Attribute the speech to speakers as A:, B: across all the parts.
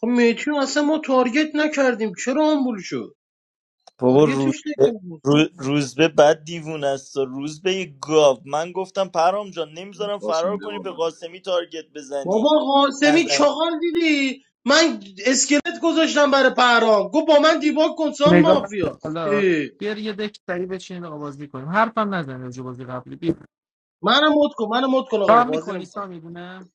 A: خب میتیو اصلا ما تارگت نکردیم چرا آمبول شد
B: بابا
A: تارگتش
B: روزبه
A: نکردیم
B: رو- روزبه بد دیوونه است روزبه یه گاو من گفتم پرام جان نمیذارم فرار کنی به قاسمی تارگت
A: بابا
B: بزنی
A: قاسمی
B: نزنی
A: چاقال دیدی من اسکلت گذاشتم برای پهرام گفت با من دیباک کن سام
C: نگاه نکن.
A: مافیاست
C: حالا
A: اه.
C: بیار یه دک سری بچین آقا بازی کنیم حرفم نزن راجع به بازی قبلی بیا
A: منم مد کن منم مد کن آقا
C: رام
A: بازی
C: میکنی
A: نمیکنم
C: سامی دونه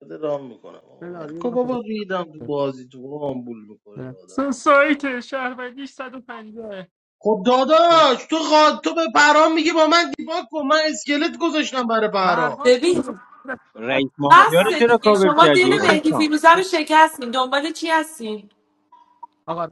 A: بده رام میکنم آقا
C: بلار یه
A: ولکو
C: دونه خودت
A: بابا ریدم تو
C: بذار.
A: بازی تو آمبول میکنید
C: بیا.
A: آدم
C: سن سایت شهروندیش 150
A: خب داداش تو خوا... تو به پرام میگی با من دیباک کن من اسکلت گذاشتم برای پرام
C: پرهام شروع
D: ببین
C: کرده.
E: رئیس مافیا رو
D: بس
E: چرا
D: دیگه
C: از
E: کاور
D: شما دل
E: کردی
C: سایتم
F: خب،
C: بازی
E: حسین
D: مهدی
C: کرد.
E: خان
D: فیروزه رو شکستین دنبال چی هستین
C: آقا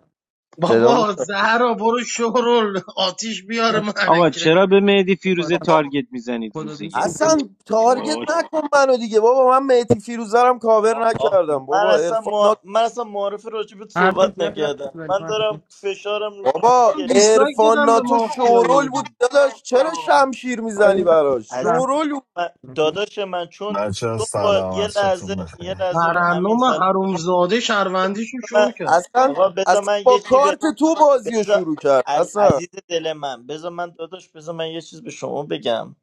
F: صدا می
A: بابا زهرا برو شورل آتیش بیاره
E: آقا
A: مرکه
E: چرا به مهدی فیروزه تارگت میزنید
C: خدا
E: روز
C: دوست که
E: یک
F: حسن تارگت
E: باش
F: نکن منو دیگه بابا من مهدی فیروزرم کاور
B: آ- آ-
F: نکردم
B: من
F: بابا
B: اصلا
F: ارفان
B: ما...
F: ناتو
B: من اصلا معارف راجبت
C: همین
B: صحبت
C: بیا دست
B: نکردم
C: بزنیم.
B: من دارم
C: همین.
B: فشارم رو
F: بابا
A: من
B: مهدیه.
A: دیسلایک
F: ارفان
A: دادم به
F: ناتو شورول
A: مافیای
F: بود
A: دیگه
F: داداش چرا شمشیر میزنی
C: آیدا
F: براش
B: عزیز
C: زحمت
F: شورول بود
B: من... داداش من چون
G: بچه
B: چون با
G: سلام
B: یه لحظه
G: عصرتون
B: یه
G: بخیر
B: لحظه به امین
A: ترنم
B: سلام
A: حرومزاده شهروندیشو
B: من
A: شو کرد
F: اصلا
B: آقا بذار
F: اصلا
B: من
F: با
B: یه چی به
F: کارت تو بازی رو
B: بذار
F: شروع کرد
B: ع-
F: اصلا
B: عزیز دل من بذار من داداش بذار من یه چیز به شما بگم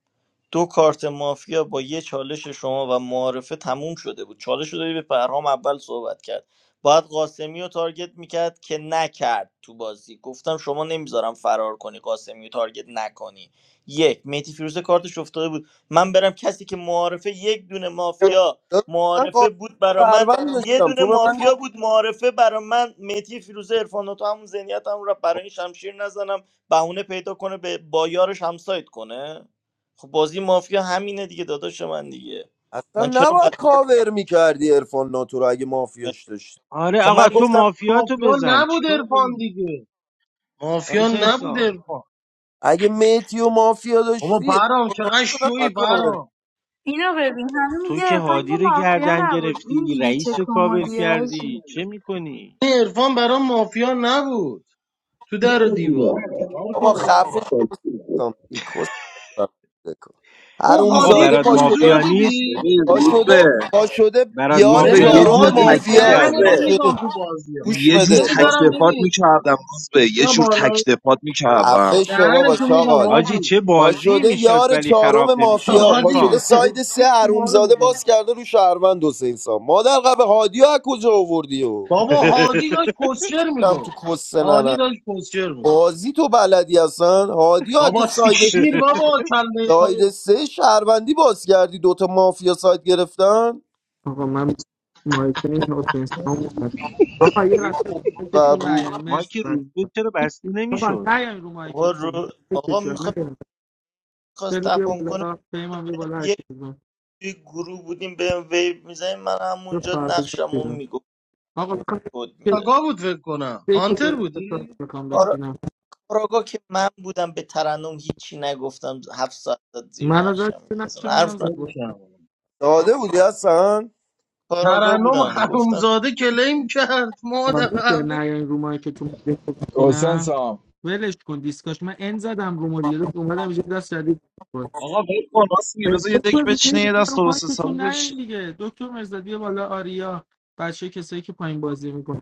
B: دو کارت مافیا با یه چالش شما و معارفه تموم شده بود چالش رو دادی به پرهام اول صحبت کرد باید قاسمی رو تارگت میکرد که نکرد تو بازی گفتم شما نمیذارم فرار کنی قاسمی رو تارگت نکنی یک میتی فیروزه کارتش افتاده بود من برم کسی که معارفه یک دونه مافیا
F: داداش من
B: معارفه
F: قاسم
B: بود برا من
F: سروند
B: یه
F: داشتم
B: دونه
F: تو به من
B: مافیا
F: گفت
B: بود معارفه برا من میتی فیروزه عرفان تو همون ذهنیت هم را برای این شمشیر نزنم بهونه پیدا کنه به با یارش همسایت کنه خب بازی مافیا همینه دیگه داداش من دیگه
F: اصلا
B: من چرا باید
F: نباید کاور میکردی ارفان ناتو رو اگه مافیاش داشتی
E: آره
B: خب من
E: آقا تو
B: گفتم
E: مافیا تو
A: مافیا
E: بزن
A: نبود
E: چیکار
A: ارفان
E: داری
A: دیگه مافیا
E: حسین
A: نبود
E: سام
A: ارفان
F: اگه میتی و مافیا
A: بابا
F: داشتی
A: برام چقدر شوی
F: کاور
A: برام
H: اینو ببین همه
E: تو
H: میگه
E: که
H: عرفان که
E: هادی رو
H: مافیا
E: گردن
H: نبود این
E: گرفتی
H: دیگه چه
E: رئیس رو کاور
H: کمدیه حاجی
E: کردی چه میکنی
A: این ارفان برام مافیا نبود تو در و دیوار چکار
F: بابا
A: کنم
F: خفه سام کس
A: اون
E: آقا
A: هادی
F: حرومزاده
E: برات
F: پا
A: گوزو
F: شده
A: رو
E: مافیا نیست
A: دیدی
I: ببین
F: پا
I: روز
F: شده
I: به
F: پا شده
E: برات
I: روز
F: یار
I: به
E: مافیا
A: ببین
I: یه
E: نیست تو
F: چهارم
I: جور تک
A: هادی
E: دلت
F: مافیا
I: روز به
A: دهنتو
F: پا
E: نگردان
F: شده
A: میگم تو بازی ها
F: گوش
I: یه جور
F: بده پا
A: نمیذارم
I: تکتفات
A: ببین
I: میکردم روز به یه
A: یا
I: جور
A: بالا
I: تکتفات میکردم
F: عفه شو بابا
A: دهنتو میگم
F: چاقال
E: آجی
A: هادی
E: چه
F: پا
E: بازی
F: شده
E: میشد
F: یار
E: ولی
F: چهارم
E: خراب نمیشد
F: مافیا پا شده
A: هادی
E: عرفان
F: ساید سه
A: تو باره
F: حرومزاده
A: میکنم
F: باز کرده رو شهروند حسین سام مادر قبه هادی از کجا آوردی و
A: بابا هادی داشت کسشر
F: دم تو
A: میگفت
F: کس
A: هادی
F: ننه
A: داشت کسشر میگفت
F: بازی تو بلدی اصلا هادی ها از
A: بابا
F: کجا ساید
A: سیشتیر بابا کله
F: ساید سه شهروندی باز کردی دوتا مافیا ساید گرفتن
C: آقا من مایتونی حسین سام زد آقا یه لحظه رو مایکتون
F: قبول
C: نیاین
E: ما
C: مرسی
E: که روز
C: بچه‌ها
E: بود چرا بسته
C: آقا
E: نمیشد
C: نیاین رو
B: آقا
C: مایکتون
B: رو آقا
C: چرا
B: میخواست
C: نیاین
B: خواست
C: خیلی بیا
B: تپان کنه
C: بالا پیمان بیا بالا هر کی
B: یک
C: بزن
B: توی گروه بودیم به ویب میزنیم من
C: رو
B: همونجا
C: فردا
B: نقشمو
C: بیرون
B: میگفت
C: آقا میخوام
B: کد
C: که
B: میداد
A: تاگا بود فکر کنم
C: دیگه
A: هانتر
C: باید بسازم
A: بودی؟
C: میخوام بچینم
B: آراگا که من بودم به ترنم هیچی نگفتم هفت ساعت داد زیر
C: من از
B: نقشم
C: دست
B: دیگه.
C: نقش
B: اصلا
A: آه،
C: منم
B: حرف نه
C: زد
A: خیلی
C: بود
A: شرمندم.
F: داده بودی اصلا
B: کاراگا
A: ترنم
B: بودم گفتم
A: حرومزاده کلیم کرد
C: آقا
A: مادر
C: میشه
A: قبل
C: نیاین رو مایکتون بیا
J: حسین
C: بچینم
J: سام
C: ولش کن دیسکاش من ان زدم رو مال یه دفعه اومدم اینجا دست شدید
I: آقا ول کن راست میگه بذار یه دک
C: بگو
I: بچینه
C: دیگه،
I: یه دست
C: رو
I: درست حسابی
C: مایکتون
I: بشی
C: نیاین دیگه دکتر مرزادی بالا آریا بچه کسایی که پایین بازی میکنه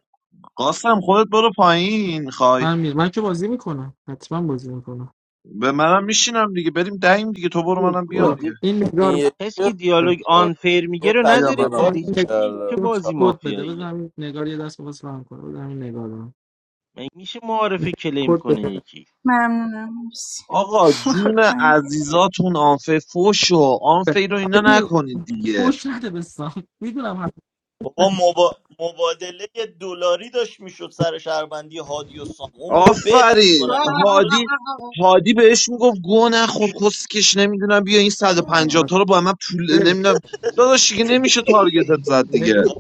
I: قاسم خودت برو پایین میخوای
C: من میرم من که بازی میکنم حتما بازی میکنم
I: به منم میشینم دیگه بریم دهیم دیگه تو برو
A: بیا
I: منم بیام
A: بیا.
C: برو
I: دیگه
C: این نگار
F: این
E: کسی که
F: یکی
C: بده
E: دیالوگ
F: رو
E: آنفیر
F: یه
E: میگه رو
I: بیا من
E: نذارید تو
F: تکتفا
C: من
E: دیگه
I: رفتم
C: این نگار-
E: چه
F: کردم
E: بازی
F: چا-
C: کد بده بزن
E: مافیاییه
C: همین نگار یه دست بخواست هم کنه بزن همین نگار رو
E: مگه میشه معارفه کلیم
C: کد
E: کنه
C: بده
E: یکی
H: ممنونم مرسی
I: آقا
H: برو
I: جون
H: پایین.
I: عزیزاتون آنفه فوش و آنفه رو اینا
C: آجی،
I: نکنید دیگه
C: پوش نده بسام میدونم
B: بابا
C: حتما
B: مبا... مبادله یه دلاری داشت میشد سر شهروندی هادی و سام اون میگو بت
I: آفرین
B: میکنم
I: هادی هادی بهش میگفت گو نخور کسکش نمیدونم بیا این صد و پنجاه
E: آه.
I: تا رو با من پول
C: بریم
I: نمیدونم داداش دیگه نمیشه تارگتت زد دیگه
C: نگار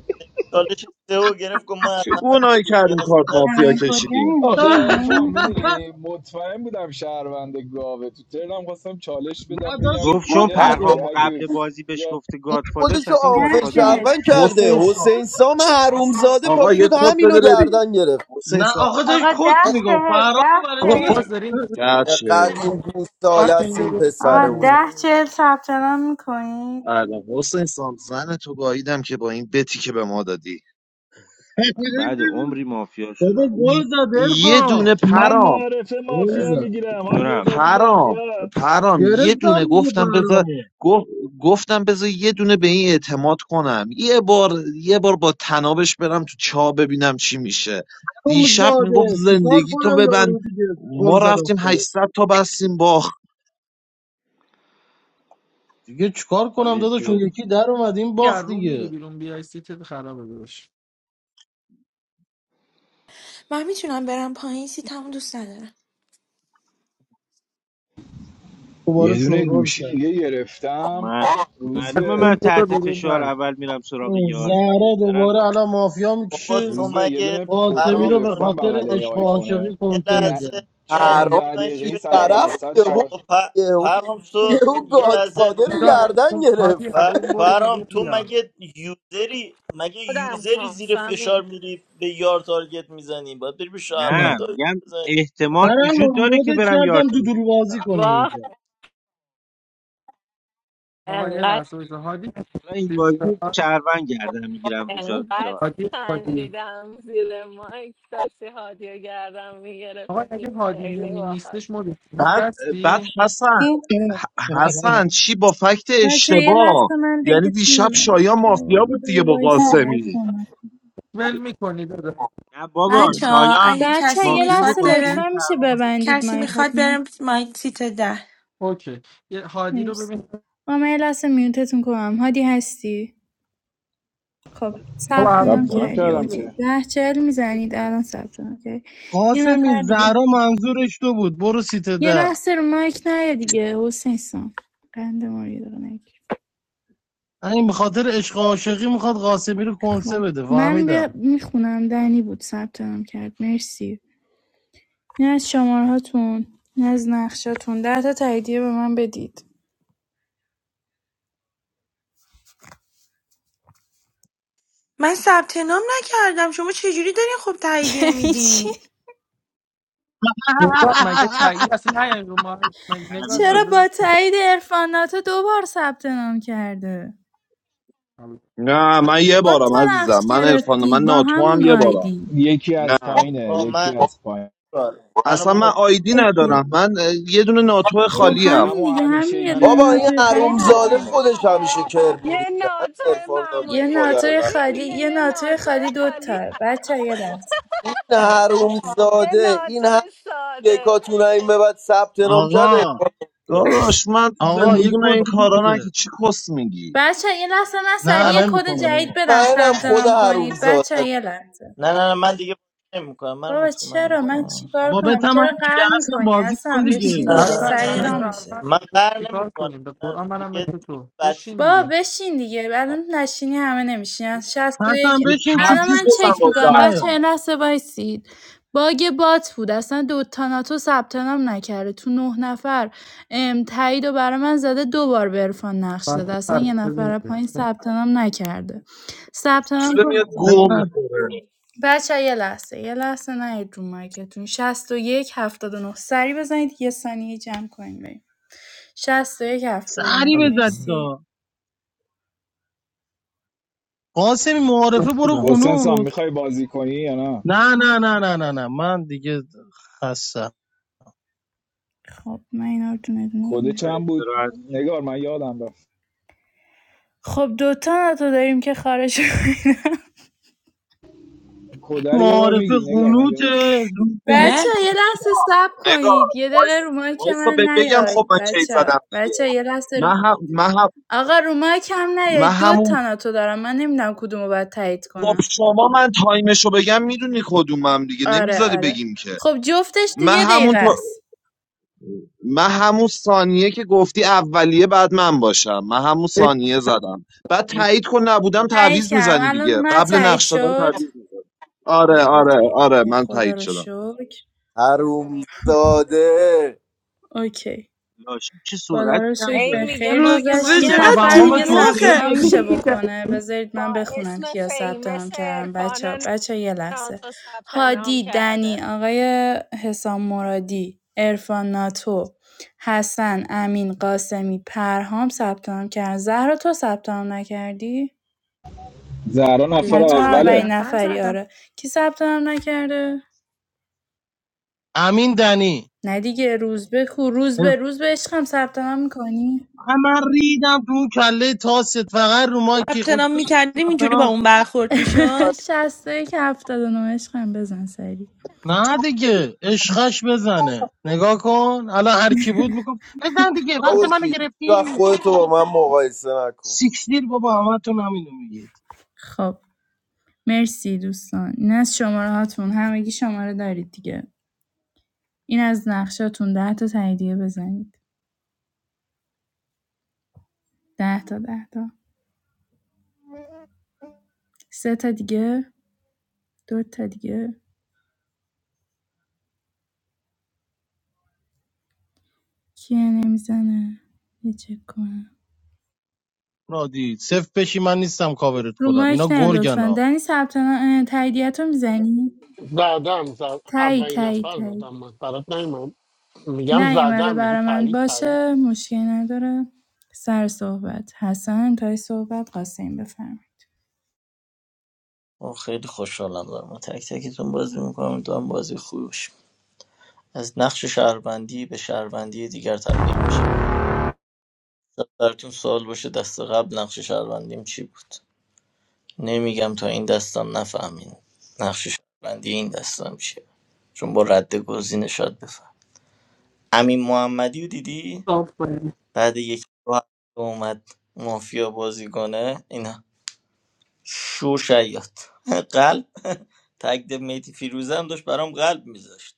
B: چالش سه گرفت گفت من از
I: چه
B: همه
I: گناهی
B: تو
I: کردیم
B: نیاز
I: کارت مافیا
H: الان
I: کشیدیم
H: کجاییم
J: آخه
H: پینگیم
J: ارفان میدونی مطمئن بودم شهروند گاوه تو ترنم خواستم چالش
A: نه
J: بدم
A: داشت
J: بگم
E: گفت چون
A: کت
J: بیا دیگه
F: بعد به
E: پرهام
A: میگفتی
E: قبل
J: دیوس
E: بازی بهش
J: بیا
E: گفته
F: این
E: گادفادر
F: خودشو
E: پس این
H: ده
F: آنفر
H: چهل
E: گادفادره
F: شهروند کرده
I: حسین سام
F: حسین سام حرومزاده
I: آقا یه
F: پاشد
I: کد
F: همینو
I: بده بریم
F: گردن گرفت
I: حسین
A: نه
I: سام
A: آخه داشت
H: آقا
A: کت
H: ده
A: میگفت
H: چهل ده
A: فرامو برای چی
C: آقا باز
H: چهل
C: داریم
I: گرچه
F: چقدر این
C: آن
F: گوساله است
C: این
F: این
C: رو
F: پسر
C: بزنم
H: آقا
F: حسین
C: میرم
H: ده چهل
E: اوه.
H: ثبت نام میکنید
I: الان حسین سام زن تو گاییدم که با این بتی که به ما دادی
E: بعد عمری مافیا
A: بابا
E: شدم
A: گل
I: ی-
A: زد
I: یه
A: ارفا
I: دونه
J: من
I: پرام
J: معارفه
A: گل
J: مافیا
A: زد
J: میگیرم هادی
E: جونم
J: عبادی
I: پرام
J: مافیا
I: پرام یه
A: گرفتم
I: دونه
A: دیگه
I: گفتم بذار
A: برامو
I: گف- گفتم بذار یه دونه به این اعتماد کنم یه بار یه بار با تنابش برم تو چاه ببینم چی میشه
A: توم
I: دیشب میگفت
A: زاده چیکار
I: زندگی تو
A: کنم
I: ببند
A: یارو دیگه گل
I: ما
A: زد
I: رفتیم
A: افتاد
I: 800 تا بستیم باخت
A: دیگه چیکار کنم
E: آجی
A: داداش اون
E: تو
A: یکی در اومد این
C: یه از
A: باخت
C: میری
A: دیگه
C: بیرون بیای سیتت خرابه داشت
D: من میتونم برم پایین سیتمو دوست ندارم
A: دوباره
J: یه دونه
A: شورول
J: گوشی
A: کرد
J: دیگه گرفتم
E: من
J: روز
C: از
E: معلومه
J: به
E: من
C: روم برو
E: تحت
C: بیرون
E: فشار
C: بله.
E: اول میرم سراغ
A: این
E: یار دیگه
A: زهره دوباره
E: درنو
A: الان مافیا
B: بابا
A: میکشه
B: تو
J: روز به یه
B: مگه
J: دونه پوکو
A: قاسمی
B: پرهام
A: رو به
B: جان
J: گرفتم
B: شما
A: خاطر
J: بغل این
A: عشق و
J: آیفونه
A: عاشقی
B: یه
A: کنته
J: یه
A: میده
B: لحظه یه لحظه
F: حرام
J: 16
B: بذار من چی
J: دقیقه 100
B: بگم
F: طرف
J: درصد
F: یهو
B: تو
J: چارج
B: پ-
F: یهو
B: پرهام تو
F: یهو
B: یه لحظه
F: گادفادر رو
C: اینجا از
F: گردن
C: روم- هادی
F: گرفت
C: از
B: پ-
C: روم برو
B: پرهام
C: بیرون
B: تو
C: بیا
B: مگه یوزری مگه
K: خودم
B: یوزری
K: ها
B: زیر فشار
K: سامی
B: میری به یار تارگت میزنی باید بری به شهروند
E: نه
B: تارگت
E: میگم
B: بزنی
E: احتمال
A: ترنم
E: وجود داره که
A: مدت
E: برم یار
A: کردم
E: تو
A: دودول بازی
E: بزنم
A: کنی
K: واه
A: اینجا
C: آقا یه
K: انقدر
C: لحظه بایستا. هادی
E: و این
C: چیز
E: بازی
C: داد؟
E: چرون گردن میگیرم به جا یار
K: انقدر
C: هادی هادی
K: خندیدم زیر مایک داشتی هادی و گردم
C: آقا
K: میگرفتی
C: اگه هادی
K: خیلی
C: نمی
K: باحال
C: نیستش مورد
I: بعد بعد
C: هستی
I: حسن حسن چی با فکت
H: بچه یه
I: اشتباه
H: لحظه من
I: یعنی دیشب
H: دکتون ببند.
I: شایان
H: بابا
I: مافیا
H: یه
I: بود دیگه
H: دقیقه
I: با
H: وایس باید
I: قاسمی
H: کنم
C: ول میکنی داده
E: نه بابا
D: بچه
E: شایان
D: اگه
H: بچه
D: کسی
H: یه
E: مافیا بود
D: میخواد
H: لحظه
D: بره
E: قاسمی
H: لطفا میشه
E: سرما بود
H: ببندید
D: کسی میخواد
H: مایکاتونو
D: بره مایک سیت ده
C: اوکی یه هادی رو
H: مرسی
C: ببین
H: آ من یه لحظه میوتتون کنم هادی هستی خب
C: آقا
H: ثبت
C: از روم
H: نام
J: ثبت
C: برو
J: نام
H: کردی
C: بیرون
J: کردم
H: اوکی
J: که
H: ده چهل میزنید الان ثبت نام کردی یه
A: قاسمی
H: نفر دیگه
A: زهرا منظورش تو بود برو سیت
H: یه
A: ده
H: لحظه رو مایک نیا
C: بیا
H: دیگه حسین سام قند ما رو یه دقیقه نگیر.
A: این به خاطر عشق و عاشقی میخواد قاسمی رو کنسه
H: خب
A: بده
H: من
A: فهمیدم
H: بیا میخونم دنی بود ثبت نام کرد مرسی نه از شماره هاتون نه از نقشاتون ده تا تاییدیه به من بدید
D: من ثبت نام نکردم شما چجوری دارین خب تاییدیه
H: چی؟
D: میدین
C: نگار مگه تغییر اصلا نه این رو ما مگه نگار
E: تعویض
C: جان
H: چرا
C: داده
H: با
E: بزن
H: تایید عرفان ناتو دو بار ثبت نام کرده
I: نه
B: من
I: من یه
H: دو
I: بارم
H: تا نقش
I: عزیزم من عرفان
H: گرفتی
I: من
H: با
I: ناتو هم
H: همون
I: یه بارم
H: آیدی
J: یکی از
I: نه
J: پایینه
B: آه
J: یکی
B: من
J: از پایین
B: کار منو
I: اصلا من
B: مت
I: آیدی ندارم
H: اوکی
I: من اه، یه دونه ناتو
H: خب
I: خالی
J: عرفان
I: هم
H: همین
J: همون
H: دیگه همین یه
B: منو
H: دونه
F: بابا
J: همیشه
F: این
H: ناتوی خالی دو
F: حرومزاده
J: پایینه
H: تاست
F: خودش همیشه کر
K: یه
F: میریزه هم
K: ناتو
F: ارفان ناتو
H: یه
K: معمولی
F: مادر
H: ناتوی
F: قبل.
H: خالی
K: میگه
H: یه
K: یه
H: ناتوی
K: ناتو
H: خالی دو
K: خالی
H: تا بچه یه لحظه
F: این
K: یه
F: حرومزاده
K: ناتو
F: این
K: ساده
F: یکاتون این به بعد ثبت نام کرده
A: آقا
I: داداش من تو
B: آقا
A: آقا
B: من-
A: یه
I: زندگی من
A: کد
I: این
A: دیگه
I: کارا نه که
A: بده
I: چی کس میگی
H: بچه یه لحظه من
A: نه
H: سریع
B: منو مت-
H: کد
A: نمیکنه
H: جدید
A: بابا
H: بدم
F: منم
H: ثبت
F: خود
H: نام
F: حروم
H: کنید بچه
F: زاده
H: یه لحظه
B: نه نه نه من دیگه نمیکنم منو
H: بابا
B: مت کن منو
H: چرا
B: مت کن
H: من
B: منو مت کن.
H: چیکار
A: بابا
H: کنم
A: بتمن
H: چرا
A: دیگه
H: قهر
A: حسن
H: میکنی
A: بازی کن
H: اصلا بشین
A: دیگه
H: دیگه
C: اصلا
H: سری
C: منم
H: را
B: اه،
H: میشه
C: شهروند
B: من قهر
C: چیکار
B: نمیکنم
C: کنیم به قرآن منم
B: دیگه
C: مثل
B: دیگه
C: تو
B: بد
C: بشین
B: فیلم
H: بابا
C: دیگه
H: بشین دیگه الان نشینی همه نمیشینن شصت و
A: حسن
H: یک.
A: بشین
H: الان
A: چوچو
I: تعویض
H: من
I: بزن
A: بازی
H: چک
I: با
H: میکنم
A: در نیار
I: زربان
H: بچه یه لحظه وایسید باگ بات بود اصلا دو تاناتو ثبت نام نکرده تو نه نفر ام تایید و برای من زده دو بار به عرفان نقش داده
C: بنده
H: اصلا
C: سر
H: یه
C: بزنید.
H: نفر پایین ثبت نام نکرده ثبت نام
I: به
H: کنید
I: میاد گو
A: نه،
I: میخوره
H: بچه یه لحظه یه لحظه نهید رو مایکتون 61 نه. سری بزنید یه ثانیه جمع کنیم بریم 61 نه.
A: سری بزنید
C: بزنید.
H: مرسی
A: آقا. قاسمی
C: بس
A: معارفه برو
C: بودم.
J: حسین سام
A: قنوت
J: میخوای بازی کنی یا نه
A: نه نه نه نه نه نه من دیگه خستم
H: خب من اینا رو دونه دونه
J: کد
E: آره
H: ببینم
J: چند بود
E: استراحت
J: نگار من یادم رفت
H: خب دوتا نتو داریم که خارج کنیم
J: کد رو یه بار
A: معارفه
J: میگی نگار من
A: قنوت
J: یادم
A: روز
D: اه؟
A: یک
H: بچه ها یه لحظه صبر
I: نگار
H: کنید یه دقیقه
I: وایس
H: رو مایک
I: وایسا
H: من
I: بهت بگم خب
H: نیاید
I: من کی
H: بچه ها
I: زدم دیگه
H: بچه ها یه لحظه رو
I: من هم من هم
H: آقا رو مایک هم
I: من
H: نیاید دو
I: همون
H: تا ناتو دارم من نمیدونم کدومو باید تایید
I: خب
H: کنم
I: شما من تایمشو بگم میدونی کدومم دیگه
H: آره
I: نمیذاری
H: آره
I: بگیم که
H: خب جفتش تو
I: من
H: یه
I: همون
H: دقیقه است
I: من همون ثانیه که گفتی اولیه بعد من باشم من همون
C: یک-
I: ثانیه زدم بعد
C: یک-
I: تایید کن نبودم
H: تایید
I: تعویض
H: کردم
I: میزنی
H: الان
I: دیگه
H: اومد
I: قبل
H: تایید
I: نقش دادن
H: شد
I: تعویض میزنی
H: خب
I: آره آره
H: اوکی
I: آره
H: اوکی
I: من
H: خدا
I: تایید
H: رو
I: شدم
H: شکر
F: حروم زاده
H: اوکی
E: لاشی چه
H: خدا
E: سرعتی
H: رو
E: هم
H: شکر
K: هی
H: به
E: داری
K: میگه
H: خیر
K: باگ
D: روز
H: گذشت
D: به
K: بات
A: تو
H: یه
D: چقدر
H: نفر
A: توهم
K: اصرار
H: دیگه
K: داره بگه
H: ثبت
A: توطئه
D: دوماخه
H: نام میشه
A: داری
K: یکی
H: بکنه بذارید من
K: با
H: بخونم
K: اسم
H: کیا ثبت نام
K: فیمس
H: کردم بچه ها
K: عرفان
H: بچه ها یه لحظه
K: ناتو ثبت نام
H: هادی دنی
K: کرده
H: آقای حسام مرادی ارفان ناتو حسن امین قاسمی پرهام ثبت نام کردن زهرا تو ثبت نام نکردی
J: زهرا نفر
H: نه
D: ببین من
H: تو
D: اولین
J: اوله
H: اولین
D: نفر
H: نفری
D: زدم
H: آره کی ثبت نام نکرده
A: امین دنی
H: نه دیگه روز به کو روز به روز به عشقم ثبت نام میکنی
A: من ریدم تو اون کله تاست فقط رو مایک
D: ثبت نام میکردیم اینجوری با
A: خود
D: اون برخورد میشد
H: شستایی که هفتاد و نه عشقم بزن سری
A: نه دیگه عشقش بزنه نگاه کن الان هر کی بود میگفت بزن دیگه وقت منو
F: باشی و
A: گرفتی
F: خودتو با من مقایسه نکن
A: سیکسیر بابا همتون همینو میگید
H: خب مرسی دوستان این از شماره هاتون همگی شماره دارید دیگه این از نقشاتون ده تا تاییدیه بزنید ده تا ده تا سه تا دیگه دو تا دیگه کیه نمیزنه یه چک کنم
A: رادی صفر بشی من نیستم کاورت
H: رو
A: کنم
H: مایک
A: اینا
H: نه لطفا
A: گرگن
H: دنی ثبت تاییدیت رو میزنی
L: زدم زد.
H: تایید
L: اولین
H: تایید
L: نفر
H: تایید
L: زدم من برات نیومد. میگم
H: نیومده
L: زدم میگی
H: برا من
L: تایید تایید
H: باشه مشکل نداره سر صحبت حسن تای صحبت قاسم بفرم
B: آه، خیلی خوشحالم دارم با تک تکتون بازی میکنم دارم بازی خوش از نقش شهروندی به شهروندی دیگر تبدیل میشه براتون سوال باشه دست قبل نقش شهروندیم چی بود نمیگم تا این دستم نفهمین نقش شهروندی این دستم چیه چون با رد گزینه شاید بفهم امین محمدی رو دیدی
C: صاف کنیم.
B: بعد یک دو هفته اومد مافیا بازی کنه این شو شیاد قلب تگد میتی فیروزم داشت برام قلب میذاشت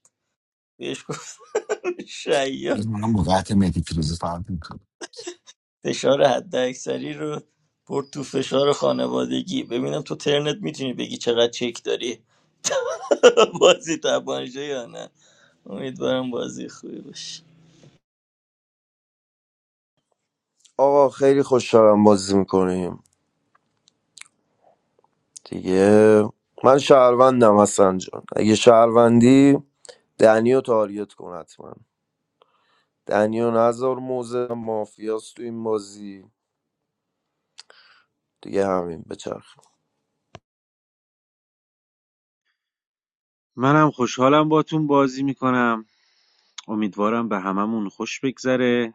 B: بهش گفت شیاد
G: من با قطع مهدی فیروزه فرق میکنم
B: فشار حد اکثری رو برد تو فشار خانوادگی ببینم تو ترنت میتونی بگی چقدر چک داری بازی تبانجه یا نه امیدوارم بازی خوبی باشه
F: آقا خیلی خوشحالم بازی میکنیم دیگه من شهروندم حسن جان اگه شهروندی دنیو تاریت کن حتما دنیو نظر موزه مافیاست تو این بازی دیگه همین بچرخ
E: منم خوشحالم باتون بازی میکنم امیدوارم به هممون خوش بگذره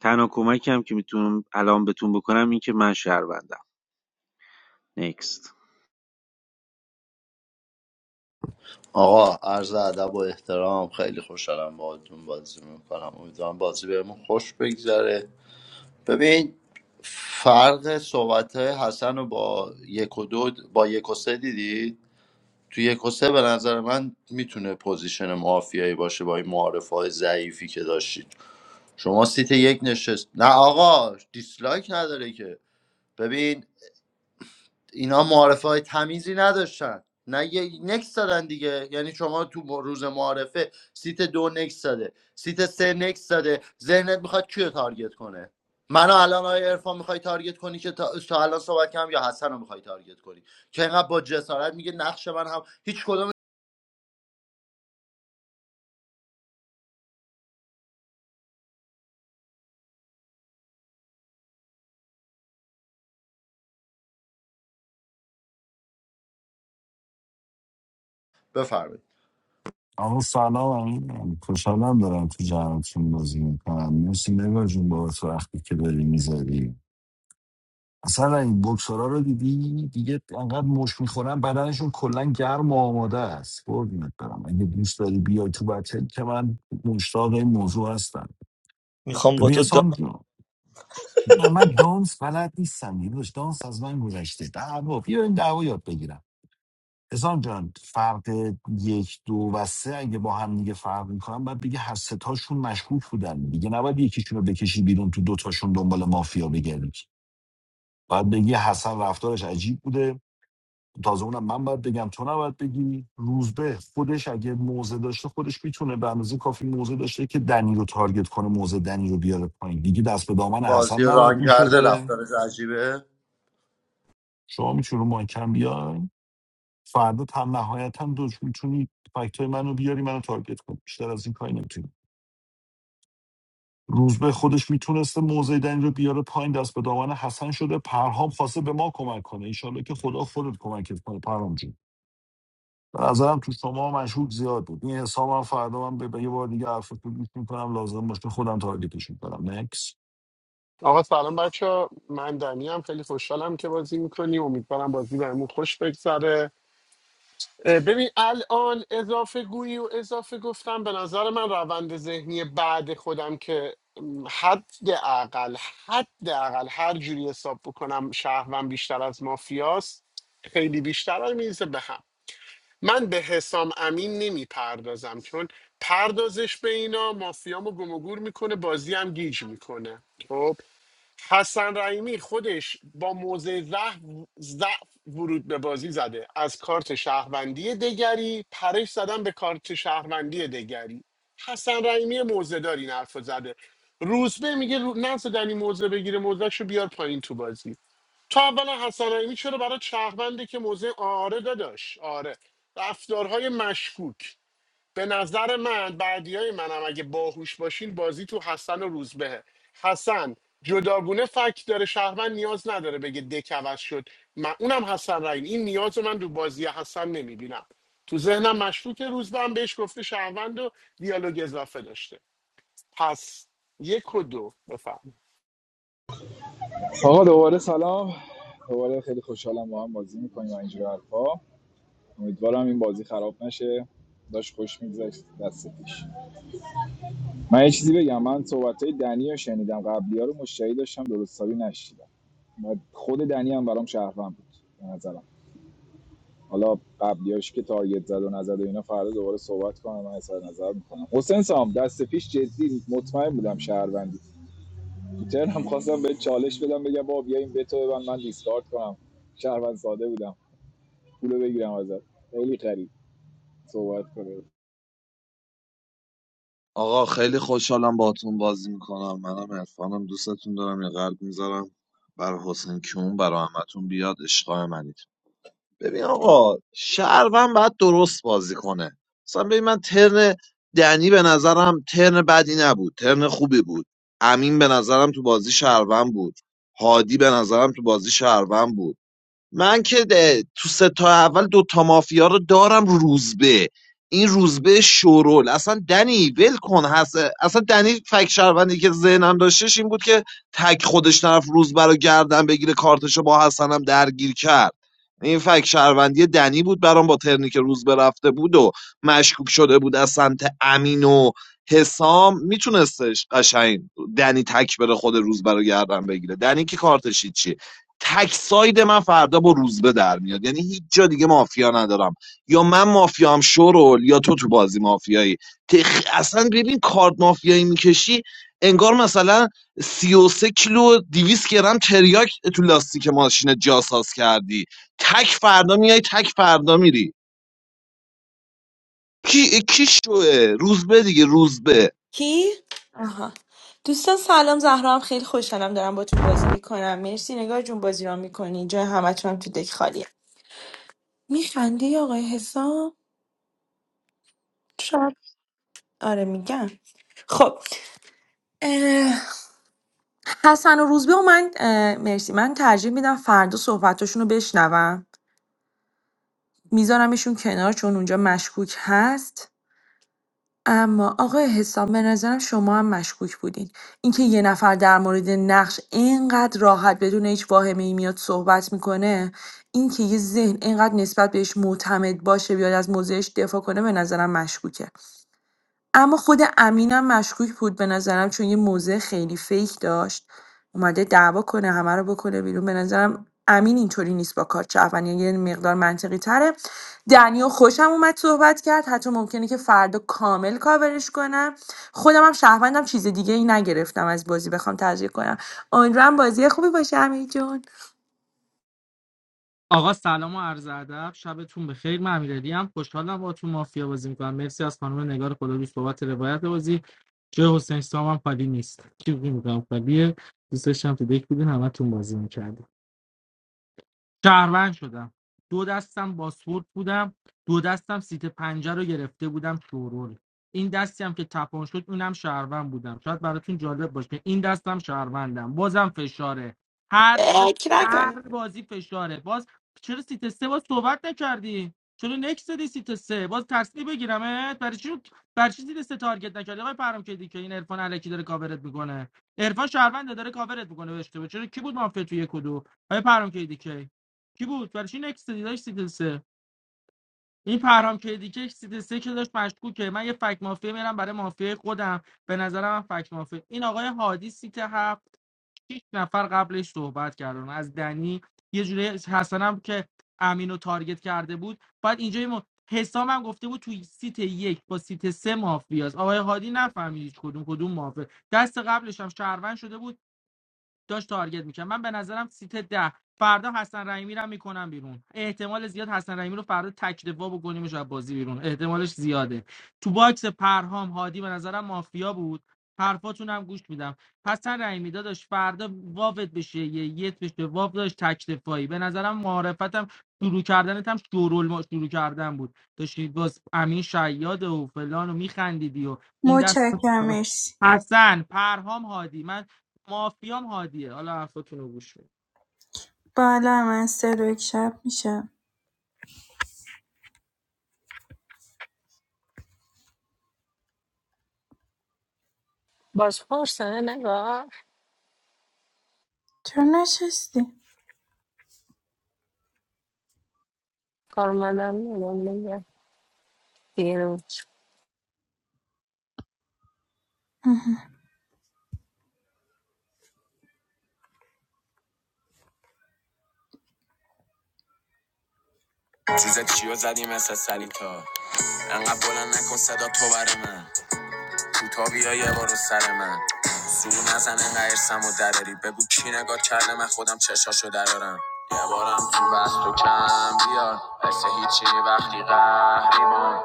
E: تنها کمکم که میتونم الان بهتون بکنم این که من شهروندم نکست
M: آقا عرض ادب و احترام خیلی خوشحالم باهاتون بازی میکنم امیدوارم بازی بهمون خوش بگذره ببین فرق صحبت های حسن رو با یک و دو با یک و سه دیدی تو یک و سه به نظر من میتونه پوزیشن مافیایی باشه با این معارف های ضعیفی که داشتید شما سیت یک نشست نه آقا دیسلایک نداره که ببین اینا معارفه های تمیزی نداشتن نه یه نکس دادن دیگه یعنی شما تو روز معارفه سیت دو نکس داده سیت سه نکس داده ذهنت میخواد کیو تارگت کنه منو الان آیا ارفان میخوای تارگت کنی که تا, تا الان صحبت کردم یا حسن رو میخوای تارگت کنی که اینقدر با جسارت میگه نقش من هم هیچ کدوم بفرمایید
G: آقا سلام امین خوشحالم دارم تو جمعتون بازی میکنم مرسی نگاه جون بابت وقتی که داری میذاری اصلا این بکسورا رو دیدی دیگه انقدر مش میخورن بدنشون کلا گرم و آماده است قربونت برم اگه دوست داری بیای تو بچه که من مشتاق این موضوع هستم
B: میخوام با
G: ببین
B: تو دام
G: حسام جون، نه من دانس بلد نیستم داداش دانس از من گذشته دعوا بیا این دعوا یاد بگیرم اسلام جان فرق یک دو و سه اگه با هم دیگه فرق میکنن باید بگه هر ستاشون مشکوک بودن دیگه نباید یکیشون رو بکشی بیرون تو دوتاشون دنبال مافیا بگردی باید بگی حسن رفتارش عجیب بوده تازه اونم من باید بگم تو نباید بگی روزبه خودش اگه موزه داشته خودش میتونه به اندازه کافی موزه داشته که دنی رو تارگت کنه موزه دنی رو بیاره پایین دیگه دست به دامن حسن
M: بازی رو
G: نباید
M: ران کرده
G: میشده
M: رفتارش عجیبه
G: شما میتونی رو مایکم بیای فردا تم نهایتا دو میتونی فکتای منو بیاری منو تارگت کن بیشتر از این کاری نمیتونی روزبه خودش میتونسته موضع دنی رو بیاره پایین دست به دامن حسن شده پرهام خواسته به ما کمک کنه انشالله که خدا خودت کمکت کنه پرهام جون به نظرم تو شما مشهور زیاد بود این حساب هم فردا من به به یه بار دیگه حرف تو گوش میکنم لازم باشه خودم تارگتش میکنم نکس
L: آقا سلام بچه من دنی هم خیلی خوشحالم که بازی میکنی امیدوارم بازی بهمون خوش بگذره اه، ببین الان اضافه گویی و اضافه گفتم به نظر من روند ذهنی بعد خودم که م، حد اقل حد اقل هر جوری حساب بکنم شهرم بیشتر از مافیاست خیلی بیشتر میزه به هم من به حسام امین نمیپردازم چون پردازش به اینا مافیامو گم و گور میکنه بازی هم گیج میکنه خب حسن رحیمی خودش با موضع ضعف ضعف ورود به بازی زده از کارت شهروندی دگری پرش زدن به کارت شهروندی دگری حسن رحیمی موزه داری این حرف رو زده روزبه میگه رو... نزدن این موزه بگیره موزهشو بیار پایین تو بازی تو اولا حسن رحیمی چرا برای شهروندی که موزه آره داداش آره رفتارهای مشکوک به نظر من بعدی های منم اگه باهوش باشین بازی تو حسن و روزبهه حسن جداگونه فکت داره شهروند نیاز نداره بگه دکوز شد من اونم حسن رحیم این نیاز رو من تو بازی حسن نمیبینم تو ذهنم مشکوک روزبه هم بهش گفته شهروند و دیالوگ اضافه داشته پس یک و دو بفهم
J: آقا دوباره سلام دوباره خیلی خوشحالم با هم بازی میکنیم و اینجور حرفا امیدوارم این بازی خراب نشه داشت خوش میگذشت دست پیش من یه چیزی بگم من صحبت های دنی رو شنیدم قبلی ها رو مشتری داشتم درستابی نشیدم و خود دنی هم برام شهروند بود به نظرم حالا قبلیاش که تارگت زد و نزد و اینا فردا دوباره صحبت کنم من اظهار نظر میکنم حسین سام دست پیش جدی مطمئن بودم شهروندی تو ترنم خواستم به چالش بدم بگم بابا بیا این بتو ببن من دیسکارد کنم شهروند ساده بودم پولو بگیرم ازت خیلی خرید صحبت کنه
I: آقا خیلی خوشحالم باهاتون بازی میکنم منم عرفانم دوستتون دارم یه قلب میذارم بر حسین کیون برا همتون بیاد عشقای منید ببین آقا شهروند باید درست بازی کنه مثلا ببین من ترن دنی به نظرم ترن بدی نبود ترن خوبی بود امین به نظرم تو بازی شهروند بود هادی به نظرم تو بازی شهروند بود من که ده- تو سه تا اول دو تا مافیا رو دارم روزبه این روزبه شورول اصلا دنی ول کن هست اصلا دنی فک شهروندی که ذهنم داشتش این بود که تک خودش طرف روزبه رو گردن بگیره کارتشو با حسنم درگیر کرد این فک شهروندی دنی بود برام با ترنی که روزبه رفته بود و مشکوک شده بود از سمت امین و حسام میتونستش قشنگ دنی تک بره خود روزبه رو گردن بگیره دنی که کارتش چیه تک ساید من فردا با روزبه در میاد یعنی هیچ جا دیگه مافیا ندارم یا من مافیام شرول یا تو تو بازی مافیایی تخ... اصلا ببین کارت مافیایی میکشی انگار مثلا 33 کیلو و 200 گرم تریاک تو لاستیک ماشین جاساز کردی تک فردا میای تک فردا میری کی کی شوه روزبه دیگه روزبه
D: کی؟ آها دوستان سلام زهرا هم خیلی خوشحالم دارم باتون بازی میکنم مرسی نگار جون بازی را میکنی جای همتون هم تو دک خالیه میخندی آقای حسام شب آره میگم خب اه، حسن و روزبه و من اه، مرسی من ترجیح میدم فردا صحبتاشون رو بشنوم میذارمشون کنار چون اونجا مشکوک هست اما آقای حسام به نظرم شما هم مشکوک بودین اینکه یه نفر در مورد نقش اینقدر راحت بدون هیچ واهمه ای میاد صحبت میکنه اینکه یه ذهن اینقدر نسبت بهش معتمد باشه بیاد از موضعش دفاع کنه به نظرم مشکوکه اما خود امینم مشکوک بود به نظرم چون یه موضع خیلی فیک داشت اومده دعوا کنه همه رو بکنه بیرون به نظرم امین اینطوری نیست با کارت شهروندی یعنی یه مقدار منطقی تره دنیو خوشم اومد صحبت کرد حتی ممکنه که فردا کامل کاورش کنم خودم هم شهروندم چیز دیگه ای نگرفتم از بازی بخوام تذکر کنم امیدوارم بازی خوبی باشه امین جون
C: آقا سلام و عرض ادب شبتون بخیر من امیرعلی هم خوشحالم باهاتون مافیا بازی میکنم مرسی از خانم نگار خدا دوست بابت روایت بازی جای حسین سام هم خالی نیست کی میگم خالیه دوستش هم تو دک بودین همتون بازی میکردین شهروند شدم دو دستم باسپورت بودم دو دستم سیت پنجه رو گرفته بودم شورول این دستی هم که تپان شد اونم شهروند بودم شاید براتون جالب باشه این دستم شهروندم بازم فشاره هر د-
D: فکر
C: هر بازی فشاره باز چرا سیت سه باز صحبت نکردی چرا نکس دادی سیت سه باز ترسی بگیرمت برای چی برای چی سیت سه تارگت نکردی آقای پرام کردی که این عرفان الکی داره کاورت میکنه عرفان شهرونده داره کاورت میکنه به اشتباه چرا کی بود مافیا تو یک و دو آقای پرام کردی؟ کی بود برای چی نکس دیداش سیت سه این پرهام کدی که سیت سه که داشت مشکوکه من یه فک مافیا میرم برای مافیا خودم به نظرم من فک مافیا این آقای هادی سیت هفت شیش نفر قبلش صحبت کردن از دنی یه جوری حسنم که امین رو تارگت کرده بود بعد اینجا یه م... حسام هم گفته بود توی سیت یک با سیت سه مافیاست آقای هادی نفهمید هیچ کدوم کدوم مافیا دست قبلش هم شهروند شده بود داشت تارگت میکنم، من به نظرم سیت ده فردا حسن رحیمی رو میکنم بیرون احتمال زیاد حسن رحیمی رو فردا تک دفاع بکنیمش از بازی بیرون احتمالش زیاده تو باکس پرهام هادی به نظرم مافیا بود حرفاتون هم گوش میدم پس حسن رحیمی داداش فردا واوت بشه یه یت بشه واو داشت تک دفاعی به نظرم معرفتم شروع کردنت هم شورول ما شروع کردن بود داشتی باز امین شیاد و فلان و میخندیدی و این دست
H: متشکرم مرسی
C: حسن پرهام هادی من مافیام هادیه حالا حرفتون رو گوش کن
H: با الان من سه دو یک شب میشه
K: باز پرسه نگاه
H: چرا نشستی؟
K: کارمندم میگه
H: تیزه چیو زدی مثل سلیتا انقدر بلند نکن صدا تو بر من کوتا بیا یه بار سر من سور نزن انقدر ارسم و دراری بگو کی نگاه کرده من خودم چشاشو درارم یه بارم تو بست و کم بیار مثل هیچی وقتی قهریبان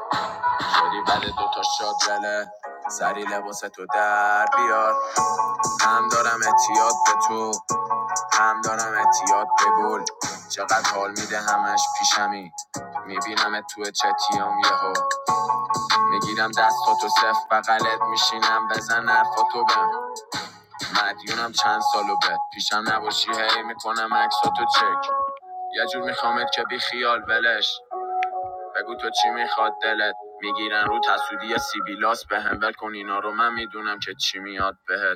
H: شدی بعد دوتا شاد زله سری لباس در بیار هم دارم اعتیاد به تو هم دارم اتیاد به گل چقدر حال میده همش پیشمی میبینم تو چتیام یهو میگیرم دستاتو صف بغلت میشینم بزن حرفاتو بهم مدیونم چند سالو بد پیشم نباشی هی میکنم عکساتو چک یه جور میخوامت که بی خیال ولش بگو تو چی میخواد دلت میگیرن رو تسودی سیبیلاس بهم ول کن اینا رو من میدونم که چی میاد بهت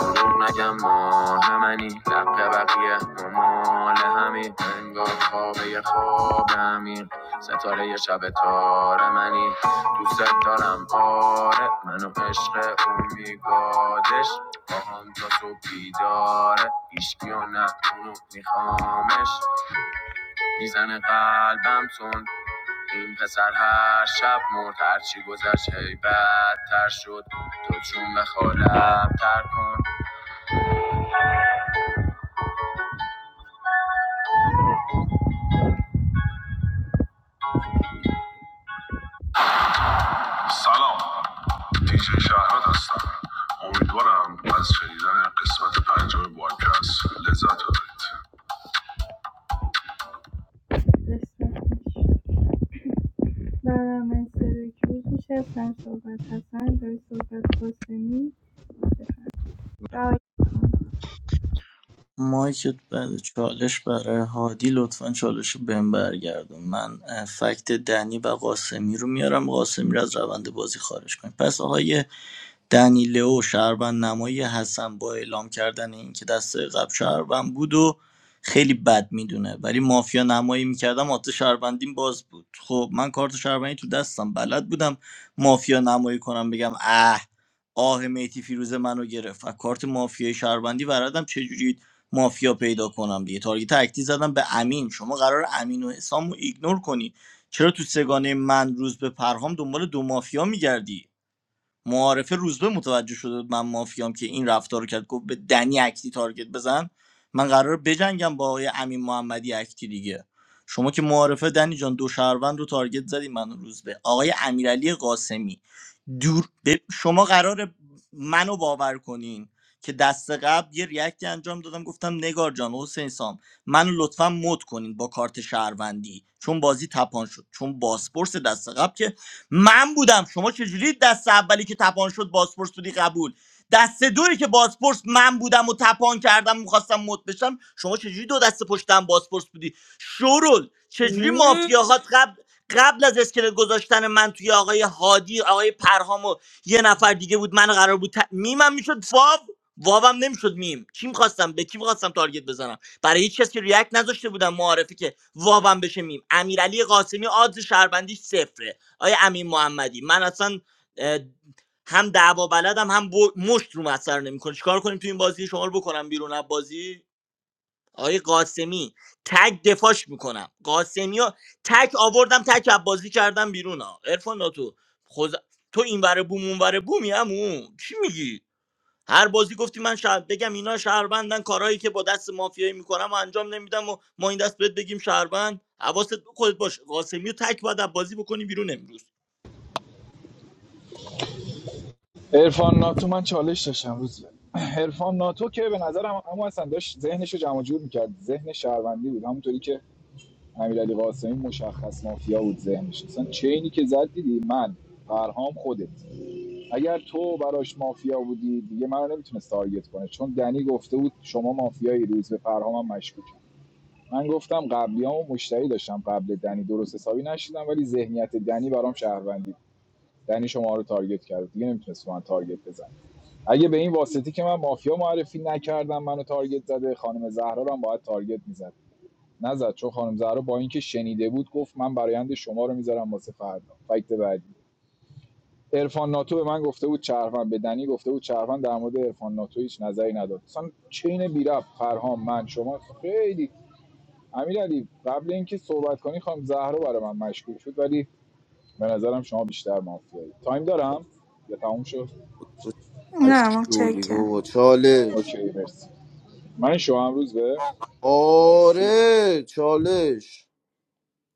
H: دروغ نگم ماه منی لق بقیه ممال همین انگار خوابه یه خواب همین ستاره یه شب تار منی دوست دارم آره منو عشق اون میگادش با هم تا صبح بیداره ایشکی و نه اونو میخوامش میزنه قلبم تون این پسر هر شب مرد هرچی گذشت هی بدتر شد تو چون بخواه لبتر کن سلام دیجی شهرت هستم امیدوارم از شنیدن قسمت پنجم بادکست لذت ببرید قسمت پیش. برنامه سری که روز میشه سر صحبت حسن داری صحبت قاسمی رعایت
B: مایکت بعد چالش برای هادی لطفا چالش رو بهم برگردم من اه، فکت دنی و قاسمی رو میارم قاسمی رو از روند بازی خارج کنیم پس آقای دنی لئو نمایی حسن با اعلام کردن اینکه دسته قبل شهروند بود و خیلی بد میدونه ولی مافیا نمایی میکردم آتش شهروندیم باز بود خب من کارت شهروندی تو دستم بلد بودم مافیا نمایی کنم بگم اه آه میتی فیروز منو گرفت و کارت مافیای شهروندی بردم چجوری مافیا پیدا کنم دیگه تارگت اکتی زدم به امین شما قرار امین و حسام رو ایگنور کنی چرا تو سگانه من روز به پرهام دنبال دو مافیا میگردی معارفه روزبه متوجه شده من مافیام که این رفتار رو کرد گفت به دنی اکتی تارگت بزن من قراره بجنگم با آقای امین محمدی اکتی دیگه شما که معارفه دنی جان دو شهروند رو تارگت زدی من و روزبه آقای امیرعلی قاسمی دور ب- شما قراره منو باور کنین که دست قبل یه ریاکتی انجام دادم گفتم نگار جان حسین سام منو لطفا مد کنین با کارت شهروندی چون بازی تپان شد چون باسپورس دست قبل که من بودم شما چجوری دست اولی که تپان شد بازپرس بودی قبول دست دوی که بازپرس من بودم و تپان کردم میخواستم مد بشم شما چجوری دو دست پشتم بازپرس بودی شورل چجوری
D: نکن
B: مافیاهات قبل قبل از اسکلت گذاشتن من توی آقای هادی آقای پرهام و یه نفر دیگه بود من قرار بود ت... میمم میشد فاو واوم نمیشد میم چی میخواستم به کی میخواستم تارگت بزنم برای هیچ کس که ریاکت نذاشته بودم معارفه که واوم بشه میم امیرعلی قاسمی آدز شهروندیش صفره آیا امین محمدی من اصلا اه، هم دعوا بلدم هم بو- مشت رو مسخر نمیکنه چیکار کنیم تو این بازی شما رو بکنم بیرون از بازی آقای قاسمی تک دفاعش میکنم قاسمی رو تک آوردم تک از بازی کردم بیرون ها عرفان تو خود تو این ور بوم اون ور بومی همون چی میگی هر بازی گفتی من شهر بگم اینا شهروندن کارهایی که با دست مافیایی میکنم و انجام نمیدم و ما این دست بهت بگیم شهروند حواست خودت باشه قاسمی رو تک باید از بازی بکنی بیرون امروز
J: عرفان ناتو من چالش داشتم روز به. عرفان ناتو که به نظرم اما اصلا داشت ذهنشو جمع جور میکرد ذهن شهروندی بود همونطوری که امیرعلی قاسمی مشخص مافیا بود ذهنش اصلا چینی که زد دیدی من فرهام خودت اگر تو براش مافیا بودی دیگه من نمیتونست تارگت کنه چون دنی گفته بود شما مافیایی روز به پرهامم مشکوک من گفتم قبلیامو مشتری داشتم قبل دنی درست حسابی نشیدم ولی ذهنیت دنی برام شهروندی دنی شما رو تارگت کرد دیگه نمیتونست من تارگت بزن اگه به این واسطی که من مافیا معرفی نکردم منو تارگت زده خانم زهرا رو هم باید تارگت میزد نزد چون خانم زهرا با اینکه شنیده بود گفت من برایند شما رو میذارم واسه فردا فکت بعدی عرفان ناتو به من گفته بود چرفن به دنی گفته بود چرفن در مورد عرفان ناتو هیچ نظری نداد اصلا چین بی فرهام من شما خیلی امیر علی قبل اینکه صحبت کنی خانم زهرا برای من مشکوک شد ولی به نظرم شما بیشتر مافیایی تایم دارم یا تموم شد
H: نه
F: اشتولی
H: متشکرم
F: بابا چالش
J: اوکی مرسی من شما هم روز به مرسی
F: آره چالش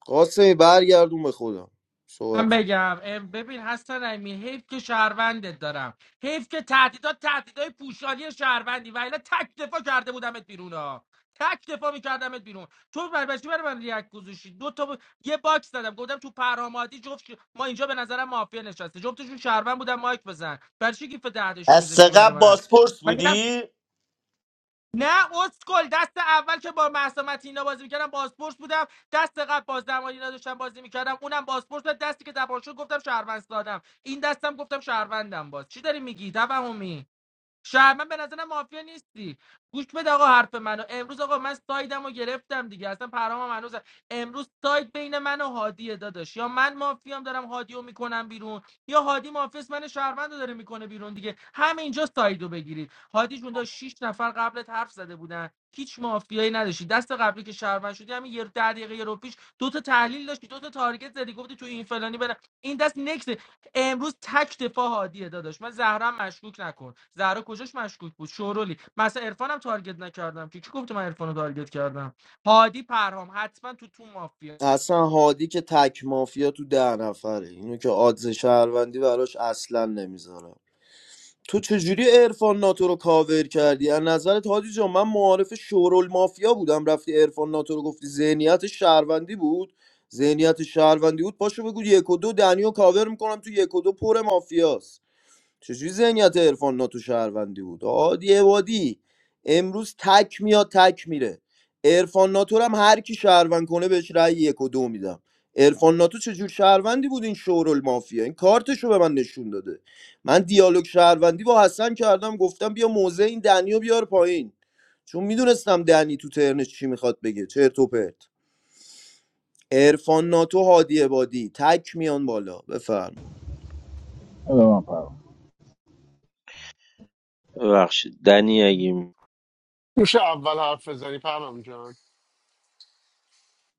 F: قاسمی برگردون به خودم صحبت
C: من
F: کن.
C: بگم ام، ببین حسن رحیمی حیف که شهروندت دارم حیف که تهدیدات تهدیدای پوشالی شهروندی و الا تک دفاع کرده بودمت بیرون ها تک دفاع میکردمت بیرون تو بربشتی برای من ریاک گذاشتی دو تا ب... یه باکس دادم گفتم تو پرامادی جفت ش- ما اینجا به نظرم مافیا نشسته جفتشون شهروند بودن مایک بزن برای چی گیف دهدشی
B: از
C: میذاشتی برای
B: قبل
C: من
B: باسپورس
C: مگه
B: بودی
C: نه اسکل دست اول که با مهسا متینا بازی میکردم بازپرس بودم دست قبل بازدرمانی نداشتم بازی میکردم اونم بازپرس بود دستی که دپارچو گفتم شهروند سادم این دستم گفتم شهروندم باز چی داری میگی توهمی شهر من به نظرم مافیا نیستی گوش بده آقا حرف منو امروز آقا من سایدم رو گرفتم دیگه اصلا پرامم هنوز امروز ساید بین من و هادیه داداش یا من مافیام دارم هادیو میکنم بیرون یا هادی مافیاس من شهروند رو داره میکنه بیرون دیگه همینجا ساید رو بگیرید هادی جون داشت 6 نفر قبلت حرف زده بودن هیچ مافیایی نداشتی دست قبلی که شهروند شدی همین یه ده دقیقه یه رو پیش دو تا تحلیل داشتی دو تا تارگت زدی گفتی تو این فلانی برم این دست نکس امروز تک دفاع هادیه داداش من زهرم مشکوک نکن زهرا کجاش مشکوک بود شورولی مثلا عرفانم تارگت نکردم که کی گفت من عرفانو تارگت کردم هادی پرهام حتما تو تو مافیا
F: اصلا هادی که تک مافیا تو ده نفره اینو که آدز شهروندی براش اصلا نمیذارم تو چجوری عرفان ناتو رو کاور کردی از نظرت هادی جان من معارف شورول مافیا بودم رفتی عرفان ناتو رو گفتی ذهنیت شهروندی بود ذهنیت شهروندی بود پاشو بگو یک و دو دنیو کاور میکنم تو یک و دو پر مافیاست چجوری ذهنیت عرفان ناتو شهروندی بود عادی عبادی امروز تک میاد تک میره عرفان ناتو رو هم هر کی شهروند کنه بهش رأی یک و دو میدم عرفان ناتو چجور شهروندی بود این شورال مافیا این کارتشو به من نشون داده من دیالوگ شهروندی با حسن کردم گفتم بیا موزه این دنیو بیار پایین چون میدونستم دنی تو ترنش چی میخواد بگه چرت و پرت عرفان ناتو هادی عبادی تک میان بالا بفرما
J: بده من پرام.
E: ببخشید دنی اگه می-
L: میشه اول حرف بزنی پرم جان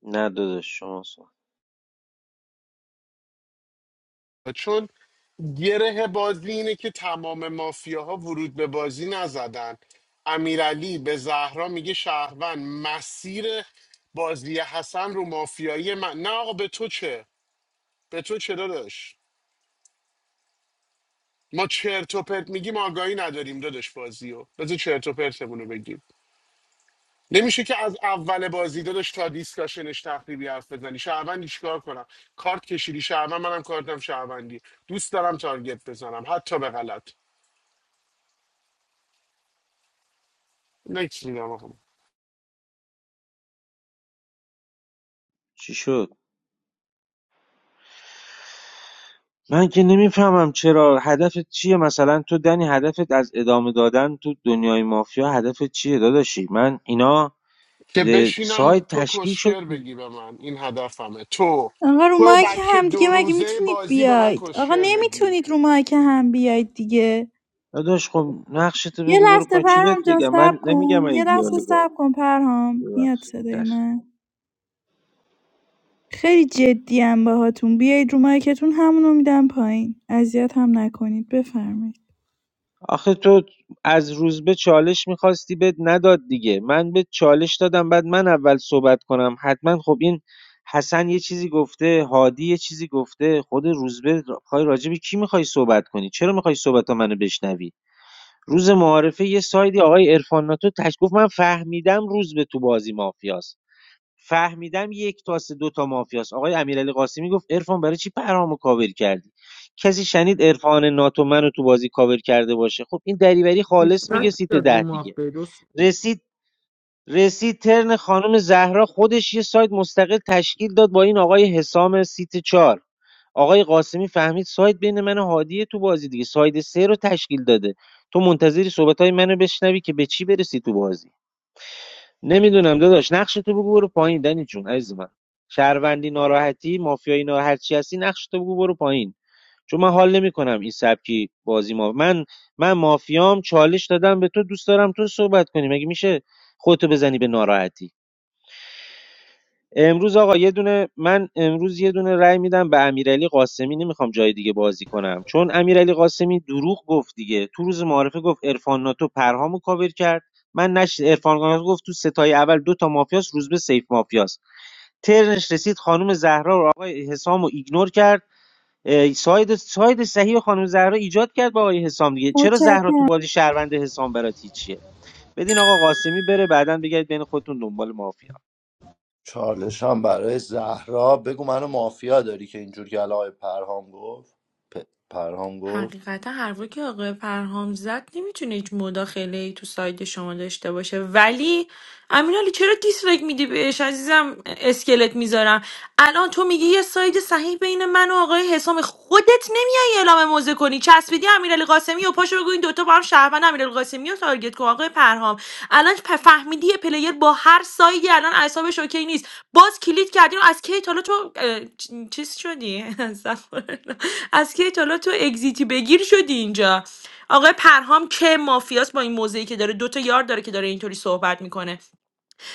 E: نه داداش شما سوال
L: چون گره بازی اینه که تمام مافیاها ورود به بازی نزدن امیرعلی به زهرا میگه شهروند مسیر بازی حسن رو مافیایی من نه آقا به تو چه به تو چه داداش ما چرت و پرت میگیم آگاهی نداریم داداش بازی رو بذار چرت و پرتمون رو بگیم نمیشه که از اول بازی داداش تا دیسکاشنش تخریبی حرف بزنی شهروندی چیکار کنم کارت کشیدی شهروند منم کارتم شهروندی دوست دارم تارگت بزنم حتی به غلط نکس میدم آقا.
E: چی شد من که نمیفهمم چرا هدفت چیه مثلا تو دنی هدفت از ادامه دادن تو دنیای مافیا هدفت چیه داداشی من اینا
L: که
E: ر
L: بشینم
E: سایت
L: تو
E: تشکیل شد
L: کسشر
E: دیگه.
L: بگی به من این هدفمه تو
H: آقا رو
L: تو
H: مایک
L: بچه
H: هم دیگه
L: دو
H: مگه
L: روزه
H: میتونید
L: بازی به من
H: بیاید آقا
L: کسشر بگی
H: نمیتونید رو مایک هم بیاید دیگه
E: داداش خب نقشتو
H: یه
E: بگو برو
H: لحظه
E: پایین چی بهت
H: پرهام جان
E: بگم
H: صبر
E: من
H: کن
E: نمیگم
H: یه
E: این
H: لحظه
E: دیالوگا
H: صبر کن پرهام میاد
E: ببخش
H: صدای
E: چشم.
H: من خیلی جدی‌ام باهاتون بیاید رو مایکتون همونو میدم پایین اذیت هم نکنید بفرمایید
E: آخه تو از روزبه چالش میخواستی بهت نداد دیگه من به چالش دادم بعد من اول صحبت کنم حتما خب این حسن یه چیزی گفته هادی یه چیزی گفته خود روزبه خواهی راجبی کی میخوای صحبت کنی چرا میخوای صحبت منو بشنوی روز معارفه یه سایدی آقای عرفان ناتو تش گفت من فهمیدم روزبه تو بازی مافیاست فهمیدم یک تاسه دو تا مافیاست آقای امیرعلی قاسمی گفت عرفان برای چی پرهامو کاور کردی کسی شنید عرفان ناتو منو تو بازی کاور کرده باشه خب این دریوری خالص میگه
C: نیستن
E: سیت
C: زیاد رو
E: ده دیگه
C: مافیا درست
E: رسید رسید ترن خانم زهرا خودش یه سایت مستقل تشکیل داد با این آقای حسام سیت چار آقای قاسمی فهمید سایت بین من و هادیه تو بازی دیگه سایت سه رو تشکیل داده تو منتظری صحبت منو بشنوی که به چی برسی تو بازی نمیدونم داداش نقش تو بگو برو پایین دنی جون عزیز من شهروندی ناراحتی مافیایی ناراحت چی هستی نقش تو بگو برو پایین چون من حال نمیکنم این سبکی بازی ما من من مافیام چالش دادم به تو دوست دارم تو صحبت کنی مگه میشه خودتو بزنی به ناراحتی امروز آقا یه دونه من امروز یه دونه رأی میدم به امیرعلی قاسمی نمیخوام جای دیگه بازی کنم چون امیرعلی قاسمی دروغ گفت دیگه تو روز معارفه گفت عرفان ناتو پرهامو کاور کرد من نش عرفان ناتو گفت تو ستای اول دو تا مافیاس روز به سیف مافیاس ترنش رسید خانم زهرا و آقای حسام رو ایگنور کرد اه، ساید ساید صحیح خانم زهرا ایجاد کرد با آقای حسام دیگه چرا زهرا تو
H: متشکرم
E: بازی شهروند حسام برات هیچیه بدین آقا قاسمی بره بعدا بگید بین خودتون دنبال مافیا
M: چالش هم برای زهرا بگو منو مافیا داری که اینجور که الان آقای پرهام گفت پ- پرهام گفت
D: حقیقتا حرفی که آقای پرهام زد نمیتونه هیچ مداخله ای تو سایت شما داشته باشه ولی امینالی چرا دیسلایک میدی بهش عزیزم اسکلت میذارم الان تو میگی یه ساید صحیح بین من و آقای حسام خودت میای اعلام موضع کنی چسبیدی امیرعلی قاسمی و پاشو بگو این دوتا با هم شهروند امیرعلی قاسمی رو تارگت کن آقای پرهام الان پ- فهمیدی یه پلیر با هر سایدی الان اعصابش اوکی نیست باز کلید کردی و از کی تا حالا تو اه، چیز شدی استغفرالله. از کی تا تو اگزیتی بگیر شدی اینجا آقای پرهام که مافیاست با این موضعی که داره دوتا یار داره که داره اینطوری صحبت میکنه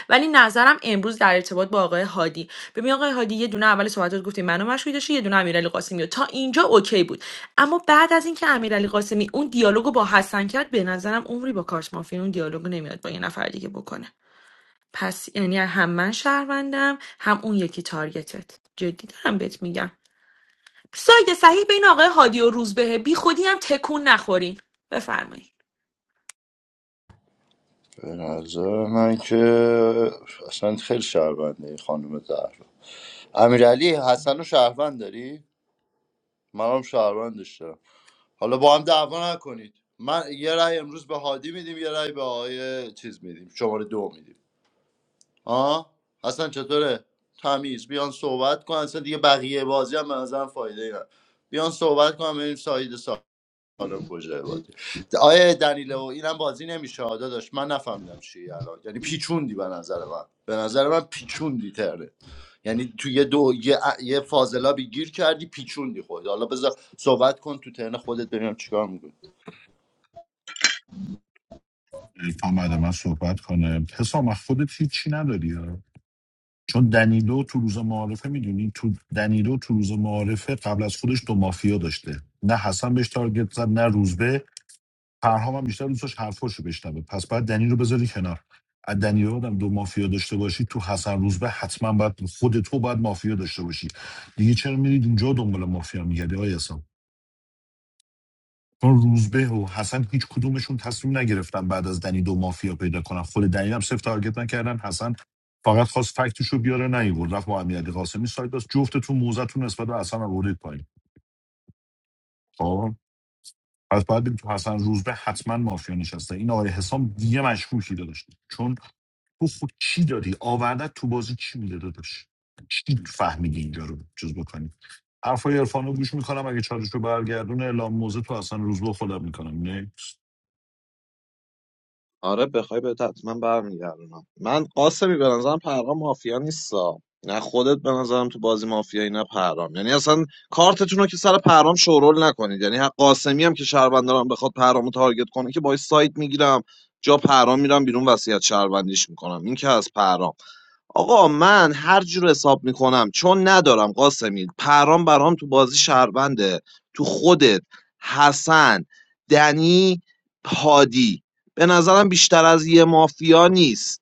D: ولی نظرم امروز در ارتباط با آقای هادی ببین آقای هادی یه دونه اول صحبتات گفتی منو مشکوک داشتی یه دونه امیرعلی قاسمی رو. تا اینجا اوکی بود اما بعد از اینکه امیرعلی قاسمی اون دیالوگو با حسن کرد به نظرم عمری با کارت مافیا اون دیالوگو نمیاد با یه نفر دیگه بکنه پس یعنی هم من شهروندم هم اون یکی تارگتت جدی دارم بهت میگم ساید صحیح بین آقای هادی و روزبه بی خودی هم تکون نخورین بفرمایید
M: به نظر من که اصلا خیلی شهرونده این خانم زهرا امیرعلی حسن و شهروند داری؟ من هم شهروندش دارم حالا با هم دعوا نکنید من یه رأی امروز به هادی میدیم یه رأی به آقای چیز میدیم شماره دو میدیم آه حسن چطوره؟ تمیز بیان صحبت کن اصلا دیگه بقیه بازی هم به نظرم فایده ای نداره. بیان صحبت کن بریم سعید الان کجای بازی آیه دنیلو اینم بازی نمیشه آدا داشت من نفهمیدم چی الان یعنی پیچوندی به نظر من به نظر من پیچوندی تره یعنی تو یه دو یه, ا- یه فاضلابی گیر کردی پیچوندی خود حالا بذار صحبت کن تو ترن خودت ببینم چیکار میکنی
G: تا بعد من صحبت کنه حسام از خودت هیچی نداری چون دنیلو تو روز معارفه میدونی تو دنیلو تو روز معارفه قبل از خودش دو مافیا داشته نه حسن بهش تارگت زد نه روزبه پرهام هم بیشتر دوست داشت حرفاشو بشنوه پس باید دنیلو بذاری کنار از دنیلو آدم دو مافیا داشته باشی تو حسن روزبه حتما باید خود تو باید مافیا داشته باشی دیگه چرا میرید اونجا دنبال مافیا میگردی آیا چون روزبه و حسن هیچ کدومشون تصمیم نگرفتن بعد از دنی دو مافیا پیدا کنن خود دنی هم صفر تارگت نکردن حسن فقط خواست فکتش رو بیاره نیورد رفت با امیرعلی قاسمی سایت داشت جفتتون موزتون نسبت به حسن آوردید پایین خب پس باید بگیم تو حسن روزبه حتما مافیا نشسته این آقای حسام دیگه مشکوکی داشت چون تو خود چی داری آوردت تو بازی چی میده داداش چی فهمیدی اینجا رو جز بکنی حرفای عرفان رو گوش میکنم اگه چالش رو برگردون اعلام موزه تو اصلا روزبه به خودم میکنم
I: آره بخوای به حتما برمیگردونم من قاسمی به نظرم پرام مافیا نیستا نه خودت به نظرم تو بازی مافیایی نه پرام یعنی اصلا کارتتون رو که سر پرام شورول نکنید یعنی حق قاسمی هم که شهروندارم بخواد پرامو تارگت کنه که باید سایت میگیرم جا پرام میرم بیرون وصیت شهروندیش میکنم این که از پرام آقا من هر جور حساب میکنم چون ندارم قاسمی پرام برام تو بازی شهرونده تو خودت حسن دنی هادی به نظرم بیشتر از یه مافیا نیست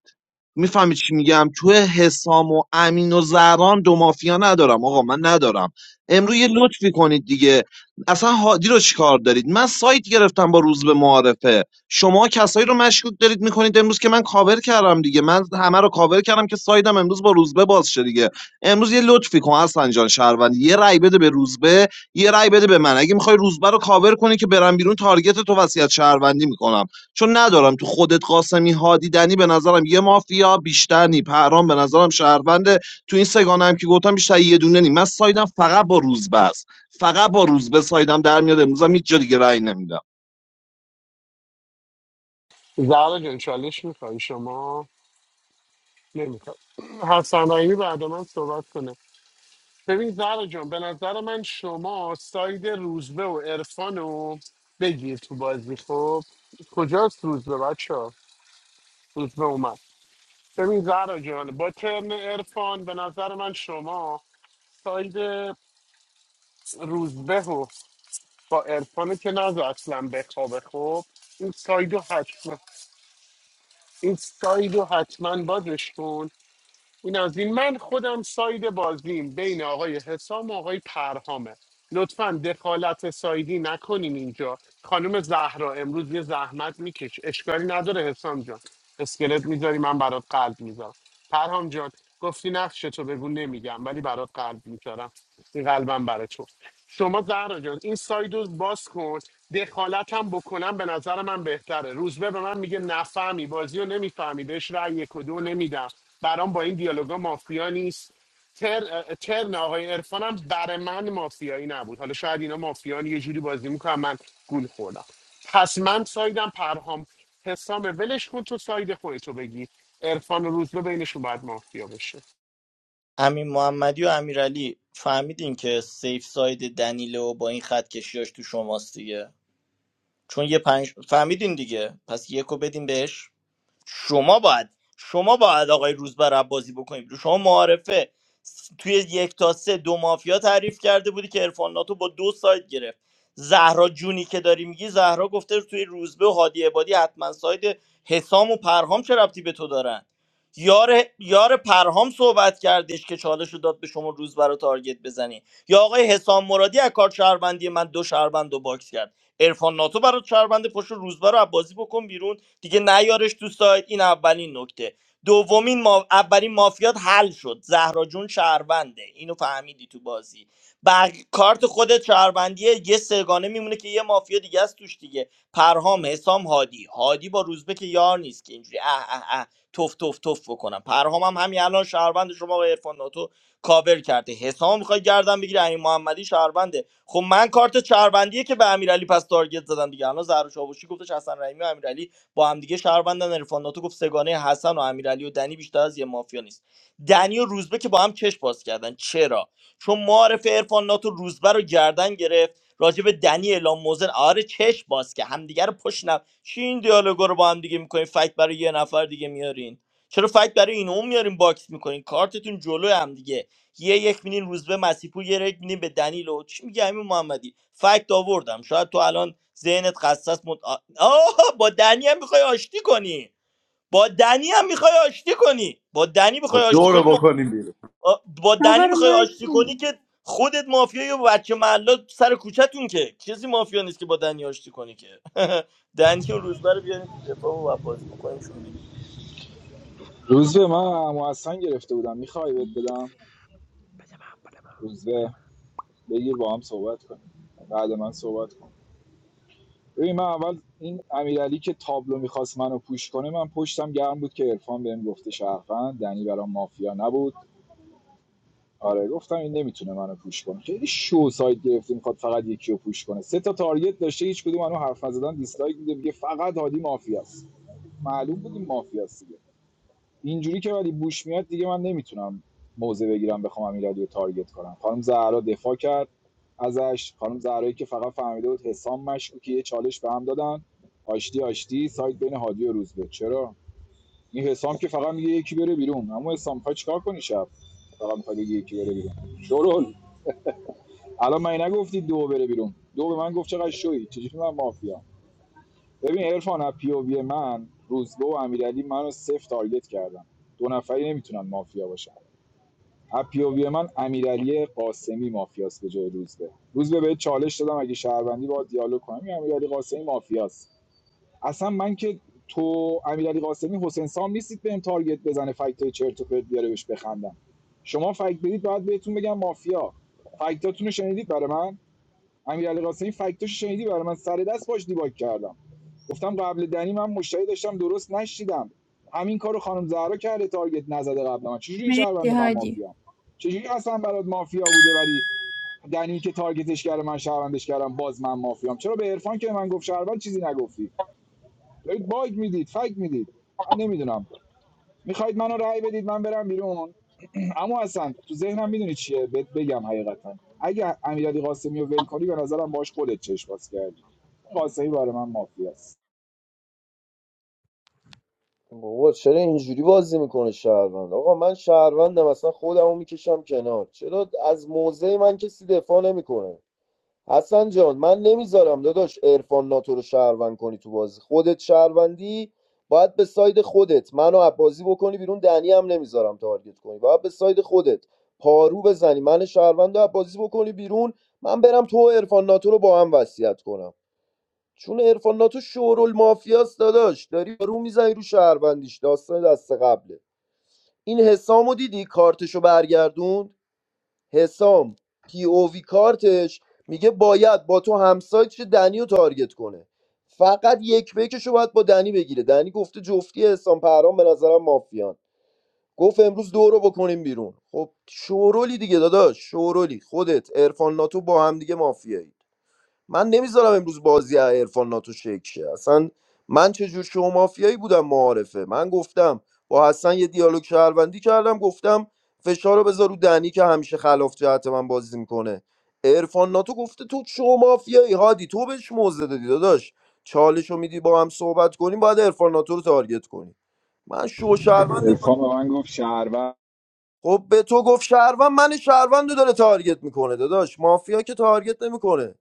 I: میفهمی چی میگم تو حسام و امین و زهران دو مافیا ندارم آقا من ندارم امروز یه لطفی کنید دیگه اصلا هادی رو چیکار دارید من سایت گرفتم با روز به معارفه شما کسایی رو مشکوک دارید میکنید امروز که من کاور کردم دیگه من همه رو کاور کردم که سایدم امروز با روزبه باز شه دیگه امروز یه لطفی کن حسن جان شهروند یه رای بده به روزبه یه رای بده به من اگه میخوای روزبه رو کاور کنی که برم بیرون تارگت تو وصیت شهروندی میکنم چون ندارم تو خودت قاسمی هادی دنی به نظرم یه مافیا بیشتر نی پرام به نظرم شهرونده تو این سگانه هم که گفتم بیشتر یه دونه نی من سایدم فقط با روزبه است فقط با روزبه سایدم در میاد امروزم هیچ جا دیگه رأی نمیدم
L: زهرا جان چالش میخوای شما نمیخوای حسن رحیمی بعد من صحبت کنه ببین زهرا جان به نظر من شما ساید روزبه و عرفان رو بگیر تو بازی خب کجاست روزبه بچه ها؟ روزبه اومد ببین زهرا جان با ترن عرفان به نظر من شما ساید روزبه و با عرفانت که نزو اصلا بخوابه خب این سایدو حتما این سایدو حتما بازش کن این از این من خودم ساید بازیم بین آقای حسام و آقای پرهامه لطفا دخالت سایدی نکنین اینجا خانم زهرا امروز یه زحمت میکش اشکالی نداره حسام جان اسکلت میذاری من برات قلب میذارم پرهام جان گفتی نقشه تو بگو نمیگم ولی برات قلب میذارم این قلبم برای تو شما زهرا جان این سایدو باز کن دخالتم بکنم به نظر من بهتره روزبه به من میگه نفهمی بازی رو نمیفهمی بهش رأی یک و دو نمیدم برام با این دیالوگا مافیا نیست تر ترن آقای عرفان هم برای من مافیایی نبود حالا شاید اینا مافیان یه جوری بازی میکنن من گول خوردم پس من سایدم پرهام حسام ولش کن تو ساید خودتو بگی عرفان و روزبه بینشون باید مافیا بشه
B: امین محمدی و امیرعلی فهمیدین که سیف ساید دنیله و با این خط کشیاش تو شماست دیگه چون یه پنج فهمیدین دیگه پس یکو بدین بهش شما باید شما باید آقای روزبر عباسی بکنیم شما معارفه س- توی یک تا سه دو مافیا تعریف کرده بودی که عرفان ناتو با دو سایت گرفت زهرا جونی که داری میگی زهرا گفته توی روزبه و هادی عبادی حتما سایت حسام و پرهام چه ربطی به تو دارن یار یار پرهام صحبت کردش که چالش رو داد به شما روز برای تارگت بزنی یا آقای حسام مرادی از کار شهروندی من دو شهروند رو باکس کرد عرفان ناتو برای شهروند پشت روزبه رو از بازی بکن بیرون دیگه نیارش تو سایت این اولین نکته دومین ما... اولین مافیات حل شد زهرا جون شهرونده اینو فهمیدی تو بازی بق... کارت خودت شهروندیه یه سگانه میمونه که یه مافیا دیگه است توش دیگه پرهام حسام هادی هادی با روزبه که یار نیست که اینجوری اه اه اه تف تف تف بکنم پرهام هم همین الان شهروند شما آقای عرفان ناتو کاور کرده حسام میخوای گردن بگیره امین محمدی شهرونده خب من کارت شهروندیه که به امیرعلی پس تارگت زدم دیگه الان زهر شاوشی گفتش حسن رحیمی و امیرعلی با هم دیگه شهروندن عرفان ناتو گفت سگانه حسن و امیرعلی و دنی بیشتر از یه مافیا نیست دنی و روزبه که با هم چش باز کردن چرا چون معارف عرفان ناتو روزبه رو گردن گرفت راجع به دنی اعلام موزن آره چش باز که همدیگه رو پشت نب چی این دیالوگا رو با هم دیگه میکنین فکت برای یه نفر دیگه میارین چرا فکت برای این اون میارین باکس میکنین کارتتون جلو هم دیگه یه یک میدین روز به مسیح یه یک میدین به دنیل و چی میگه همین محمدی فکت آوردم شاید تو الان ذهنت خصص مت... آه با دنی هم میخوای آشتی کنی با دنی هم میخوای آشتی کنی با دنی میخوای آشتی
M: دو
B: کنی
M: رو
B: ما...
M: بکنیم بیرون
B: آ، با
H: آقا
B: دنی
H: رو
B: میخوای
H: مایک
B: آشتی کنی
H: نه.
B: که خودت مافیایی و بچه محلا سر کوچتون که چیزی مافیا نیست که با دنی آشتی کنی که دنی و روزبه رو بیارین تو دفاع و بازی بکنیشون بیرون
J: روز به من محسن گرفته بودم میخوای بهت بدم روز به بگیر با هم صحبت کنیم بعد من صحبت کن ببین من اول این امیرعلی که تابلو میخواست منو پوش کنه من پشتم گرم بود که عرفان بهم گفته شرفن دنی برام مافیا نبود آره گفتم این نمیتونه منو پوش کنه خیلی شو سایت گرفته میخواد فقط یکی رو پوش کنه سه تا تارگت داشته هیچ کدوم منو حرف نزدن دیسلایک میده میگه فقط هادی مافیاست معلوم بود این مافیاست دیگه اینجوری که ولی بوش میاد دیگه من نمیتونم موضع بگیرم بخوام امیرعلی رو تارگت کنم خانم زهرا دفاع کرد ازش خانم زهرایی که فقط فهمیده بود حسام مشکوکه یه چالش به هم دادن آشتی آشتی سایت بین هادی و روزبه چرا این حسام که فقط میگه یکی بره بیرون اما حسام میخوای چیکار کنی شب فقط میخوای بگی یکی بره بیرون شرول الان من نگفتی دو بره بیرون دو به من گفت چقدر شوی چجوری من مافیا ببین عرفان از پی او وی من روزبه و امیرعلی منو صفر تارگت کردن دو نفری نمیتونن مافیا باشن اپیووی من امیرعلی قاسمی مافیاست به جای روزبه روزبه به چالش دادم اگه شهروندی با دیالوگ کنم این امیرعلی قاسمی مافیاست اصلا من که تو امیرعلی قاسمی حسین سام نیستید بهم تارگت بزنه فکت چرت و پرت بیاره بهش بخندم شما فکت بدید باید بهتون بگم مافیا فکتاتون رو شنیدید برای من امیرعلی قاسمی فکتاشو شنیدی برای من سر دست باش دیباک کردم گفتم قبل دنی من مشتری داشتم درست نشیدم همین کارو خانم زهرا کرده تارگت نزده قبل من چجوری این
H: مرسی
J: شهروند من
H: هادی
J: مافیا چجوری اصلا برات مافیا بوده ولی دنی که تارگتش کرده من شهروندش کردم باز من مافیام چرا به عرفان که من گفت شهروند چیزی نگفتی دارید باگ میدید فک میدید من نمیدونم میخواید منو رأی بدید من برم بیرون اما اصلا تو ذهنم میدونی چیه بهت بگم حقیقتا اگه امیرعلی قاسمی رو ول کنی به نظرم باش خودت چشم باز کردی قاسمی برای من مافیاست
F: بابا چرا اینجوری بازی میکنه شهروند آقا من شهروندم اصلا خودمو میکشم کنار چرا از موضع من کسی دفاع نمیکنه حسن جان من نمیذارم داداش عرفان ناتو رو شهروند کنی تو بازی خودت شهروندی باید به ساید خودت منو از بازی بکنی بیرون دنی هم نمیذارم تارگت کنی باید به ساید خودت پارو بزنی من شهروند رو از بازی بکنی بیرون من برم تو و عرفان ناتو رو با هم وصیت کنم چون عرفان ناتو شورول داداش داری رو میزنی رو شهروندیش داستان دست قبله این حسامو دیدی کارتشو برگردوند حسام پی او وی کارتش میگه باید با تو همسایت چه دنی رو تارگت کنه فقط یک بکشو باید با دنی بگیره دنی گفته جفتی حسام پرام به نظرم مافیان گفت امروز دو رو بکنیم بیرون خب شورولی دیگه داداش شورولی خودت عرفان ناتو با هم دیگه مافیایی من نمیذارم امروز بازی عرفان ناتو شکل شه اصلا من چجور شما مافیایی بودم معارفه من گفتم با حسن یه دیالوگ شهروندی کردم گفتم فشار رو بذار رو دنی که همیشه خلاف جهت من بازی میکنه عرفان ناتو گفته تو شما مافیایی هادی تو بهش موزه دادی داداش چالش رو میدی با هم صحبت کنیم باید عرفان ناتو رو تارگت کنی من شو شهروند
J: عرفان به من گفت شهروند
F: خب به تو گفت شهروند من شهروند رو داره تارگت میکنه داداش مافیا که تارگت نمیکنه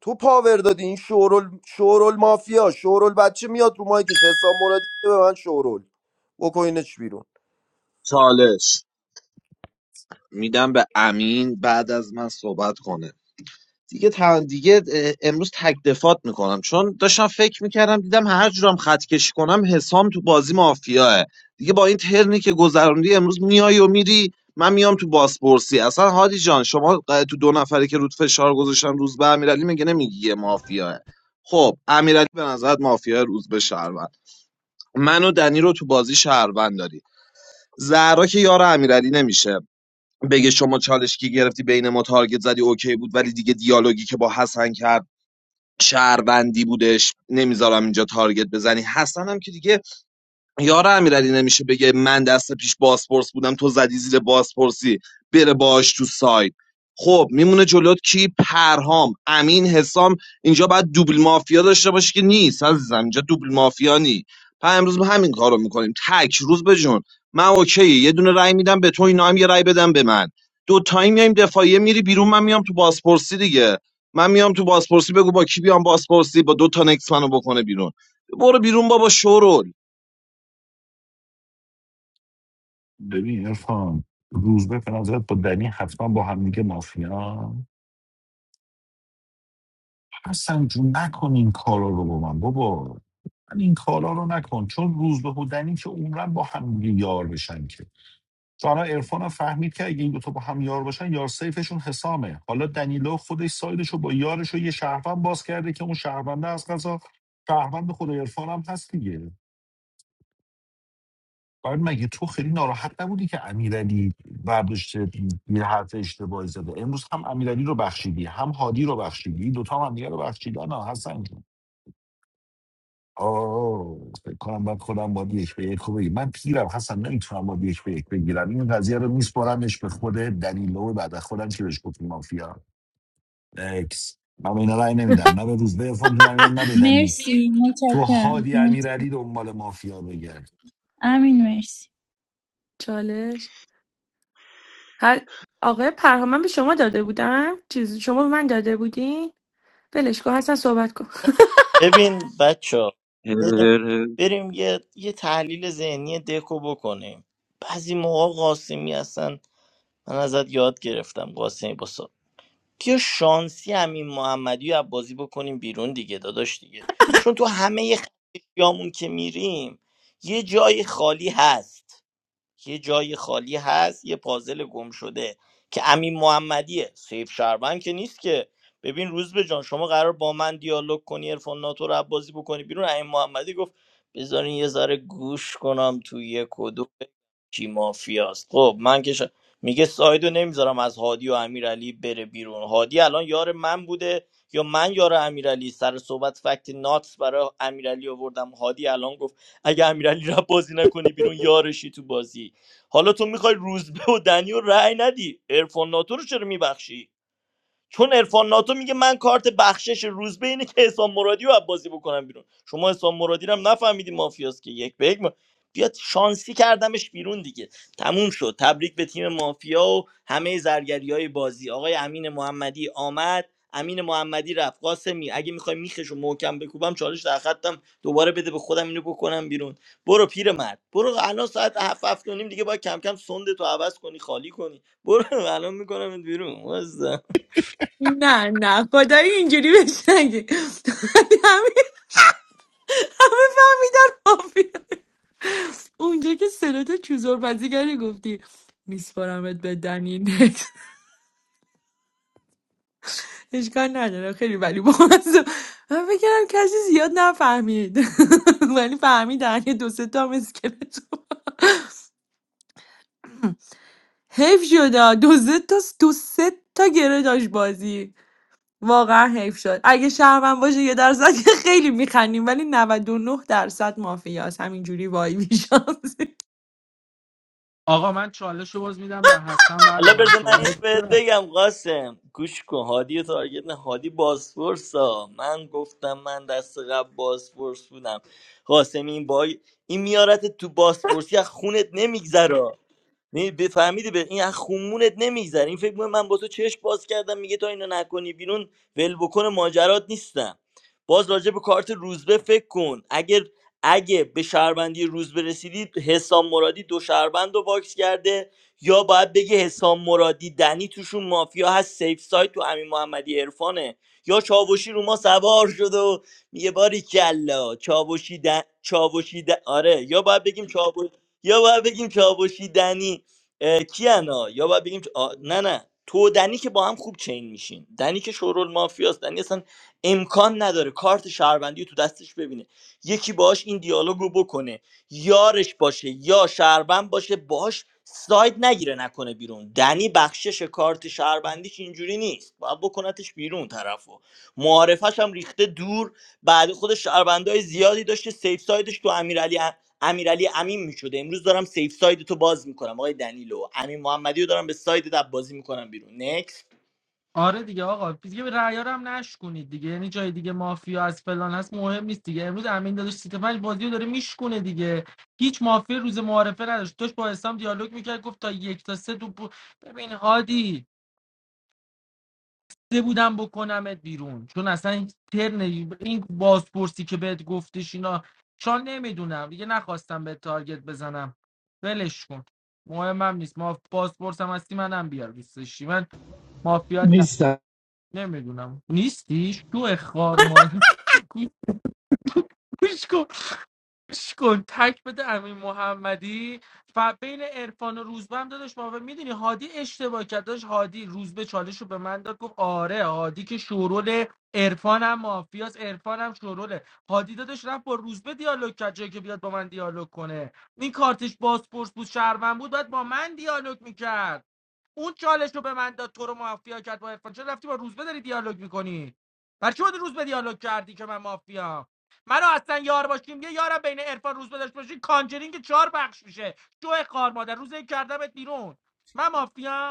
F: تو پاور دادی این شورول شورول مافیا شورول بچه میاد رو مایکش حسام مرادی میگه به من شورول بکنینش بیرون
I: چالش میدم به امین بعد از من صحبت کنه دیگه تا دیگه اه، امروز تک دفات میکنم چون داشتم فکر میکردم دیدم هر جورم خط کشی کنم حسام تو بازی مافیاه دیگه با این ترنی که گذروندی امروز میای و میری من میام تو بازپرسی اصلا هادی جان شما اه، تو دو نفری که رود فشار گذاشتن روز به امیرعلی میگه نمیگی یه مافیاه خب امیرعلی به نظرت مافیا روز به شهروند من و دنی رو تو بازی شهروند داری زهرا که یار امیرعلی نمیشه بگه شما چالش کی گرفتی بین ما تارگت زدی اوکی بود ولی دیگه دیالوگی که با حسن کرد شهروندی بودش نمیذارم اینجا تارگت بزنی حسن هم که دیگه یار امیرعلی نمیشه بگه من دست پیش بازپرس بودم تو زدی زیر بازپرسی بره باش تو ساید خب میمونه جلوت کی پرهام امین حسام اینجا باید دوبل مافیا داشته باشی که نیست عزیزم اینجا دوبل مافیا نی پس امروز ما همین کارو میکنیم تک روز به جون من اوکی یه دونه رای میدم به تو اینا هم یه رای بدم به من دو تایم میایم دفاعیه میری بیرون من میام تو بازپرسی دیگه من میام تو بازپرسی بگو با کی بیام بازپرسی با دو تا نکس منو بکنه بیرون برو بیرون بابا شورو
G: ببین ارفان روزبه به نظرت با دنی حتما با هم دیگه مافیا حسن جون نکن این کارا رو با من بابا من این کارا رو نکن چون روزبه و دنی که عمرن با هم دیگه یار بشن که تو الان عرفان هم فهمید که اگه این دوتا با هم یار باشن یار سیفشون حسامه حالا دنیلو خودش سایدش رو با یارش رو یه شهروند باز کرده که اون شهرونده از قضا شهروند خود عرفان هم هست دیگه بعد مگه تو خیلی ناراحت نبودی که امیرعلی برداشت یه حرف اشتباهی زده امروز هم امیرعلی رو بخشیدی هم هادی رو بخشیدی دوتا هم دیگه رو بخشیدن نه حسن جون آه فکر کنم باید خودم باید یک به یک رو بگیرم من پیرم حسن نمیتونم باید یک به یک بگیرم این قضیه رو میسپرمش به خود دنیلو بعد از خودم که بهش گفت مافیا اکس من به اینا رأی نمیدم نه به روز به افغان رأی میدم نه به دنی
H: مرسی
G: تو
H: متشکرم
G: هادی
H: مت-
G: امیرعلی دنبال مافیا بگرد
H: امین مرسی
D: چالش هر آقای پرهام من به شما داده بودم چیزی شما به من داده بودین ولش کن حسن صحبت کن
B: ببین بچه
E: هر هر هر.
B: بریم یه, یه تحلیل ذهنی دکو بکنیم بعضی موقع قاسمی هستن من ازت یاد گرفتم قاسمی باسا بیا شانسی همین محمدی رو از بازی بکنیم بیرون دیگه داداش دیگه چون تو همه خیامون که میریم یه جای خالی هست یه جای خالی هست یه پازل گم شده که امین محمدیه سیف شهروند که نیست که ببین روز به جان شما قرار با من دیالوگ کنی عرفان ناتو رو بازی بکنی بیرون امین محمدی گفت بذارین یه ذره گوش کنم تو یک و دو کی مافیاست خب من که ش... میگه سایدو نمیذارم از هادی و امیرعلی بره بیرون هادی الان یار من بوده یا من یار امیرعلی سر صحبت فکت ناتس برای امیرعلی آوردم هادی الان گفت اگه امیرعلی رو بازی نکنی بیرون یارشی تو بازی حالا تو میخوای روزبه و دنی و رأی ندی عرفان ناتو رو چرا میبخشی چون عرفان ناتو میگه من کارت بخشش روز بینه که حسام مرادی رو بازی بکنم بیرون شما حسام مرادی رو هم نفهمیدی مافیاست که یک به یک ما... بیاد شانسی کردمش بیرون دیگه تموم شد تبریک به تیم مافیا و همه زرگری بازی آقای امین محمدی آمد امین محمدی رفت قاسمی اگه میخوای میخشو محکم بکوبم چالش در خطم دوباره بده به خودم اینو بکنم بیرون برو پیرمرد برو الان ساعت هفت هفت و نیم دیگه باید کم کم سندتو عوض کنی خالی کنی برو الان میکنم بیرون
D: نه نه خدایی اینجوری بهش نگی همین همه فهم اونجا که سرات چوزور بازیگری گفتی میسپارمت به دنینت اشکال نداره خیلی ولی بازم من فکرم کسی زیاد نفهمید ولی فهمیدن یه دو سه تا هم اسکلت حیف شده دو سه تا دو سه تا گره داشت بازی واقعا حیف شد اگه شهرون باشه یه درصد که خیلی میخندیم ولی 99 درصد مافیاست همینجوری وای میشم
C: آقا من چالش رو باز میدم به حسن بعد
B: حالا
C: من
B: بذار من اینو
C: صحبت
B: بهت
C: کنه.
B: بگم قاسم گوش کن هادی رو تارگت نه هادی بازپرس ها من گفتم من دست قبل بازپرس بودم قاسم این با این میارت تو بازپرسی از خونت نمیگذره می بفهمیدی به این از خمونت نمیگذره این فکر می‌کنه من با تو چشم باز کردم میگه تا اینو نکنی بیرون ول بکن ماجرات نیستم باز راجع به کارت روزبه فکر کن اگر اگه به شهروندی روزبه رسیدی حسام مرادی دو شهروند رو واکس کرده یا باید بگی حسام مرادی دنی توشون مافیا هست سیف سایت تو امین محمدی عرفانه یا چاوشی رو ما سوار شده و میگه باری کلا چاوشی دن... چاوشی دن... آره یا باید بگیم چاوشی یا باید بگیم چاوشی دنی اه، کیانا یا باید بگیم آ... نه نه تو و دنی که با هم خوب چین میشین دنی که شورول مافیاست دنی اصلا امکان نداره کارت شهروندی رو تو دستش ببینه یکی باهاش این دیالوگو بکنه یارش باشه یا شهروند باشه باهاش ساید نگیره نکنه بیرون دنی بخشش کارت شهروندیش اینجوری نیست باید بکنتش بیرون طرفو معارفش هم ریخته دور بعد خودش شهروندای زیادی داشته سیف سایدش تو امیرعلی امیرعلی امین میشده امروز دارم سیف ساید تو باز میکنم آقای دنیلو امین محمدی رو دارم به ساید دب بازی میکنم بیرون نکس
C: آره دیگه آقا دیگه رعیا رو هم نشکونید دیگه یعنی جای دیگه مافیا از فلان هست مهم نیست دیگه امروز امین داداش سیت پنج بازی رو داره میشکونه دیگه هیچ مافیا روز معارفه نداشت داشت با اسلام دیالوگ میکرد گفت تا یک تا سه تو بو- ببین هادی سه بودم بکنمت بیرون چون اصلا هیچ ترن این بازپرسی که بهت گفتش اینا چون نمیدونم دیگه نخواستم به تارگت بزنم ولش کن مهمم نیست ما بازپرسم هستی منم بیار دوست داشتی. من مافیات نمیدونم نیستی شو خار مال گوش کن گوش کن تک بده امین محمدی و بین عرفان و روزبه هم داداش ما میدونی هادی اشتباه کرد داشت هادی روزبه چالش رو به من داد گفت آره هادی که شورول عرفان هم مافیاس عرفان هم شوروله هادی داداش رفت با روزبه دیالوگ کرد جایی که بیاد با من دیالوگ کنه این کارتش بازپرس بود شهروند بود باید با من دیالوگ میکرد اون چالش رو به من داد تو رو مافیا کرد با عرفان چرا رفتی با روزبه داری دیالوگ میکنی بر چی با روزبه دیالوگ کردی که من مافیا منو اصلا یار باشیم یه یارم بین عرفان روزبه داشت باشی کانجرینگ چهار بخش میشه شو خار مادر روزه کردمت بیرون من مافیا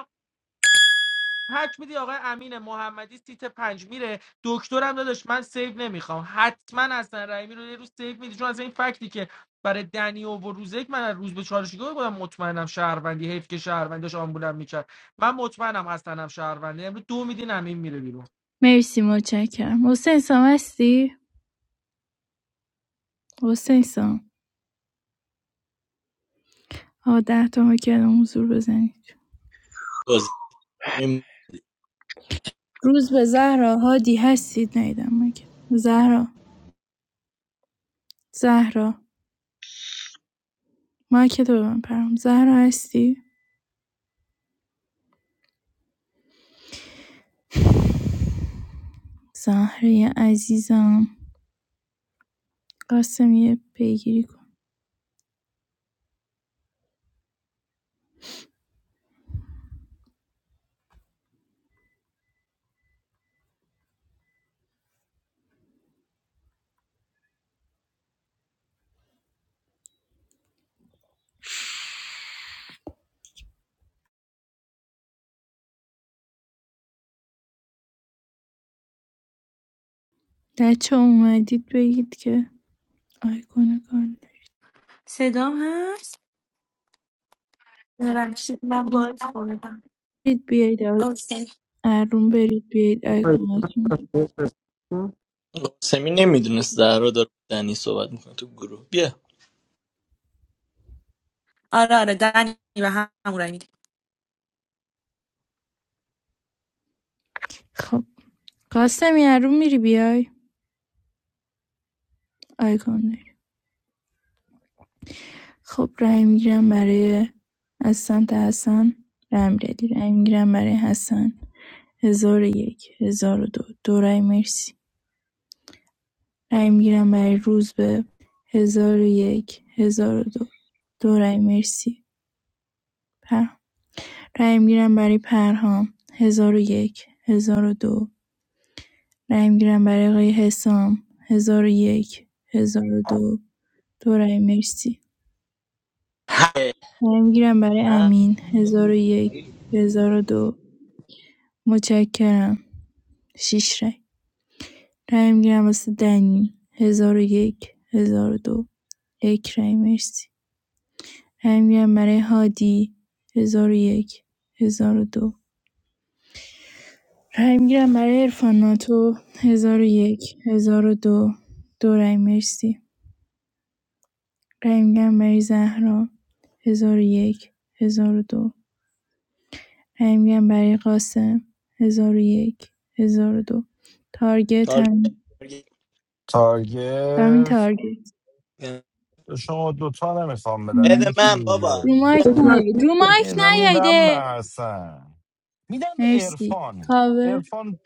C: هک میدی آقای امین محمدی سیت پنج میره دکترم داداش من سیو نمیخوام حتما حسن رحیمی رو یه روز سیو میدی چون از این فکتی که برای دنی و روزک من از روز به چالشگاه بودم مطمئنم شهروندی حیف که شهروندی داشت آمبولم میکرد من مطمئنم حسنم شهروندی امروز دو میدین امین میره بیرون
H: مرسی متشکرم حسین سام هستی حسین سام آقا ده تا مایکل حضور بزنید
B: بازی می-
H: روز به زهرا هادی هستید نیدم مایکت زهرا زهرا مایکت رو ببن پرم زهرا هستی زهره عزیزم قاسمی پیگیری کن بچه اومدید بگید که آیکون کار
D: صدام هست
H: برید بیاید
D: آره
H: اروم برید بیاید آیکوناتون
B: قاسمی نمیدونست در رو داره دنی صحبت میکنه تو گروه بیا
D: آره آره، دنی به همون رای می‌دی.
H: خب قاسمی اروم میری بیای آیکون داری. خب رای میگیرم برای از سمت حسن رای میدادی رای میگیرم برای حسن هزار و یک هزار و دو دو رای مرسی رای میگیرم برای روزبه هزار و یک هزار و دو دو رای مرسی په رای میگیرم برای پرهام 1001 1002 رای میگیرم برای آقای حسام 1001 1002 دو دو رای مرسی
B: ه-
H: رای میگیرم برای
B: ه-
H: امین 1001 دو متشکرم 6 رای رای میگیرم واسه دنی 1001 1002 یک هزار و دو. یک رای مرسی رای میگیرم برای هادی 1001 دو رای میگیرم برای عرفان ناتو 1001 1002 دو دو رای مرسی رای میگیرم برای زهرا 1001 1002 رای میگیرم برای قاسم 1001 1002 تارگت هم
B: تارگت
H: همین
G: تارگت
H: تارگت
G: به شما دوتا نمیخوام
H: رو
G: بدم
H: مایک
G: این
B: بده
G: چی
B: من بابا
H: رو
G: دیگه
H: مایک نیاید رو مایک
G: یه میدم به
H: نیاییده
G: حسن میدم به
H: مرسی
G: ارفان
H: کاور
G: ارفان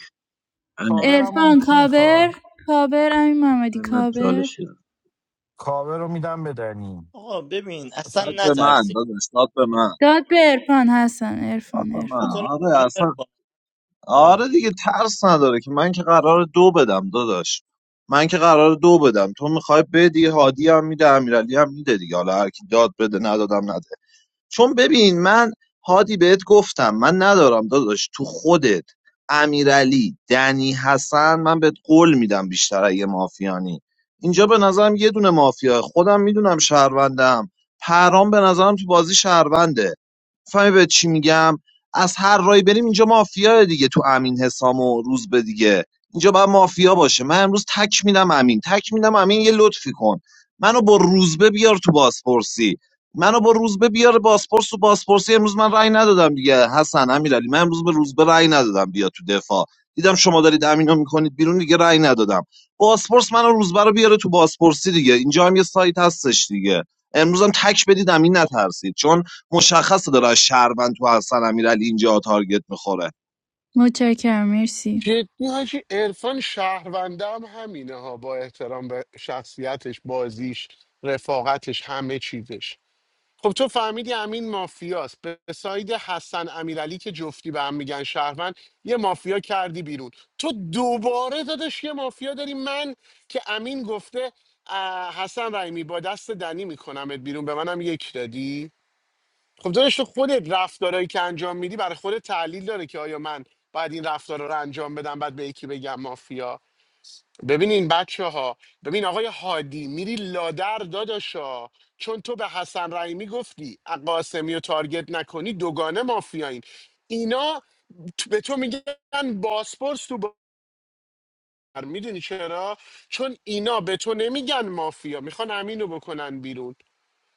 G: کاورمون
H: عرفان
G: کی میخواد
H: کاور کاور امین محمدی
E: من
H: کاور
E: چالش دارم
G: کاور رو میدم به دنی
B: آقا ببین اصلا
I: داد
G: حسن
I: به
G: جون
I: من
B: نترسین
I: داداش داد به من
H: داد به عرفان حسن
I: داد
H: عرفان
I: به
H: عرفان
I: من
B: بکنه
I: آره
B: بیرون
I: اصلا
B: ارفان داره
I: آره دیگه ترس نداره که من که قرار دو بدم داداش من که قرار دو بدم تو میخوای بدی هادی هم میده امیرعلی هم میده دیگه حالا هر کی داد بده ندادم نده چون ببین من هادی بهت گفتم من ندارم داداش تو خودت امیرعلی دنی حسن من بهت قول میدم بیشتر اگه مافیانی اینجا به نظرم یه دونه مافیا خودم میدونم شهروندم پرام به نظرم تو بازی شهرونده می‌فهمی به چی میگم از هر رای بریم اینجا مافیا دیگه تو امین حسام و روز به دیگه اینجا باید مافیا باشه من امروز تک میدم امین تک میدم امین یه لطفی کن منو با روزبه بیار تو بازپرسی منو با روزبه بیار بازپرس تو بازپرسی امروز من رأی ندادم دیگه حسن امیرعلی من امروز به روزبه رأی ندادم بیا تو دفاع دیدم شما دارید امینو میکنید بیرون دیگه رأی ندادم بازپرس منو روزبه رو بیاره تو بازپرسی دیگه اینجا هم یه سایت هستش دیگه امروز هم تک بدید امین نترسید چون مشخصه دارن شهروند تو حسن امیرعلی اینجا تارگت میخوره
H: متشکرم مرسی
L: جدی حاجی عرفان شهرونده هم همینه ها با احترام به شخصیتش بازیش رفاقتش همه چیزش خب تو فهمیدی امین مافیاست به ساید حسن امیرعلی که جفتی به هم میگن شهروند یه مافیا کردی بیرون تو دوباره دادش یه مافیا داری من که امین گفته اه، حسن رحیمی با دست دنی میکنمت بیرون به منم یک دادی خب دادش تو خودت رفتارهایی که انجام میدی برای خودت تحلیل داره که آیا من باید این رفتار رو انجام بدم بعد به یکی بگم مافیا ببینین بچه ها ببین آقای هادی میری لادر داداشا چون تو به حسن رحیمی گفتی قاسمی و تارگت نکنی دوگانه مافیایین اینا ت- به تو میگن باسپورس تو بار میدونی چرا چون اینا به تو نمیگن مافیا میخوان امینو بکنن بیرون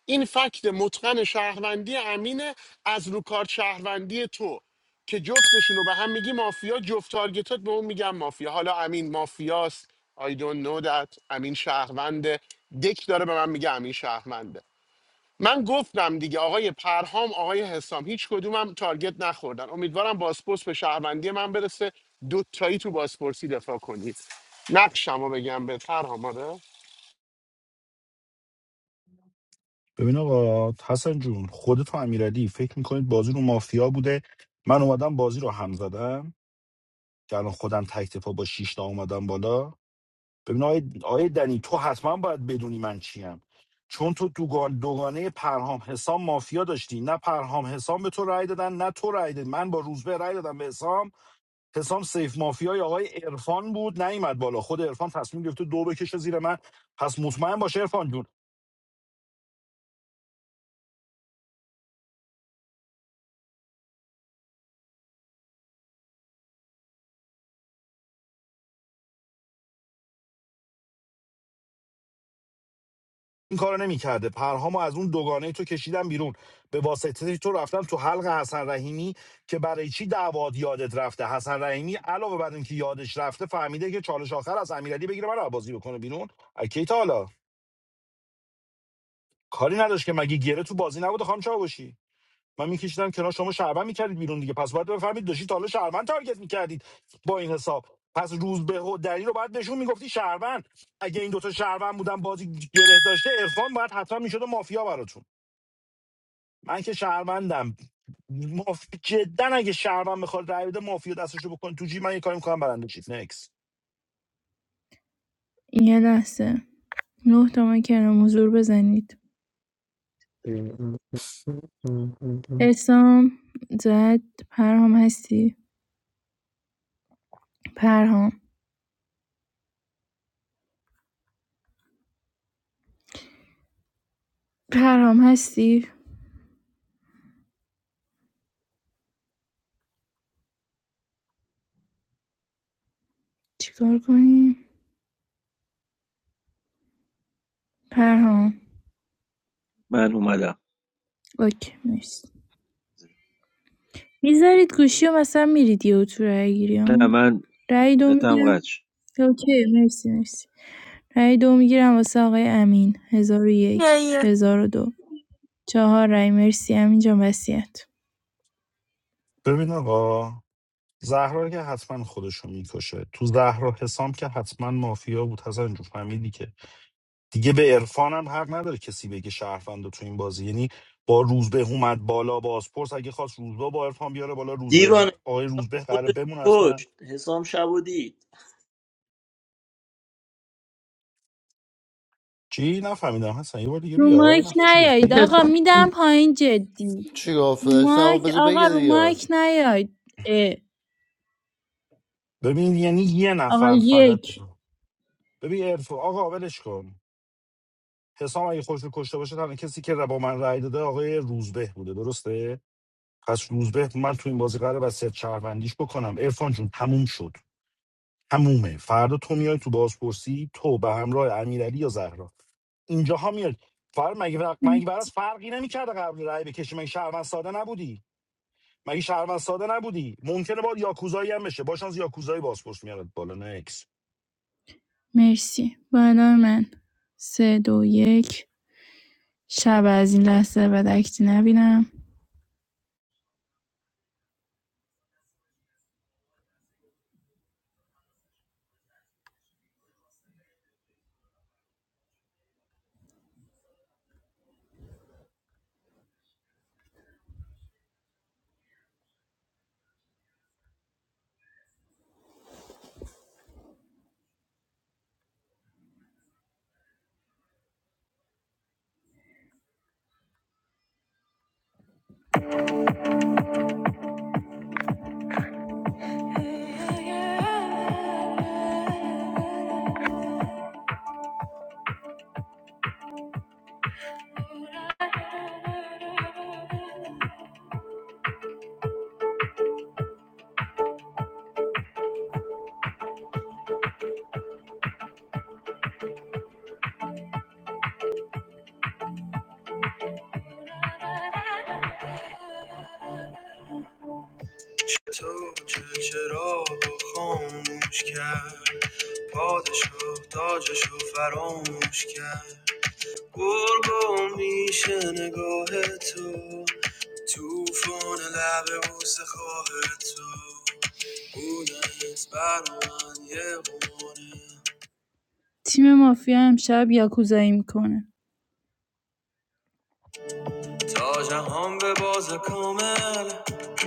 L: این فکت متقن شهروندی امینه از رو کارت شهروندی تو که جفتشون رو به هم میگی مافیا جفت تارگتات به اون میگم مافیا حالا امین مافیاست I don't know that امین شهرونده دک داره به من میگه امین شهرونده من گفتم دیگه آقای پرهام آقای حسام هیچ کدومم تارگت نخوردن امیدوارم بازپرس به شهروندی من برسه دوتایی تو بازپرسی دفاع کنید نقشمو بگم به پرهام آره
G: ببین آقا حسن جون خودت و امیرعلی فکر میکنید بازی رو مافیا بوده من اومدم بازی رو هم زدم که الان خودم تک دفاع با شیش تا اومدم بالا ببین آیه آیه دنی تو حتما باید بدونی من چیم چون تو دوگان دوگانه پرهام حسام مافیا داشتی نه پرهام حسام به تو رأی دادن نه تو رأی دادی من با روزبه رأی دادم به حسام حسام سیف مافیای آقای عرفان بود نیومد بالا خود عرفان تصمیم گرفته دو بکشه زیر من پس مطمئن باش عرفان جون این کارو نمیکرده پرهامو از اون دوگانه تو کشیدم بیرون به واسطه تو رفتم تو حلق حسن رحیمی که برای چی دعواد یادت رفته حسن رحیمی علاوه بر اینکه یادش رفته فهمیده که چالش آخر از امیرعلی بگیره من بازی بکنه بیرون اکی تا حالا کاری نداشت که مگه گره تو بازی نبوده خانم چاوشی من میکشیدم کنار شما شعبان میکردید بیرون دیگه پس باید بفهمید داشتید تا حالا شهروند تارگت میکردید با این حساب پس روز به دری رو باید بهشون میگفتی شهروند اگه این دوتا شهروند بودن بازی گره داشته عرفان باید حتما میشده مافیا براتون من که شهروندم ماف... جدا اگه شهروند بخواد رای بده مافیا دستشو بکن تو جی من یه کاری میکنم برنده چیت نکس
H: یه لحظه نه تومن کلام حضور بزنید اسام زد پرهام هستی پرهام پرهام هستی چیکار کنیم پرهام
E: من اومدم
H: اوکی مرسی میذارید گوشی و مثلا میرید یه تو رای گیری
E: نه
H: ها؟
E: من
H: رای دو
E: نتم قد
H: میگیرم
E: شد.
H: اوکی مرسی مرسی رای دو میگیرم واسه آقای امین هزار و
D: نه،
H: یک
D: یه.
H: هزار و دو چهار رای مرسی امین جان وسیعت
G: ببین آقا زهرا که حتما خودشو میکشه تو زهرا حسام که حتما مافیا بود حسن جو فهمیدی که دیگه به عرفانم حق نداره کسی بگه شهروند تو این بازی یعنی با روزبه اومد بالا بازپرس اگه خواست روزبه با عرفان بیاره بالا روزبه
B: دیوانه
G: آقای
B: حسام
G: روزبه قراره
B: خودش
G: بمون حتما
B: کشت حسام شب و دید
G: چی نفهمیدم حسن یه بار دیگه
H: رو
G: بیا
H: مایک
G: نه چی
H: نیایید
G: گفتی
H: آقا میدم پایین جدی
M: چی گفت
H: رو
M: داشتم
H: مایک
M: بذار
H: آقا
M: بگه
H: رو
M: دیگه
H: مایک نیایید اه،
G: ببین یعنی یه
H: آقا
G: نفر
H: یک
G: فقط ببین عرفان آقا ولش کن حسام اگه خوش رو کشته باشه تنها کسی که با من رأی داده آقای روزبه بوده درسته پس روزبه من تو این بازی قراره وصیت شهروندیش بکنم عرفان جون تموم شد تمومه فردا تو میای تو بازپرسی تو به همراه امیرعلی یا زهرا اینجاها میاد فر مگه برق... مگه برات فرقی نمیکرده قبل رأی بکشی مگه شهروند ساده نبودی مگه شهروند ساده نبودی ممکنه با یاکوزایی هم بشه با شانس یاکوزایی بازپرس میاد بالا نکس
H: مرسی بالا من سه دو یک شب از این لحظه به دکتی نبینم چه چراغ خاموش کرد پادشاه تاجش فراموش کرد گرگم میشه نگاه تو توفان لب بوس خواه تو بونت بر من یه قماره تیم مافیا امشب یاکوزایی میکنه تا جهان به باز کامل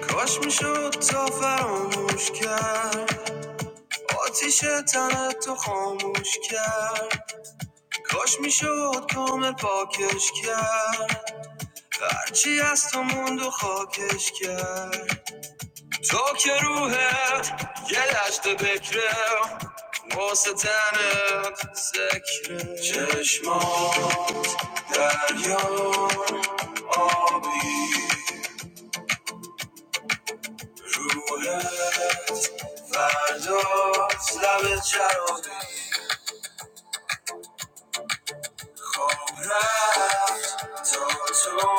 H: کاش میشد تا فراموش کرد آتیش تن تو خاموش کرد کاش میشد کامل پاکش کرد هرچی از تو موند و خاکش کرد تا که روحت یه لشت بکره واسه تنت ذکره چشمات دریا آبی روحت فرداست لب چراغی بابا رفت تا تو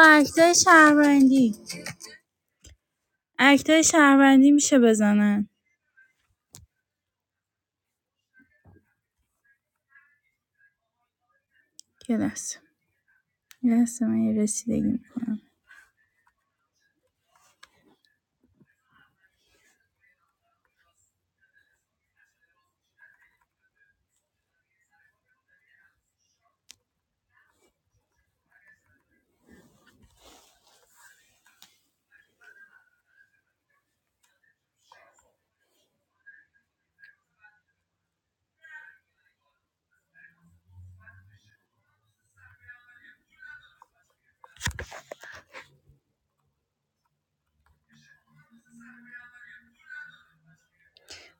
H: اکتای شهروندی اکتای شهروندی میشه بزنن یه لحظه یه لحظه من یه رسیدگی میکنم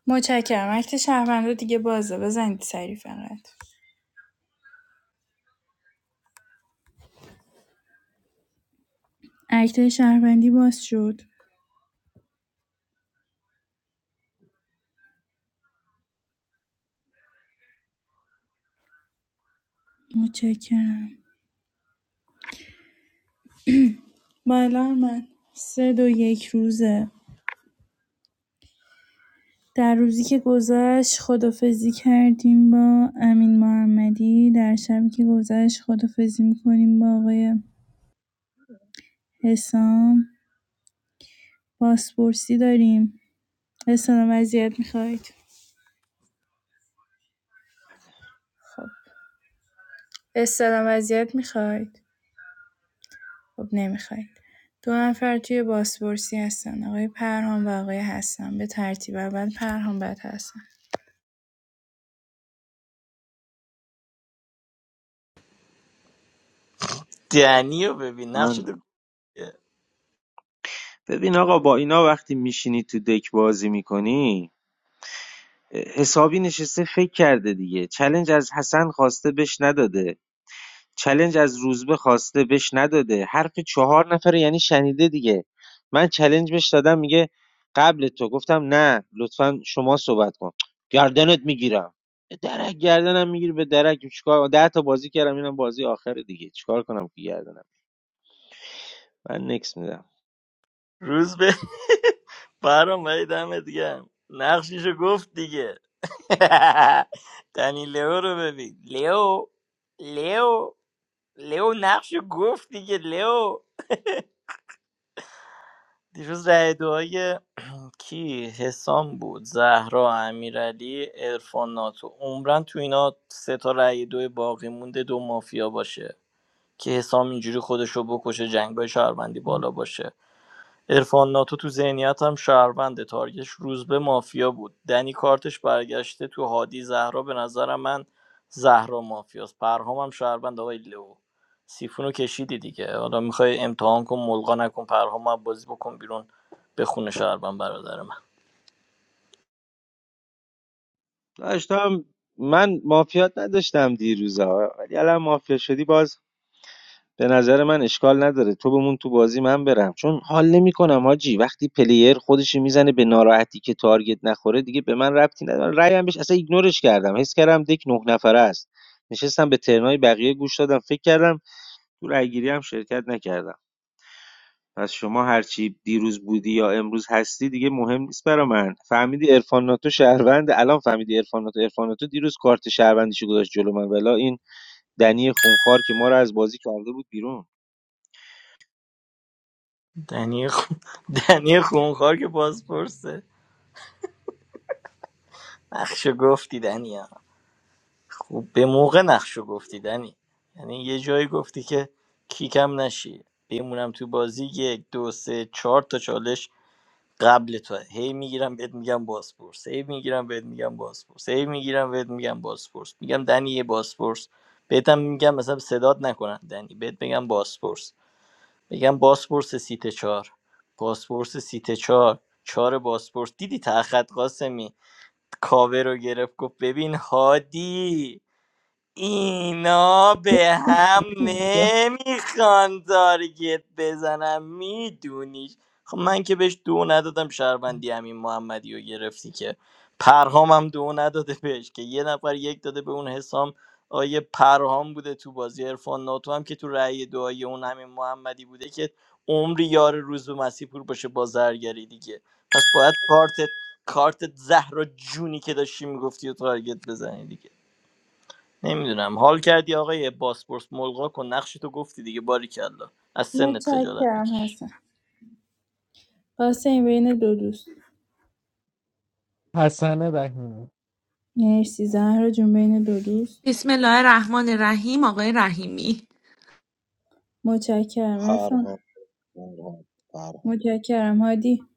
H: متشکرم اکت شهروندی دیگه بازه بزنید سریع فقط اکتای شهروندی باز شد متشکرم بالا من سه دو یک روزه در روزی که گذشت خدافزی کردیم با امین محمدی در شبی که گذشت خدافزی میکنیم با آقای حسام پاسپورسی داریم حسام وضعیت میخواید خب استعلام وضعیت میخواید، خب نمیخواید. دو نفر توی بازپرسی هستن آقای پرهام و آقای حسن به ترتیب اول پرهام بعد حسن
B: دنی رو ببین نقش
E: من
B: تو
E: ببین آقا با اینا وقتی میشینی تو دک بازی میکنی حسابی نشسته فکر کرده دیگه چلنج از حسن خواسته بش نداده چلنج از روزبه خواسته بش نداده حرف چهار نفر یعنی شنیده دیگه من چلنج بش دادم میگه قبل تو گفتم نه لطفا شما صحبت کن گردنت میگیرم درک گردنم میگیری به درک چیکار ده تا بازی کردم اینم بازی آخره دیگه چیکار کنم که گردنم من نکس میدم
B: روز به برام ولی دمت گرم نقششو گفت دیگه دنی لئو رو ببین لئو لئو لئو نقشو گفت دیگه لئو دیروز رای دعای کی حسام بود زهرا امیرعلی عرفان ناتو عمرن تو اینا سه تا رای دو باقی مونده دو مافیا باشه که حسام اینجوری خودشو بکشه جنگای شهروندی بالا باشه عرفان ناتو تو ذهنیتم شهروند تارگش روز به مافیا بود دنی کارتش برگشته تو هادی زهرا به نظرم من زهرا مافیاست پرهام هم شهروند آقای لو سیفونو کشیدی دیگه حالا میخوای امتحان کن ملغا نکن پرهام هم بازی بکن بیرون به خونه شهروند برادر من
E: داشتم من مافیات نداشتم دیروزا ولی الان مافیا شدی باز به نظر من اشکال نداره تو بمون تو بازی من برم چون حال نمیکنم حاجی وقتی پلیر خودش میزنه به ناراحتی که تارگت نخوره دیگه به من ربطی نداره رأیم بهش اصلا ایگنورش کردم حس کردم دک نه نفره است نشستم به ترنای بقیه گوش دادم فکر کردم تو رأیگیری هم شرکت نکردم پس شما هرچی دیروز بودی یا امروز هستی دیگه مهم نیست برا من فهمیدی عرفان ناتو شهروند الان فهمیدی عرفان ناتو عرفان ناتو دیروز کارت شهروندیشو گذاشت جلو من ولا این دنی خونخوار که ما رو از بازی کرده بود بیرون
B: دنی خون... دنی خونخوار که بازپرسه نقشه گفتی دنیا خب به موقع نقشو گفتی دنی یعنی یه جایی گفتی که کیکم نشی بمونم تو بازی یک دو سه چهار تا چالش قبل تو هی میگیرم بهت میگم بازپرس هی میگیرم بهت میگم بازپرس هی میگیرم بهت میگم بازپرس میگم دنی یه بازپرس بهتم میگم مثلا صدات نکنن دنی بهت بگم بازپرس میگم بازپرس سیت چهار بازپرس سیت چهار چهار بازپرس دیدی تا خط قاسمی کاوه رو گرفت گفت ببین هادی اینا به هم نمیخوان تارگت بزنم میدونیش خب من که بهش دو ندادم شهروندی همین محمدی رو گرفتی که پرهام هم دو نداده بهش که یه نفر یک داده به اون حسام آیه پرهام بوده تو بازی عرفان ناتو هم که تو رأی دعای اون همین محمدی بوده که عمری یار روز و مسیح پور باشه با زرگری دیگه پس باید کارت کارت زهر و جونی که داشتی میگفتی و تارگت بزنی دیگه نمیدونم حال کردی آقای باسپورس ملغا کن نقش تو گفتی دیگه باری کلا از سنت خجالت
H: متشکرم
B: بکش
H: حسن قاسم بین دو دوست
C: حسن رحیم
H: مرسی زهرا جون بین دو دوست
D: بسم الله الرحمن الرحیم آقای رحیمی
H: متشکرم عرفان
I: پرهام پرهام پرهام
H: متشکرم هادی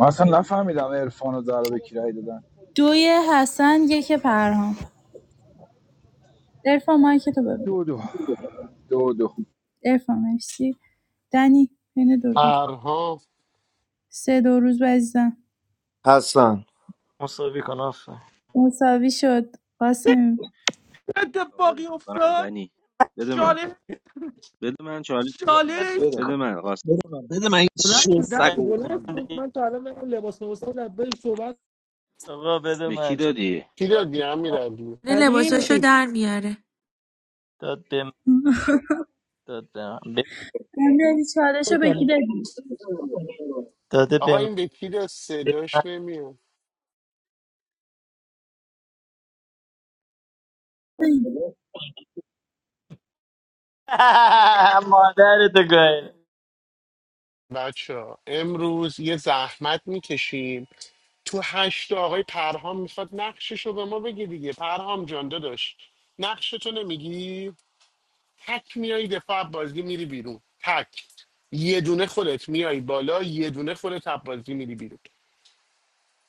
J: من اصلا نفهمیدم عرفان و زهرا به کی رأی دادن
H: دوی حسن یک پرهام عرفان مایی که تو ببین
J: دو دو دو دو
H: عرفان مرسی دنی بین دو روز
L: پرهام
H: سه دو روز عزیزم
F: حسن
B: مساوی کن آفر
H: مساوی شد قاسم
C: چه اتفاقی
E: کاورت میکنم
C: افتاد
E: دنی بده من
C: چالش
E: بده من چالی
C: چالش
I: بده
E: بده من
I: بده
E: قاسمی
I: من بده من این
C: بلند شو،
I: شو
C: دنی،
I: سگو
C: بلند
I: بکنم
C: شو.
I: بیرون
C: من تا الان میگم لباس لباس لبه صحبت
B: آقا بده
E: به کی
B: من چه-
E: دادی
L: کی
B: داد به من
L: دادی
D: نه
C: ولی
B: داد
D: لباساشو در میاره
B: داد به من داد به من به-
H: بندازی چالش رو بگی بدی
B: داده به
L: آقا
B: من
L: این به پیر
B: به من.
L: صداش نمیاد
B: مادرتو گاهی
L: بچه امروز یه زحمت میکشیم تو هشت آقای پرهام میخواد نقششو رو به ما بگی دیگه پرهام جان داداش نقشتو نمیگی تک میای دفاع بازی میری بیرون تک یه دونه خودت میای بالا یه دونه خودت از بازی میری بیرون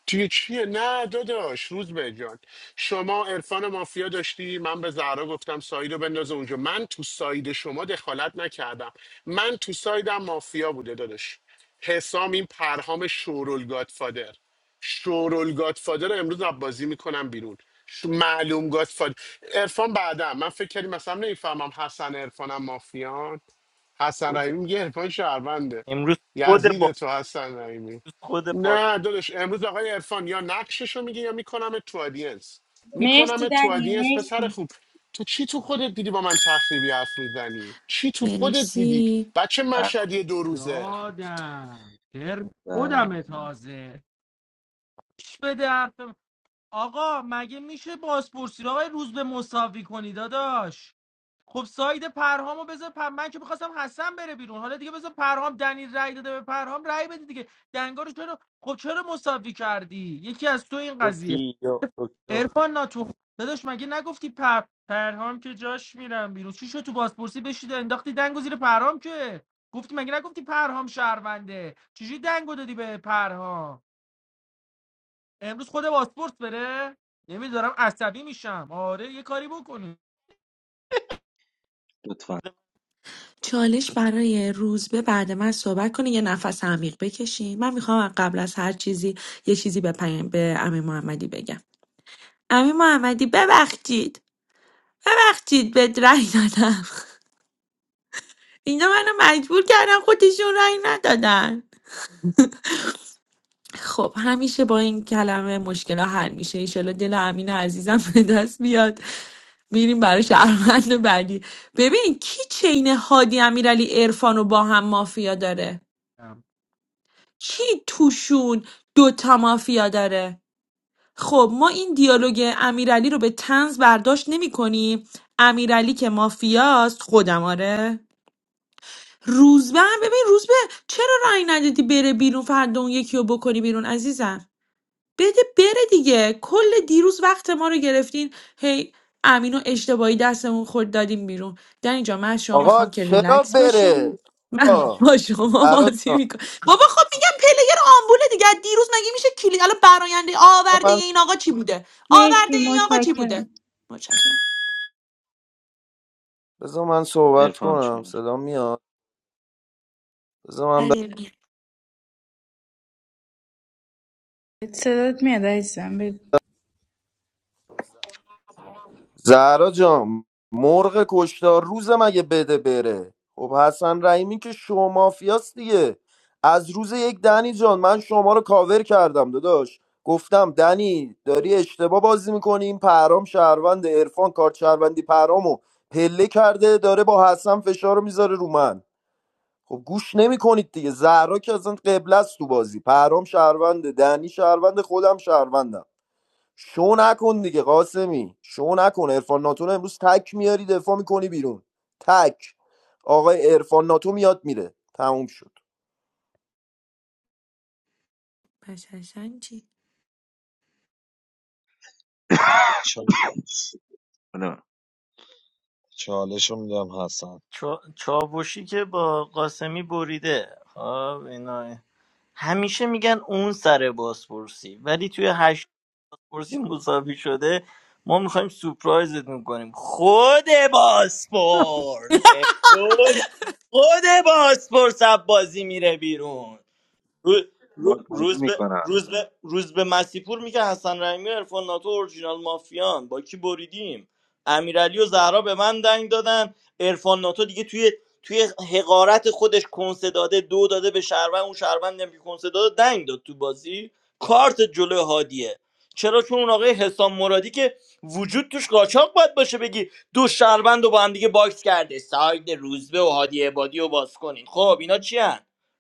L: چیه چیه نه داداش روز به جان شما عرفان مافیا داشتی من به زهرا گفتم ساید رو بندازه اونجا من تو ساید شما دخالت نکردم من تو سایدم مافیا بوده داداش حسام این پرهام شورول گادفادر شورول گادفادر رو امروز از بازی میکنم بیرون ش- معلوم گادفادر عرفان بعدم من فکر کردم مثلا نمیفهمم حسن عرفانم مافیان حسن
B: خود
L: رحیمی میگه عرفان شهرونده
B: امروز خود
L: یزید
B: با
L: تو حسن رحیمی
B: خود با
L: نه داداش امروز آقای عرفان یا نقششو میگه یا میکنم تو آدینس
H: مرسی
L: میکنم تو
H: دنی
L: آدینس پسر
H: مرسی
L: خوب تو چی تو خودت دیدی با من تخریبی حرف میزنی چی تو خودت دیدی
D: مهری
L: بچه مشهدی
E: برمی‌دی.
L: دو روزه
C: دادم ترم
E: بر-
C: خودم تازه گوش بده حرفم آقا مگه میشه بازپرسی رو آقای روز به مساوی کنی داداش خب ساید پرهامو بذار پر... من که میخواستم حسن بره بیرون حالا دیگه بذار پرهام دنی رای داده به پرهام رای بده دیگه دنگا رو چرا خب چرا مساوی کردی یکی از تو این قضیه
B: توکیو توکیو
C: ارفان ناتو داداش مگه نگفتی پر پرهام که جاش میرم بیرون چی شد تو بازپرسی بشید انداختی دنگو زیر پرهام که گفتی مگه نگفتی پرهام شهرونده چجوری دنگو دادی به پرهام امروز خود بازپرس بره نمیدارم عصبی میشم آره یه کاری بکنیم
E: لطفا
D: چالش برای روزبه بعد من صحبت کنه یه نفس عمیق بکشی من میخوام قبل از هر چیزی یه چیزی به پیام به امین محمدی بگم امین محمدی ببخشید ببخشید بهت رأی دادم اینا منو مجبور کردن خودشون رأی ندادن خب همیشه با این کلمه مشکل حل میشه ایشالا دل امین عزیزم به دست بیاد میریم برای شهروند بعدی ببین کی چین هادی امیرعلی عرفان رو با هم مافیا داره کی توشون دوتا مافیا داره خب ما این دیالوگ امیرعلی رو به تنز برداشت نمی کنیم امیرعلی که مافیاست خودم آره روزبه هم ببین روزبه چرا رأی ندادی بره بیرون فردا اون یکی رو بکنی بیرون عزیزم بده بره دیگه کل دیروز وقت ما رو گرفتین هی امینو اشتباهی دستمون خورد دادیم بیرون در اینجا من از شما
F: آقا
D: میخوام که
F: چرا
D: ریلکس
F: بره
D: باشین من
F: آقا
D: با شما
F: فراد
D: بازی
F: جان،
D: میکنم بابا خب میگم پلیر آمبوله دیگه از دیروز مگه میشه کلی الان براینده
F: بذار
D: آورده
F: من
D: این آقا چی بوده آورده
H: مرسی
D: این آقا چی بوده
H: متشکرم
D: متشکرم
F: بذار من صحبت
E: عرفان
F: کنم
E: چه
F: صدا میاد بذار من
H: صدات میاد عزیزم بگو
F: زهرا جان مرغ کشتار روز مگه بده بره خب حسن رحیمی که شما مافیاست دیگه از روز یک دنی جان من شما رو کاور کردم داداش گفتم دنی داری اشتباه بازی میکنی این پرام شهروند عرفان کارت شهروندی پرامو پله کرده داره با حسن فشار رو میذاره رو من خب گوش نمیکنید دیگه زهرا که اصلا قبله است تو بازی پرام شهرونده دنی شهرونده خودم شهروندم شو نکن دیگه قاسمی شو نکن ارفان ناتو رو امروز تک میاری دفاع میکنی بیرون تک آقای ارفان ناتو میاد میره تموم شد
D: پس حسن چی
I: چال-
E: بله.
I: چالش رو میدم حسن
B: چا- چاوشی که با قاسمی بریده خب اینا همیشه میگن اون سر بازپرسی ولی توی هشت بازپرسی مساوی شده ما میخوایم سپرایزت میکنیم خود بازپرس امروز خود بازپرس از بازی میره بیرون رو- رو-
E: باد بازی
B: روز به
E: میکنم
B: روز به روز به مسیپور میگه حسن رحیمی و عرفان ناتو اورجینال مافیان با کی بریدیم امیرعلی و زهرا به من دنگ دادن عرفان ناتو دیگه توی توی حقارت خودش کنسه داده دو داده به شهروند اون شهروند هم که کنسه داده دنگ داد تو بازی کارت جلو هادیه چرا چون اون آقای حسام مرادی که وجود توش قاچاق باید باشه بگی دو شهروند رو با هم دیگه باکس کرده ساید روزبه و هادی عبادی رو باز کنین خب اینا چی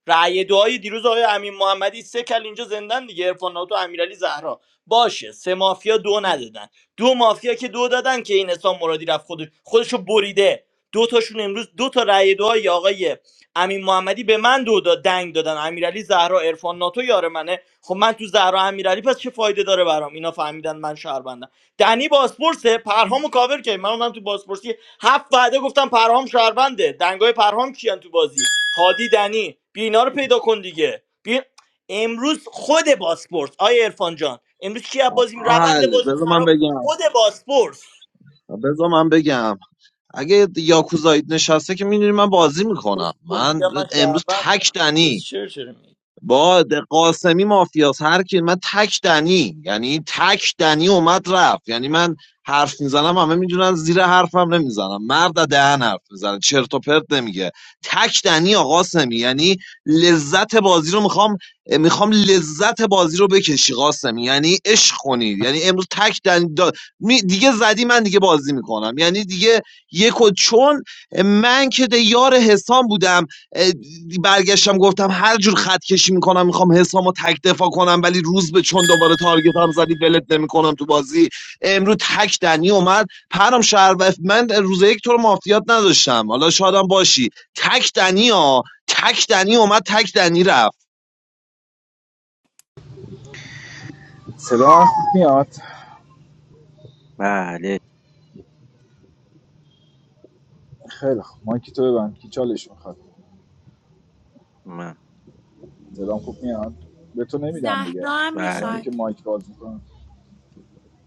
B: رأی دعای دیروز آقای امین محمدی سه کل اینجا زندن دیگه عرفان ناتو امیرعلی زهرا باشه سه مافیا دو ندادن دو مافیا که دو دادن که این حسام مرادی رفت خودش خودشو بریده دو تاشون امروز دو تا رأی دعای آقای امین محمدی به من دو داد دنگ دادن امیرعلی زهرا عرفان ناتو یار منه خب من تو زهرا امیرعلی پس چه فایده داره برام اینا فهمیدن من شهروندم دنی باسپورسه پرهامو کاور کرد من اومدم تو باسپورسی هفت وعده گفتم پرهام شهرونده دنگای پرهام کیان تو بازی هادی دنی بیا اینا رو پیدا کن دیگه بیا امروز خود باسپورس آیا عرفان جان امروز کی از بازی
I: حل
B: روند بازی
I: بذار من
B: خراب
I: بگم
B: خود باسپورس
I: بذار من بگم اگه یاکوزایید نشسته که میدونی من بازی میکنم من
B: یا من
I: امروز تک
B: شهروندم
I: دنی.
B: کسچر چرا می
I: با قاسمی مافیاس هر کی من تک دنی یعنی تک دنی اومد رفت یعنی من حرف میزنم همه میدونن زیر حرفم نمیزنم مرد از دهن حرف میزنه چرت و پرت نمیگه تک دنی آقا قاسمی یعنی لذت بازی رو میخوام میخوام لذت بازی رو بکشی قاسمی یعنی عشق کنید یعنی امروز تک دنی دا- می- دیگه زدی من دیگه بازی میکنم یعنی دیگه یک و چون من که ده یار حسام بودم اه، برگشتم گفتم هر جور خط کشی میکنم میخوام حسامو تک دفاع کنم ولی روز به چون دوباره تارگت هم زدی ولت نمیکنم تو بازی امروز تک دنی اومد پرام شهر و من روز یک تو رو مافیات نداشتم حالا شادم باشی تک دنی ها تک دنی اومد تک دنی رفت
J: صدا من خوب میاد
E: بله
J: خیلی خوب مایک تو ببند کی چالش میخواد
E: من
J: صدام خوب میاد به تو نمیدم دیگه
D: زهرا هم
J: آدمی
D: میخواد
J: که
E: بله
J: مایک باز میکنه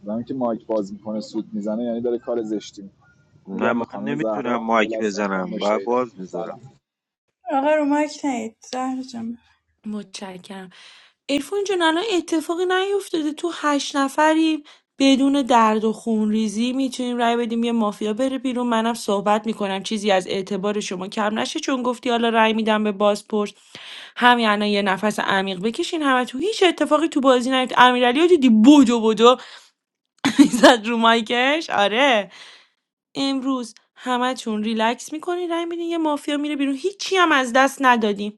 J: آدمی که مایک باز میکنه سود میزنه یعنی داره کار زشتی می‌کنه.
E: نه
J: میدم به
E: من
J: خانم
E: نمیتونم
J: زهرا یه لحظه
E: مایک
J: صبر کن
E: بزنم باید
J: بشهیدم
E: باز بذارم
J: سلام
H: آقا رو مایک نید زهر جان
D: متشکرم ارفان جان الان اتفاقی نیفتاده تو هشت نفری بدون درد و خونریزی میتونیم رای بدیم یه مافیا بره بیرون منم صحبت میکنم چیزی از اعتبار شما کم نشه چون گفتی حالا رای میدم به بازپرس همین الان یه نفس عمیق بکشین همه تو هیچ اتفاقی تو بازی نیفت امیرعلی رو دیدی بودو بودو زد رو مایکش آره امروز همه چون ریلکس میکنین رای میدین یه مافیا میره بیرون هیچی هم از دست ندادیم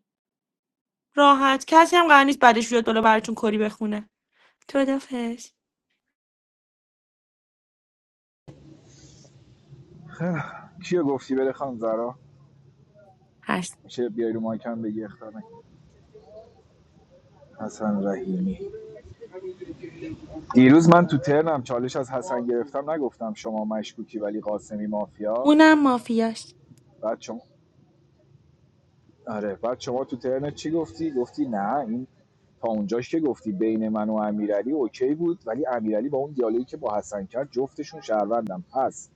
D: راحت کسی هم قرار نیست بعدش بیاد بالا براتون کری بخونه خدافظ
J: خیلی کیو گفتی بره خانم زهرا
D: هست
J: میشه بیای رو مایک هم بگی اختار نکن. حسن رحیمی دیروز من تو ترنم چالش از حسن گرفتم نگفتم شما مشکوکی ولی قاسمی مافیاست
D: اونم مافیاش
J: بعد شما آره بعد شما تو ترنت چی گفتی گفتی نه این تا اونجاش که گفتی بین من و امیرعلی اوکی بود ولی امیرعلی با اون دیالوگی که با حسن کرد جفتشون شهروندن پس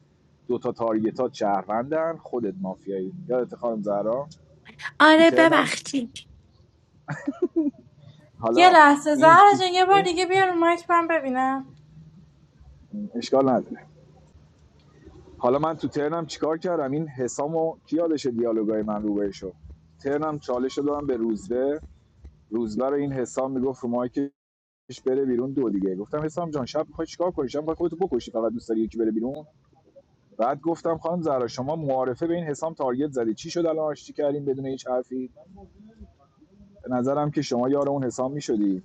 J: دوتا تارگتات شهروندن خودت مافیایی یادت خانم زهرا تو
D: آره
J: ترنم
D: ببخشید
H: یه
J: حالا
H: لحظه
J: این
H: زهرا
J: تو
H: جان یه بار
J: این
H: دیگه بیا رو مایک من ببینم
J: اشکال نداره حالا من تو ترنم چیکار کردم این حسامو کی یادش دیالوگای من رو بهشو ترنم چالش دادم به روزبه روزبه رو این حسام میگفت رو مایک پیش بره بیرون دو دیگه گفتم حسام جان شب میخوای چیکار کنی شب میخوای خودتو بکشی فقط دوست داری یکی بره بیرون بعد گفتم خانم زهرا شما معارفه به این حسام تارگت زدی چی شد الان آشتی کردین بدون هیچ حرفی به نظرم که شما یار اون حسام میشدی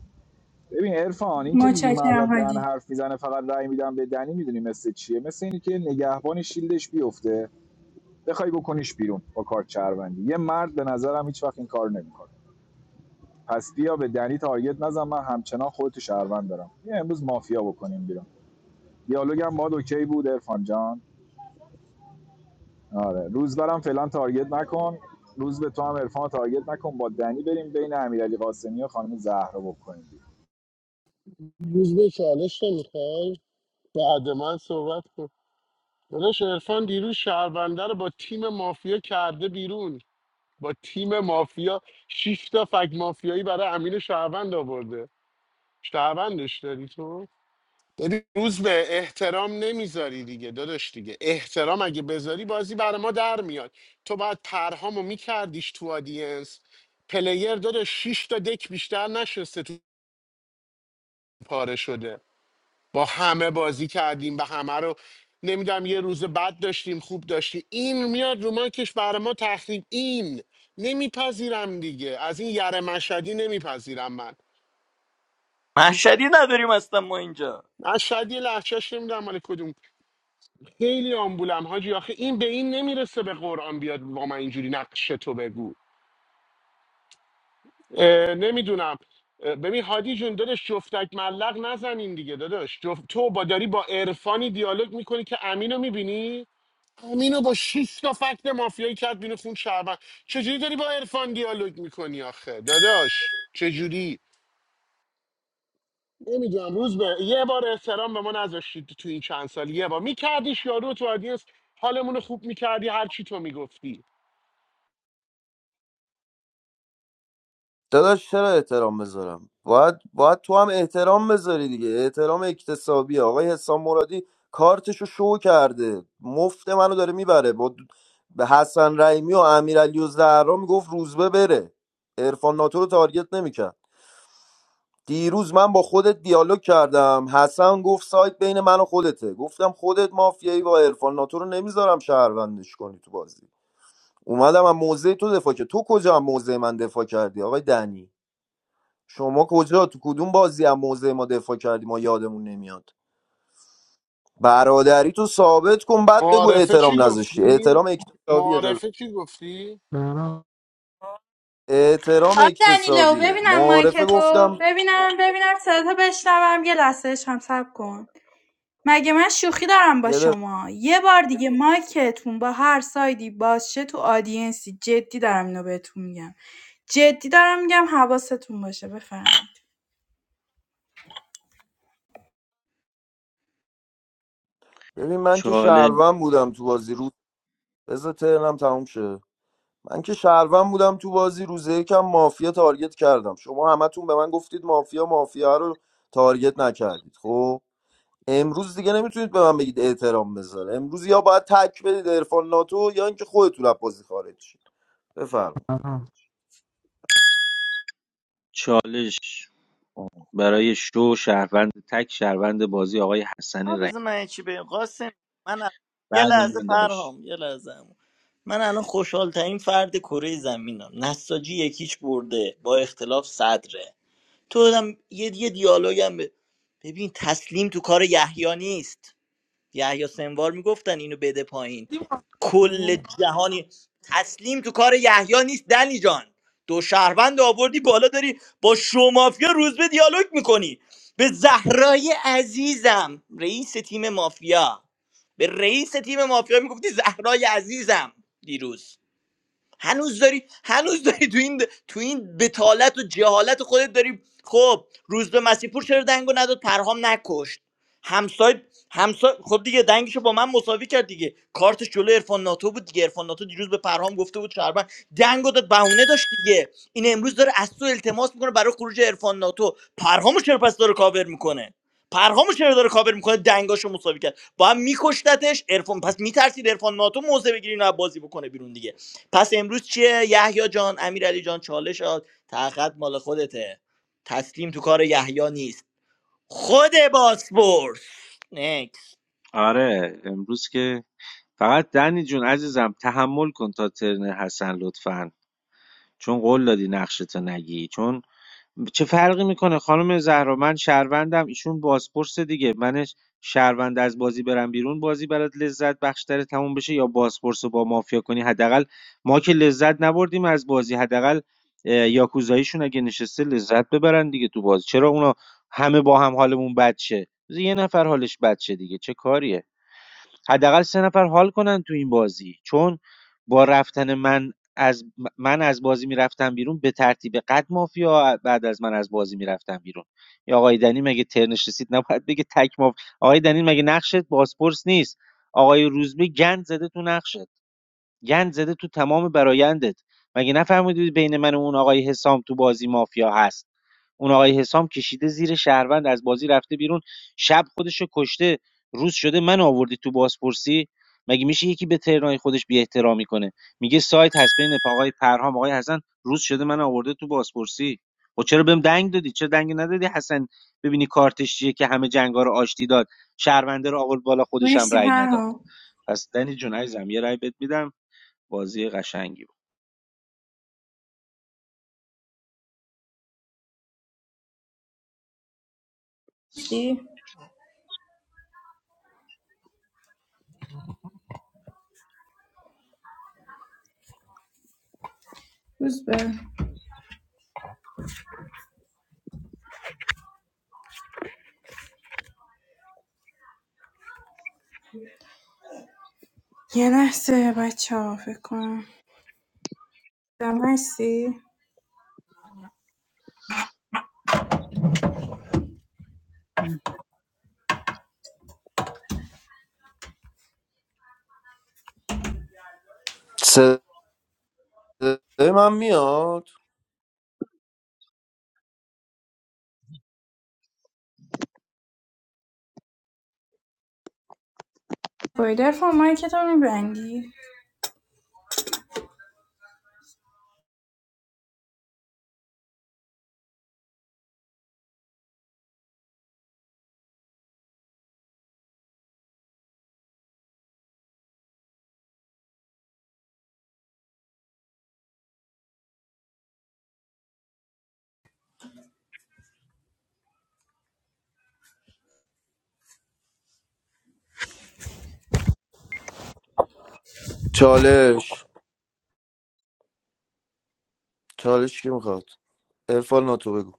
J: ببین عرفان این که میگی مرد
H: متشکرم
J: از دهن
H: هادی
J: حرف میزنه فقط رأی میدم به دنی میدونی مثل چیه مثل اینی که نگهبان شیلدش بیفته بخوای بکنیش بیرون با کارت چربندی یه مرد به نظرم هیچ وقت این کار نمیکنه پس بیا به دنی تارگت نزن من همچنان خودتو شهروند دارم بیا امروز مافیا بکنیم بیرون دیالوگم با اوکی بود ارفان جان آره روز برم فعلا تارگت نکن روز به تو هم عرفان رو تارگت نکن با دنی بریم بین امیرعلی قاسمی و خانم زهرا بکنیم
L: روز به چالش نمیخوای بعد من صحبت کن داداش عرفان دیروز شهرونده رو با تیم مافیا کرده بیرون با تیم مافیا شش تا فک مافیایی برای امین شهروند آورده شهروندش داری تو ببین روز به احترام نمیذاری دیگه داداش دیگه احترام اگه بذاری بازی برا ما در میاد تو باید پرهامو میکردیش تو آدینس پلیر داداش 6 تا دک بیشتر نشسته تو پاره شده با همه بازی کردیم به همه رو نمیدونم یه روز بد داشتیم خوب داشتیم این میاد رو مایکش برا ما تخریب این نمیپذیرم دیگه از این یره مشهدی نمیپذیرم من
B: محشری نداریم اصلا ما اینجا
L: مشهدی لحچش نمیدونم مال کدوم خیلی آمبولم حاجی آخه این به این نمیرسه به قرآن بیاد با من اینجوری نقش تو بگو اه، نمیدونم اه، ببین هادی جون داداش جفتک ملق نزنین دیگه داداش جفت تو با داری با عرفانی دیالوگ میکنی که امینو میبینی امینو با شش تا فکت مافیایی کرد بینو خون شعبان چجوری داری با عرفان دیالوگ میکنی آخه داداش چجوری نمیدونم روز به یه بار احترام به ما نذاشتید تو این چند سال یه بار میکردیش یارو تو آدینس حالمون رو خوب میکردی هر چی تو میگفتی
F: داداش چرا احترام بذارم باید باید تو هم احترام بذاری دیگه احترام اکتسابی آقای حسام مرادی کارتشو شو کرده مفت منو داره میبره با به حسن رحیمی و امیرعلی و زهرا میگفت روزبه بره عرفان ناتو رو تارگت نمیکرد دیروز من با خودت دیالوگ کردم حسن گفت سایت بین من و خودته گفتم خودت مافیایی و عرفان ناتو رو نمیذارم شهروندش کنی تو بازی اومدم از موزه تو دفاع کرد تو کجا از موزه من دفاع کردی آقای دنی شما کجا تو کدوم بازی از موزه ما دفاع کردی ما یادمون نمیاد برادری تو ثابت کن بعد بگو
L: معارفه چی
F: احترام نذاشتی
L: گفتی؟
F: احترام اکتسابیه داد
L: معارفه چی گفتی؟
F: احترام
H: دنیلو
F: اکتسابیه
H: ببینم مایک
F: معارفه
H: تو
F: گفتم
H: ببینم ببینم صدا بشنوم یه لحظه هم صبر کن مگه من شوخی دارم با
F: یه دقیقه.
H: شما یه بار دیگه مایکتون با هر سایدی باز شه تو آدینسی جدی دارم اینو بهتون میگم جدی دارم میگم حواستون باشه بفرمایید
F: ببین من که
E: چاله-
F: شهروند بودم تو بازی رو بذار ترنم تموم شه من که شهروند بودم تو بازی روزه یکم مافیا تارگت کردم شما همتون به من گفتید مافیا مافیا رو تارگت نکردید خب امروز دیگه نمیتونید به من بگید احترام بذاره امروز یا باید تک بدید عرفان ناتو یا اینکه خودتون از بازی خارج شید بفرمایید
E: چالش برای شو شهروند تک شهروند بازی آقای حسن
B: ها بذار
E: رحیم
B: من یه چی بگم قاسم من ا- یه
E: بعد
B: لحظه
E: من داشت
B: پرهام یه لحظه عمو. من الان خوشحال ترین فرد کره زمینم نساجی یکیچ برده با اختلاف صدره تو هم یه, یه دیالوگم به- ببین تسلیم تو کار یحیی نیست یحیی سنوار میگفتن اینو بده پایین کل
C: تیم
B: جهانی تسلیم تو کار یحیی نیست دنی جان دو شهروند آوردی بالا داری با شومافیا روز به دیالوگ میکنی به زهرای عزیزم رئیس تیم مافیا به رئیس تیم مافیا میگفتی زهرای عزیزم دیروز هنوز داری هنوز داری تو این تو این بتالت و جهالت خودت داری خب روز به مسیح پور چرا دنگو نداد پرهام نکشت همسای همسای خب دیگه دنگشو با من مساوی کرد دیگه کارتش جلو عرفان ناتو بود دیگه عرفان ناتو دیروز به پرهام گفته بود شربن دنگو داد بهونه داشت دیگه این امروز داره از تو التماس میکنه برای خروج عرفان ناتو پرهامو چرا پس داره کاور میکنه پرهامو چرا داره کاور میکنه دنگاشو مساوی کرد با هم میکشتتش عرفان پس میترسید عرفان ناتو موزه بگیرین و بازی بکنه بیرون دیگه پس امروز چیه یحیی جان امیرعلی جان چالش ها تحقیق مال خودته تسلیم تو کار یحیی نیست خود باسپورس نکس
E: آره امروز که فقط دنی جون عزیزم تحمل کن تا ترن حسن لطفا چون قول دادی نقشتو نگی چون چه فرقی میکنه خانم زهرا من شهروندم ایشون بازپرس دیگه منش شهروند از بازی برم بیرون بازی برات لذت بخشتر تموم بشه یا بازپرس رو با مافیا کنی حداقل ما که لذت نبردیم از بازی حداقل اه، یاکوزاییشون اگه نشسته لذت ببرن دیگه تو بازی چرا اونا همه با هم حالمون بد شه بذار یه نفر حالش بد شه دیگه چه کاریه حداقل سه نفر حال کنن تو این بازی چون با رفتن من از من از بازی میرفتم بیرون به ترتیب قد مافیا بعد از من از بازی میرفتم بیرون یا آقای دنی مگه ترنش رسید نباید بگه تک ماف آقای دنی مگه نقشت بازپرس نیست آقای روزبه گند زده تو نقشت گند زده تو تمام برایندت مگه نفهمیدید بین من و اون آقای حسام تو بازی مافیا هست اون آقای حسام کشیده زیر شهروند از بازی رفته بیرون شب خودشو کشته روز شده من آوردی تو بازپرسی مگه میشه یکی به ترنای خودش بی احترامی کنه میگه سایت هست بین آقای پرهام آقای حسن روز شده من آورده تو بازپرسی و چرا بهم دنگ دادی چرا دنگ ندادی حسن ببینی کارتش چیه که همه جنگا رو آشتی داد شهرونده رو آورد بالا خودش هم
H: مرسی
E: رأی نداد
H: پرها
E: پس دنی جون عزیزم یه رأی بهت میدم بازی قشنگی بود
H: هستی روز به یه لحظه بچه ها فکر کنم دم هستی
F: صدای من میاد
H: بایدر فون مایکتو میبندی
F: چالش چالش کی میخواد عرفان ناتو بگو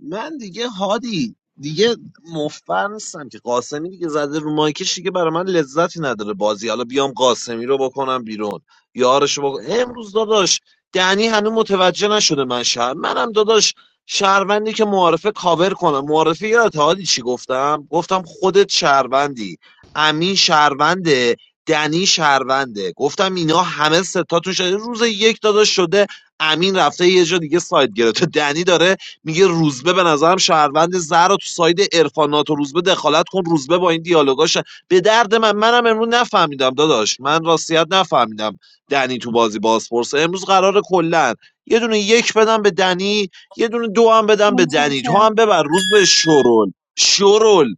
I: من دیگه هادی دیگه مفبر نیستم که قاسمی دیگه زده رو مایکش دیگه برای من لذتی نداره بازی حالا بیام قاسمی رو بکنم بیرون یارش رو بکنم امروز داداش دنی هنوز متوجه نشده من شهر منم داداش شهروندی که معارفه کاور کنم معارفه یادت هادی چی گفتم گفتم خودت شهروندی امین شهرونده دنی شهرونده گفتم اینا همه ستاتون شده روز یک داداش شده امین رفته یه جا دیگه ساید گرفته دنی داره میگه روزبه به نظرم شهروند زهر رو تو ساید عرفانات و روزبه دخالت کن روزبه با این دیالوگاش به درد من منم امروز نفهمیدم داداش من راستیت نفهمیدم دنی تو بازی بازپرسه امروز قرار کلا یه دونه یک بدم به دنی یه دونه دو هم بدم به دنی تو هم
H: متشکرم
I: ببر روزبه شرول شرول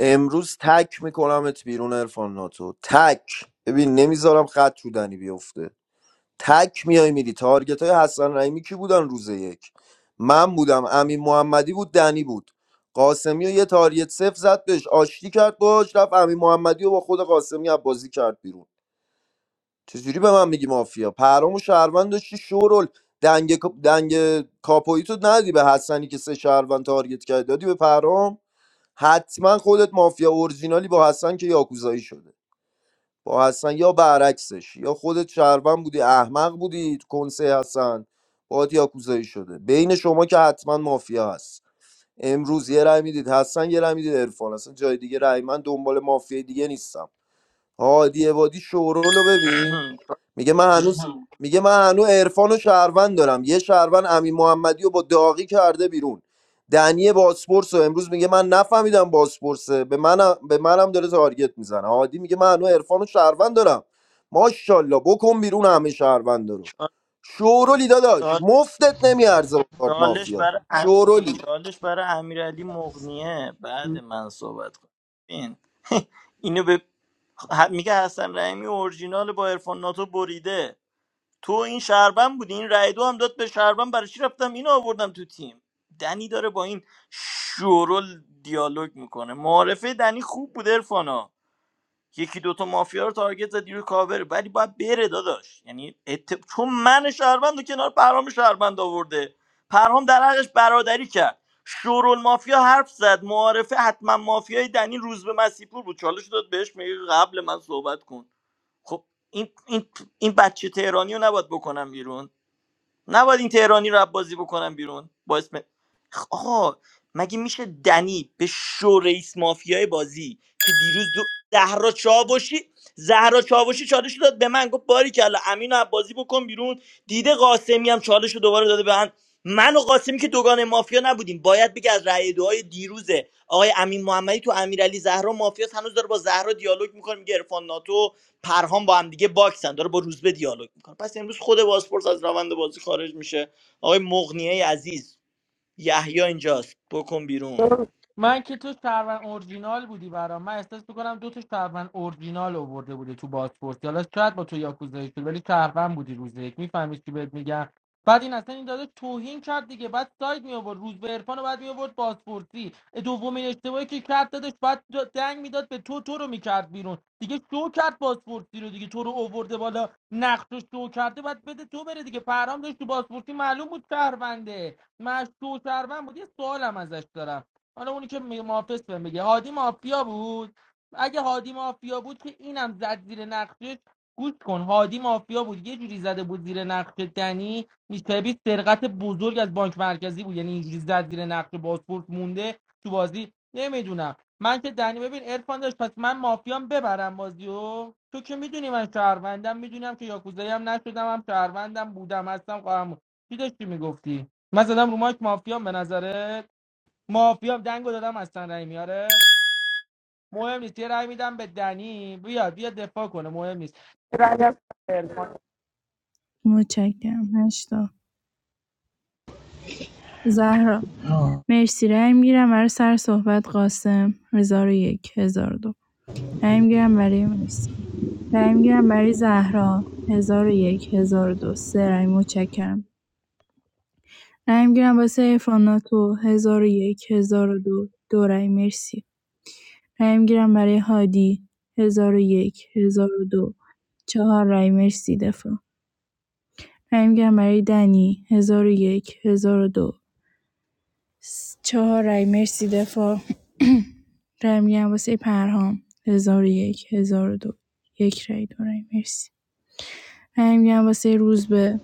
F: امروز تک میکنمت بیرون عرفان ناتو تک ببین نمیذارم خط تو بیفته تک میای میری تارگت های حسن رحیمی کی بودن روز یک من بودم امین محمدی بود دنی بود قاسمی و یه تارگت صفر زد بهش آشتی کرد باش رفت امین محمدی و با خود قاسمی از بازی کرد بیرون چجوری به من میگی مافیا پرام و شهروند داشتی شورل دنگ کا- دنگ کاپویی تو ندی به حسنی که سه شهروند تارگت کرد دادی به پرام حتما خودت مافیا اورجینالی با حسن که یاکوزایی شده با حسن یا برعکسش یا خودت شهروند بودی احمق بودی تو کنسه حسن باید یاکوزایی شده بین شما که حتما مافیا هست امروز یه رای میدید حسن یه رای میدید عرفان اصلا جای دیگه رای من دنبال مافیا دیگه نیستم هادی عبادی شورولو ببین میگه من هنوز میگه من هنوز عرفان و شهروند دارم یه شهروند امین محمدی رو با داغی کرده بیرون دنی باسپورس رو امروز میگه من نفهمیدم باسپورسه به منم به منم داره تارگت میزنه هادی میگه من هنوز عرفان و شهروند دارم ماشاءالله بکن بیرون همه شهروند رو شورولی داداش مفتت نمیارزه با کارت
B: چالش
F: مافیا
B: برای ام-
F: شورولی
B: چالش برای امیرعلی مغنیه بعد من صحبت کن این اینو به ه- میگه حسن رحیمی اورجینال با عرفان ناتو بریده تو این شهروند بودی این رای دو هم داد به شهروند برای چی رفتم اینو آوردم تو تیم دنی داره با این شورل دیالوگ میکنه معارفه دنی خوب بود ارفانا یکی دوتا مافیا رو تارگت زدی رو کاور ولی باید بره داداش یعنی ات... چون من شهروند و کنار پرهام شهروند آورده پرهام در حقش برادری کرد شورل مافیا حرف زد معارفه حتما مافیای دنی روز به مسیپور بود چالش داد بهش میگه قبل من صحبت کن خب این این این بچه تهرانی رو نباید بکنم بیرون نباید این تهرانی رو بازی بکنم بیرون با اسم خ- آقا مگه میشه دنی به شو رئیس مافیای بازی که دیروز دو... زهرا چاوشی زهرا چاوشی چالش رو داد به من گفت باری کلا امین رو بازی بکن بیرون دیده قاسمی هم چالش رو دوباره داده به من من و قاسمی که دوگان مافیا نبودیم باید بگه از رأی دعای دیروزه آقای امین محمدی تو امیرعلی زهرا مافیاس هنوز داره با زهرا دیالوگ میکنه میگه عرفان ناتو پرهام با هم دیگه باکسن داره با روزبه دیالوگ میکنه پس امروز خود بازپرس از روند بازی خارج میشه آقای مغنیه عزیز یحیی اینجاست بکن بیرون
C: من که تو شهروند اورجینال بودی برام من احساس میکنم دو تا شهروند اورجینال آورده بوده تو بازپورت حالا شاید با تو یاکوزایی شد ولی شهروند بودی روز یک میفهمی چی بهت میگم بعد این اصلا این داده توهین کرد دیگه بعد ساید می آورد روز به عرفان بعد می آورد بازپرسی دومین اشتباهی که کرد دادش بعد دنگ میداد به تو تو رو میکرد بیرون دیگه شو کرد بازپرسی رو دیگه تو رو آورده بالا نقش رو شو کرده بعد بده تو بره دیگه پرام داشت تو بازپرسی معلوم بود شهرونده مش تو شهروند بود یه سوالم ازش دارم حالا اونی که می- محافظ بهم بگه هادی مافیا بود اگه هادی مافیا بود که اینم زد زیر نقشه گوش کن هادی مافیا بود یه جوری زده بود زیر نقشه دنی میسبی سرقت بزرگ از بانک مرکزی بود یعنی اینجوری زد زیر نقشه بازپورت مونده تو بازی نمیدونم من که دنی ببین ارفان داشت پس من مافیام ببرم بازیو تو که میدونی من شهروندم میدونم که یاکوزایی هم نشدم هم شهروندم بودم هستم خواهم چی داشتی میگفتی من زدم رو مایک مافیام به نظرت مافیا دنگو دادم از رای میاره مهم نیست یه رای میدم به دنی بیا بیا دفاع کنه مهم نیست یه رأی هم به عرفان.
H: متشکرم هشتا زهرا مرسی رای میگیرم برای سر صحبت قاسم هزار و یک هزار و دو رای میگیرم برای مرسی رای می‌گیرم برای زهرا ۱۰۰۱ ۱۰۰۲ سه رای متشکرم. رای می‌گیرم واسه عرفان ناتو ۱۰۰۱ ۱۰۰۲ دو دو رای مرسی. رای می‌گیرم برای هادی ۱۰۰۱ ۱۰۰۲ چهار رای مرسی دفاع. رای می‌گیرم برای دنی ۱۰۰۱ ۱۰۰۲ چهار رای مرسی دفاع. رای می‌گیرم واسه پرهام ۱۰۰۱ ۱۰۰۲ یک هزار و دو یک رای دو رای مرسی. همین می‌گم واسه روز به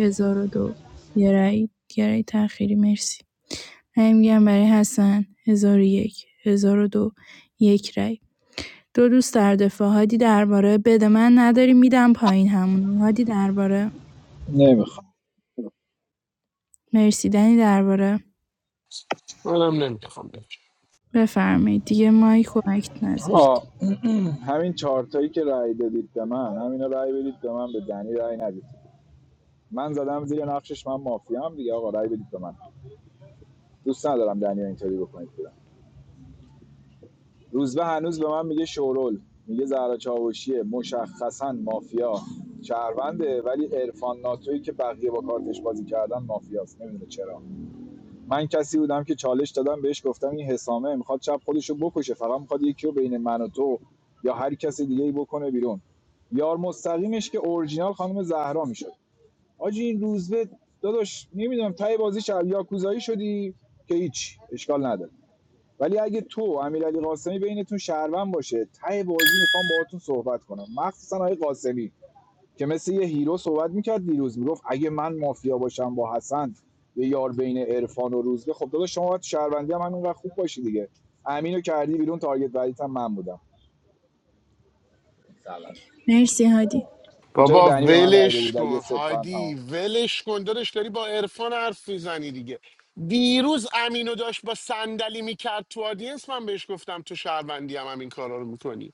H: ۱۰۰۱ دو یه رای یه رای تأخیری مرسی همین می‌گم برای حسن ۱۰۰۱ ۱۰۰۲ یک هزار و دو یک رأی دو دوست در دفاع هادی درباره بده من نداری میدم پایین همون هادی درباره
J: نمیخوام
H: مرسی دنی درباره
L: منم نمیخوام بهش
H: بفرمایید دیگه مایک و اکت
J: آه.
H: نذاشتیم
J: همین چهارتایی که رأی دادید به من همینا رأی بدید به من به دنی رأی ندید من زدم زیر نقشش من مافیام دیگه آقا رأی بدید به من دوست ندارم دنی رو اینطوری بکنید بیرون. روزبه هنوز به من میگه شورول میگه زهرا چاوشیه مشخصا مافیا شهرونده ولی عرفان ناتویی که بقیه با کارتش بازی کردن مافیاست نمیدونه چرا من کسی بودم که چالش دادم بهش گفتم این حسامه میخواد شب خودشو بکشه فقط میخواد یکی رو بین من و تو یا هر کسی دیگه ای بکنه بیرون یار مستقیمش که اورجینال خانم زهرا میشد آجی این روزبه داداش نمیدونم تای بازی شب یاکوزایی شدی که هیچ اشکال نداره ولی اگه تو و امیرعلی قاسمی بینتون شهروند باشه ته بازی میخوام باهاتون صحبت کنم مخصوصا آقای قاسمی که مثل یه هیرو صحبت میکرد دیروز میگفت اگه من مافیا باشم با حسن یه یار بین عرفان و روزبه خب داداش شما باید شهروندی هم همینقدر خوب باشی دیگه امینو کردی بیرون تارگت بعدیت هم من بودم سلام
H: مرسی هادی
J: به جای
L: بابا
J: دنی به من رای
L: ولش
J: بدید اگه
L: کن
J: سه تا هم
L: هادی
J: تمام
L: ولش کن داداش داری با عرفان حرف میزنی دیگه دیروز امینو داشت با صندلی میکرد تو آدینس من بهش گفتم تو شهروندی هم, هم این کارا رو میکنی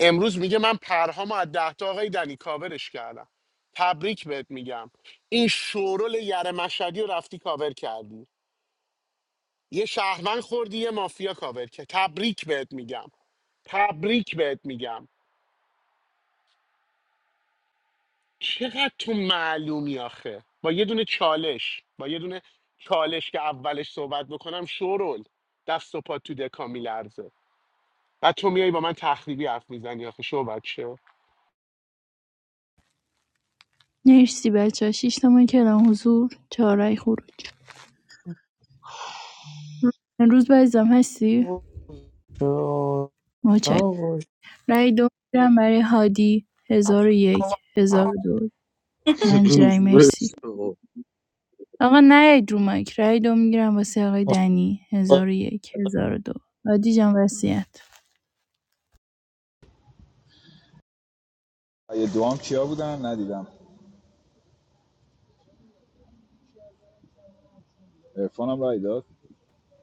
L: امروز میگه من پرهامو از ده تا آقای دنی کاورش کردم تبریک بهت میگم این شورول یره مشهدی رو رفتی کاور کردی یه شهروند خوردی یه مافیا کاور کرد تبریک بهت میگم تبریک بهت میگم چقدر تو معلومی آخه با یه دونه چالش با یه دونه چالش که اولش صحبت بکنم شورول دست و پا تو دکا میلرزه بعد تو میای با من تخریبی حرف میزنی آخه شو بچه
H: مرسی بچه ها شیش تا من کلم حضور چهار رای خروج روز بعد هستی؟ مچک رای دو میگیرم برای هادی ۱۰۰۱ ۱۰۰۲ پنج رای
I: روزبه
H: مرسی
I: شرول.
H: آقا نیاید رو مایک رای دو میگیرم واسه آقای دنی ۱۰۰۱ ۱۰۰۲ هادی جان وصیت
J: یه دوام کیا بودن ندیدم عرفانم رای داد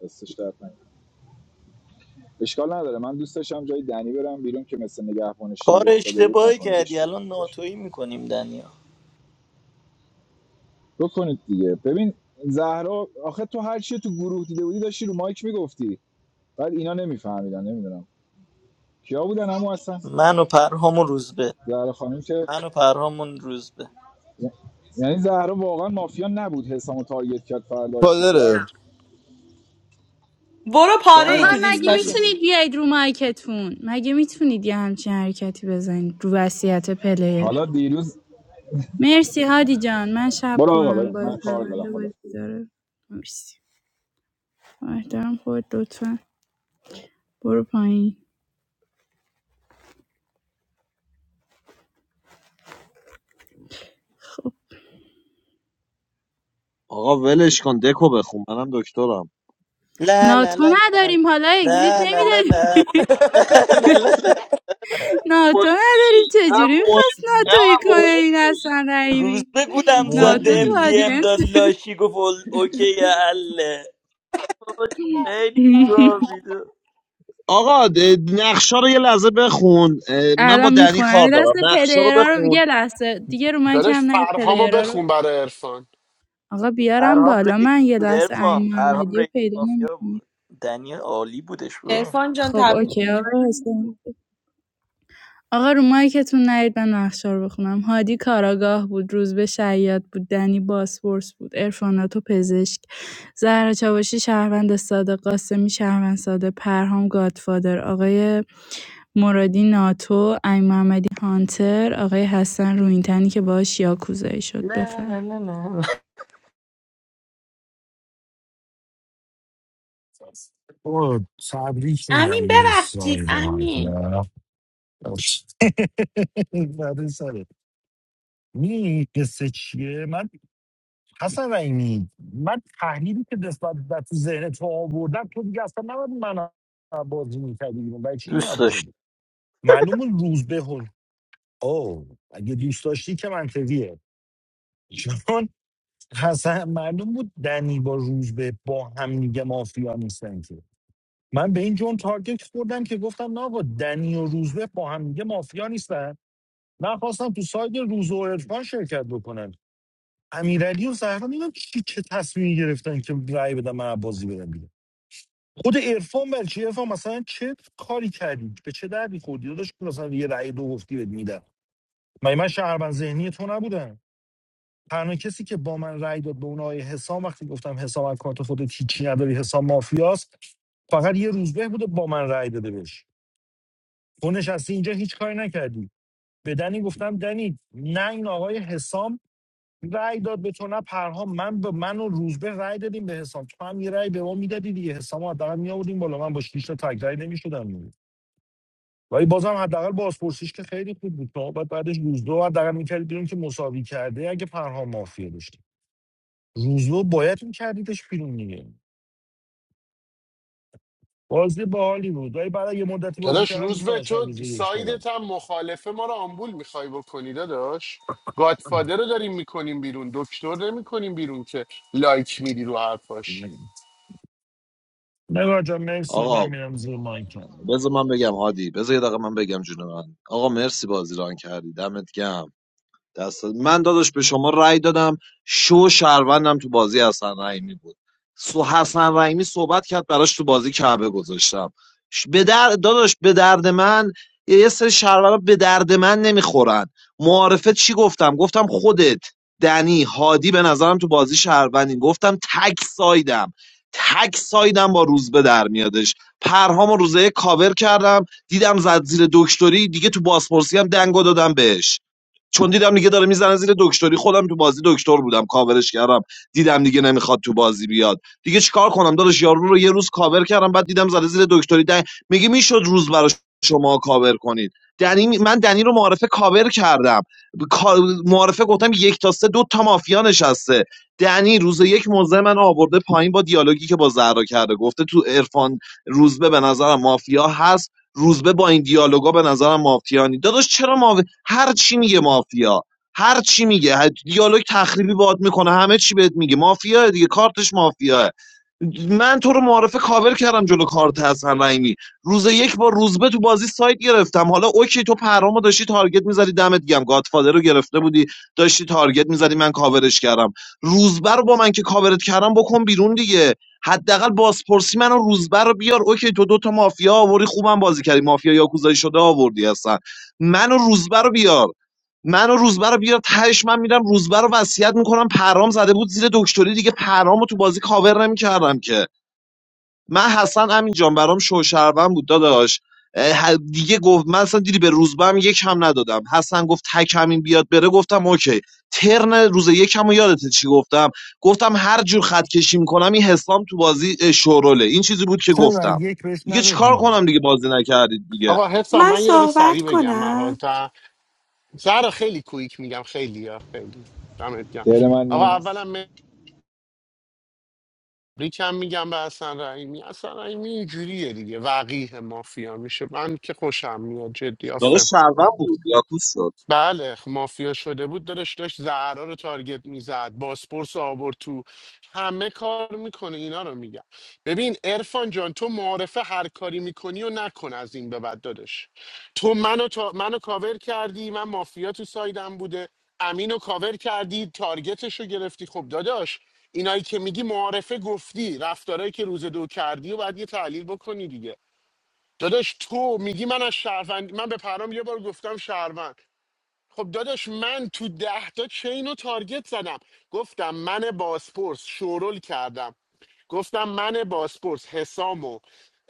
J: دستش درد نکنه. اشکال نداره من دوست داشتم جای دنی برم بیرون که مثل نگهبان
B: کار
J: شیل افتاده بود
B: اشتباهی کردی
J: نکنیدش
B: الان
J: بیرون
B: ناتویی میکنیم دنیا
J: بکنید دیگه ببین زهرا آخه تو هر چی تو گروه دیده بودی داشتی رو مایک میگفتی بعد اینا نمیفهمیدن نمیدونم کیا بودن همو اصلا
B: من و پرهام و روزبه
J: زهرا خانم که
B: من و پرهام و روزبه
J: یعنی زهرا واقعا مافیا نبود حسامو تارگت کرد فرداشتی کرد
F: پادره
D: برو
J: تو
D: پاره
J: هم
D: ای
H: آقا
D: تو
J: از
H: مگه
J: دیروز
D: دیسکاشن
J: بشه
H: میتونید بیاید رو مایکتون مگه میتونید یه همچین حرکتی بزنید رو وصیت پلیر
J: حالا دیروز
H: مرسی هادی جان من شب
J: برو آقا بریم
H: کنم باز
J: من کار دارم
H: پرونده
J: خدا
H: بازی داره مرسی با احترام خود لطفا برو پایین خب
I: آقا ولش کن دکو بخون منم دکترم
B: لا لا
H: ناتو
B: لا لا
H: نداریم حالا اگزیت
B: لا لا لا لا لا
H: نمیداریم
B: لا لا لا. لا.
I: مهم
H: ناتو نداریم
I: نه
H: چجوری میخواست
I: مهم نه
H: ناتویی کنه
I: مهم
H: این اصلا رحیمی
B: روزبه گودم
I: مهم
B: زده
H: ناتو تو
B: ام ام
H: آدینس
B: داد لاشی گفت ال- اوکی حله بابا خیلی گوه میده
I: آقا نقشا رو یه لحظه بخون اه، من با
H: الان
I: دنی
H: میخونم
I: کار
H: این دست
I: دارم نقشا رو
H: پلیرا رو
I: بخون
H: یه لحظه دیگه رو من
L: داداش
H: کم نهید
L: فرهامو
H: پلیرا رو
L: بخون برای عرفان
H: آقا بیارم
B: پرهام
H: بالا
B: رئیس
H: من یه
B: بود
H: لحظه
B: ارفان
H: این
B: پرهام
H: محمدی رو
B: رئیس
H: پیدا
B: مافیا
H: نمیکنم
B: بود دنی عالی بودش بود
D: ارفان جان
H: خب
D: تبریک
H: اوکی
D: میگم
H: آقا هستم. آقا رو مایکتون نیاید من نقشا رو بخونم هادی کاراگاه بود روزبه شیاد بود دنی باسپورس بود ارفاناتو پزشک زهرا چاوشی شهروند ساده قاسمی شهروند ساده پرهام گادفادر آقای مرادی ناتو امین محمدی هانتر آقای حسن روینتنی که باهاش یاکوزایی شد
B: نه
H: بفرم
B: نه نه نه
G: او تبریک
D: امین
G: میگن به
D: ببخشید
G: ساید
D: امین
G: مافیا بعد سره می قصه چیه من حسن رحیمی من تحلیلی که نسبت به تو ذهن تو آوردم تو دیگه اصلا نباید من بازی میکردی بیرون برای چی این
B: دوست
G: حرف رو
B: داشت
G: زدی معلوم روز به هل او اگه دوست داشتی که منطقیه چون حسن معلوم بود دنی با روز به با هم میگه مافیا نیستن که من به این جون تارگت خوردم که گفتم نه آقا دنی و روزبه با هم دیگه مافیا نیستن من خواستم تو ساید روز و عرفان شرکت بکنم امیرعلی و زهرا نمیدونم چی چه تصمیمی گرفتن که رأی بدم من بازی بدم بیرون خود عرفان برای چی عرفان مثلا چه کاری کردی به چه دردی خوردی داداش که مثلا یه رأی دو گفتی بهت میدم من من شهروند ذهنی تو نبودم تنها کسی که با من رأی داد به اون آقای حسام وقتی گفتم حسام از کارت خودت هیچی نداری حسام مافیاست فقط یه روزبه بوده با من رأی داده بهش تو نشستی اینجا هیچ کاری نکردی به دنی گفتم دنی نه این آقای حسام رأی داد به تو نه پرهام من به من و روزبه رأی دادیم به حسام تو هم یه رأی به ما میدادی دیگه حسام رو حداقل میآوردیم بالا من با شیش تا تگ رأی نمیشدم دیگه ولی بازم حداقل بازپرسیش که خیلی خوب بود شما باید بعدش روزدو حداقل میکردی بیرون که مساوی کرده اگه پرهام مافیا داشتی روزدو باید میکردیدش بیرون دیگه بازی باحالی بود ولی بعد از یه مدتی بازی
L: داداش
G: کردم
L: روز
G: دوست
L: به
G: داشتم
L: تو
G: روز یک بولم
L: سایدت هم مخالفه ما رو آمبول میخوای بکنی داداش گادفادر رو داریم میکنیم بیرون دکتر نمیکنیم بیرون که لایک میدی رو حرفاش
G: نگاه جان مرسی من
I: آقا
G: میرم زیر مایکم
I: بذار من بگم هادی بذار یه دقیقه من بگم جون من آقا مرسی بازی ران کردی دمت گم دست من داداش به شما رأی دادم شو شهروندم تو بازی حسن رحیمی بود سو حسن رحیمی صحبت کرد براش تو بازی کعبه گذاشتم ش- به در... داداش به درد من یه یه سری شهروندا به درد من نمیخورن معارفه چی گفتم گفتم خودت دنی هادی به نظرم تو بازی شهروندی گفتم تک سایدم تک سایدم با روز به در میادش پرهام و روزه کاور کردم دیدم زد زیر دکتری دیگه تو بازپرسی هم دنگو دادم بهش چون دیدم دیگه داره میزنه زیر دکتری خودم تو بازی دکتر بودم کاورش کردم دیدم دیگه نمیخواد تو بازی بیاد دیگه چیکار کنم داداش یارو رو یه روز کاور کردم بعد دیدم زده زیر دکتری دن... میگه میشد روز برای شما کاور کنید دنی من دنی رو معارفه کاور کردم ب- کا- معارفه گفتم یک تا سه دو تا مافیا نشسته دنی روز یک موزه من آورده پایین با دیالوگی که با زهرا کرده گفته تو عرفان روزبه به نظرم مافیا هست روزبه با این دیالوگا به نظرم مافیا نی داداش چرا مافیا هر چی میگه مافیا هر چی میگه هر دیالوگ تخریبی باهات میکنه همه چی بهت میگه مافیا دیگه کارتش مافیاه من تو رو معارفه کاور کردم جلو کارت حسن رحیمی روز یک با روزبه تو بازی سایت گرفتم حالا اوکی تو پرامو داشتی تارگت میزدی دمت گم گادفادر رو گرفته بودی داشتی تارگت میزدی من کاورش کردم روزبه رو با من که کاورت کردم بکن بیرون دیگه حداقل بازپرسی منو روزبر رو بیار اوکی تو دوتا مافیا آوردی خوبم بازی کردی مافیا یاکوزایی شده آوردی هستن منو روزبر رو بیار منو روزبر رو بیار تهش من میرم روزبر رو وصیت میکنم پرام زده بود زیر دکتری دیگه پرامو تو بازی کاور نمیکردم که من حسن همین جان برام شوشروند بود داداش اه، دیگه گفت من اصلا دیدی به روزبه هم یک هم ندادم حسن گفت تک همین بیاد بره گفتم اوکی ترن روز یکم و یادته چی گفتم گفتم هر جور خط کشی میکنم این حسام تو بازی اه، شوروله این چیزی بود که
G: چرا رای
I: گفتم
G: یک بهش
I: دیگه چیکار
G: ندادی
I: کنم دیگه بازی نکردید دیگه
L: آقا حسام
D: من
L: من یه دقیقه
D: صحبت
L: سریع بگم
D: کنم
L: مغازه زهرا خیلی کویک میگم خیلی یا خیلی دمت گرم
J: دل من
L: آقا
J: نیست
L: اولا ریکم میگم به حسن رحیمی حسن رحیمی اینجوریه دیگه وقیه مافیا میشه من که خوشم میاد جدی
I: داداش شربم بود یاکوس شد
L: بله خب مافیا شده بود دادش داشت زهرا رو تارگت میزد باسپورس رو آورد تو همه کار میکنه اینا رو میگم ببین ارفان جان تو معارفه هر کاری میکنی و نکن از این به بعد دادش تو منو, تا... منو کاور کردی من مافیا تو سایدم بوده امینو کاور کردی تارگتش رو گرفتی خب داداش اینایی که میگی معارفه گفتی رفتارهایی که روز دو کردی و باید یه تحلیل بکنی دیگه داداش تو میگی من از شهروند من به پرام یه بار گفتم شهروند خب داداش من تو ده تا چین رو تارگت زدم گفتم من باسپورس شورل کردم گفتم من باسپورس حسام و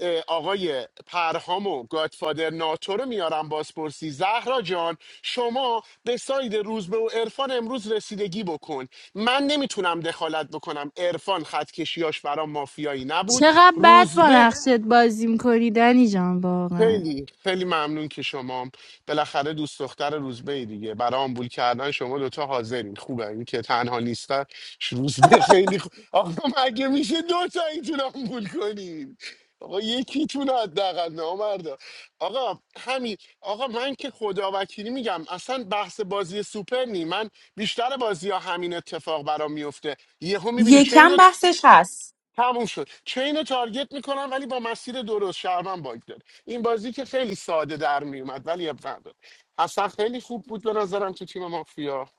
L: اه، آقای پرهام و گادفادر ناتو رو میارم بازپرسی زهرا جان شما به ساید روزبه و عرفان امروز رسیدگی بکن من نمیتونم دخالت بکنم عرفان خط کشیاش برام مافیایی نبود
H: چقدر بد با
L: روزبه
H: نقشت بازی میکنی دنی جان واقعا
L: خیلی خیلی ممنون که شما بالاخره دوست دختر روزبه ای دیگه برای آمبول کردن شما دوتا حاضرین خوبه این که تنها نیستن روزبه خیلی خوب آقا مگه میشه دوتا اینتون آمبول کنین آقا یکیتون حداقل نامردا آقا همین آقا من که خدا وکیلی میگم اصلا بحث بازی سوپر نی من بیشتر بازی ها همین اتفاق برام میفته یهو میبینی چه
D: یکم
L: اینو
D: بحثش هست
L: تموم شد چین رو تارگت میکنم ولی با مسیر درست شهرمن باگ داد این بازی که خیلی ساده در میومد ولی اب نداد اصلا خیلی خوب بود به نظرم تو تیم مافیا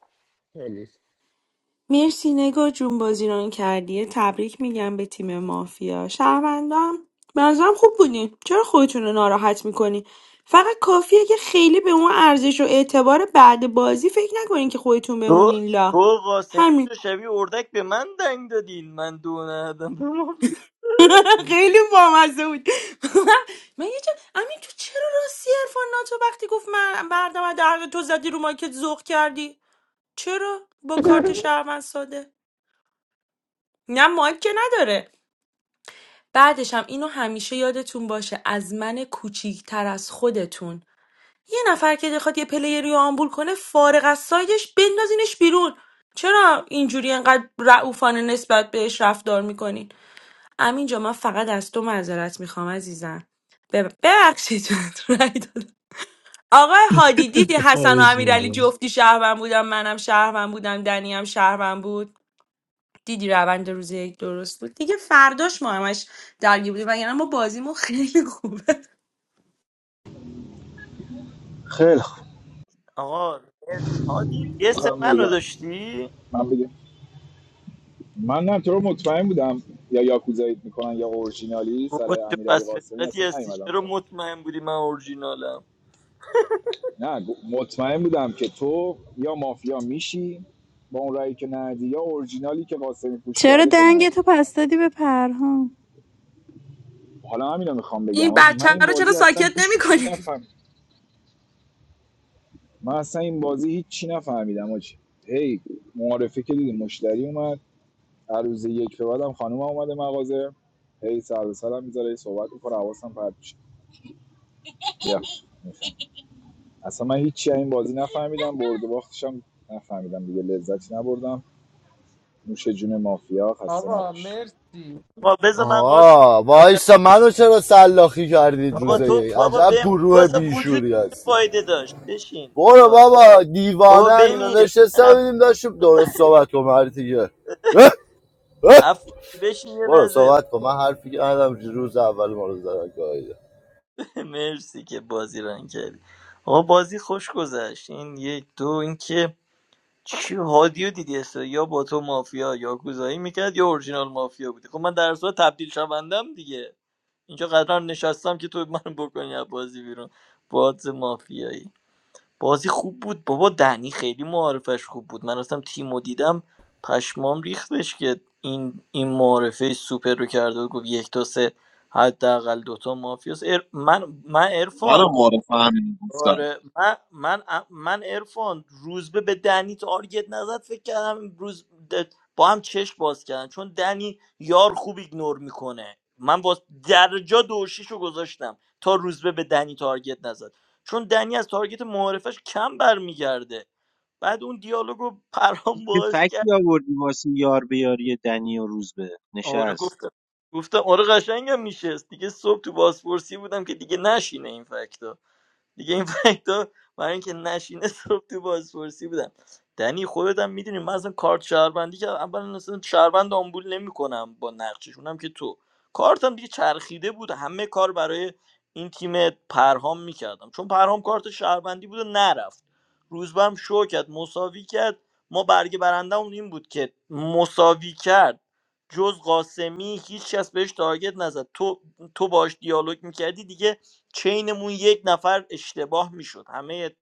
L: همین.
D: مرسی نگار جون بازی ران کردی تبریک میگم به تیم مافیا شهروندام به نظرم خوب بودین چرا خودتون رو ناراحت میکنی فقط کافیه که خیلی به اون ارزش و اعتبار بعد بازی فکر نکنین که خودتون
B: تو
D: بمونین لا
B: تو قاسمی
D: همین
B: تو شبیه اردک به من دنگ دادین من دو ندادم به ما.
D: خیلی بامزه بود من یه جا همین تو چرا راستی عرفان ناتو وقتی گفت من بردم در تو زدی رو مایکت ذوق کردی چرا با کارت شهروند ساده نه مایک که نداره بعدشم اینو همیشه یادتون باشه از من کوچیکتر از خودتون یه نفر که بخواد یه پلیری رو آمبول کنه فارغ از سایدش بندازینش بیرون چرا اینجوری انقدر رعوفانه نسبت بهش رفتار میکنین امین جا من فقط از تو معذرت میخوام عزیزم بب- ببخشید رای دادم. آقای هادی دیدی حسن و
G: خواهش
D: امیرعلی
G: می‌کنم.
D: جفتی شهروند بودم منم شهروند بودم دنیم شهروند بود دیدی روند روز یک درست بود دیگه فرداش ما همش درگیر بودیم وگرنه ما بازیمون خیلی خوبه
J: خیلی خوب
B: آقا هادی یه سه
J: خانم
B: منو
J: نگار
B: داشتی
J: من بگم من نه تو رو مطمئن بودم یا یاکوزایید میکنن یا اورجینالی
B: بابا
J: سر
B: چه
J: امیرعلی
B: پس
J: قاسمی
B: فطرتی
J: اصلا
B: هستی
J: نیومدم
B: چرا
J: سمت
B: مطمئن بودی من اورجینالم
J: نه گ- مطمئن بودم که تو یا مافیا میشی با اون رأیی که ندی یا اورجینالی که قاسمی پوش
H: چرا
J: کرده تو ندی
H: دنگتو پس دادی به پرهام
J: حالا همین رو میخوام
D: این
J: بگم آجی من
D: بچه
J: این
D: رو چرا
J: بازی اصلا
D: ساکت
J: هیچ
D: نمی
J: چی
D: کنیم
J: نفهمیدم من اصلا این بازی هیچ چی نفهمیدم آجی هی معارفه که دیدی مشتری اومد هر یک به بعدم خانوم اومده مغازه هی سر به سرم میذاره هی صحبت میکنه حواسم پرت میشه اصلا من هیچی از این بازی نفهمیدم برد و باختشم نفهمیدم دیگه لذتی نبردم نوش جون مافیا خسته
C: آقا
J: نباش
C: مرسی
B: بابا بذار من قاسم
M: آها
B: یه لحظه-
M: وایسا منو چرا سلاخی کردید
B: بابا
M: روزه
B: تو
M: یک
B: بابا
M: عجب
B: بهم تو
M: گروه
B: اصلا وجود
M: بیشوری
B: چه
M: هستی
B: فایده داشت بشین
M: برو
B: آقا
M: بابا
B: بابا
M: دیوانه اینا
B: بمیر
M: نشسته
B: اف...
M: بودیم داشتیم درست صحبت کن هر دیگه اه، اه.
B: افغانی بشین یه
M: برو
B: لحظه
M: صحبت کن من حرفی که ندارم روز اول ما رو زدن گاهیده
B: مرسی که بازی رنگ کردی آقا بازی خوش گذشت این یک دو اینکه چی هادیو دیدی است یا با تو مافیا یا گوزایی میکرد یا اورجینال مافیا بودی خب من در صورت تبدیل شوندم دیگه اینجا قرار نشستم که تو منو بکنی از بازی بیرون باز مافیایی بازی خوب بود بابا دنی خیلی معارفش خوب بود من رفتم تیم دیدم پشمام ریختش که این این معارفه سوپر رو کرده بود. گفت یک تا سه حداقل دوتا مافیاس ار... من من عرفان
I: منم معرف همین گفتم.
B: آره من من من عرفان روزبه به دنی تارگت نزد فکر کردم امروز د- با هم چشم باز کردن چون دنی یار خوب ایگنور میکنه من با درجا دوشیشو گذاشتم تا روزبه به دنی تارگت نزد چون دنی از تارگت معارفش کم برمیگرده بعد اون دیالوگو پرام
E: چه
B: باش کرد
E: فکتی آوردی واسه یار بیاری دنی و روزبه
B: آره گفتم
E: نشست
B: گفتم آره قشنگم میشه دیگه صبح تو بازپرسی بودم که دیگه نشینه این فکتا دیگه این فکتا برای اینکه نشینه صبح تو بازپرسی بودم دنی خودم میدونی من اصلا کارت شهروندی که اول اصلا شهروند آمبول نمیکنم با نقشش که تو کارتم دیگه چرخیده بود همه کار برای این تیم پرهام میکردم چون پرهام کارت شهروندی بود و نرفت روزبم شو کرد مساوی کرد ما برگ برندمون این بود که مساوی کرد جز قاسمی هیچ کس بهش تارگت نزد تو تو باش دیالوگ میکردی دیگه چینمون یک نفر اشتباه میشد همه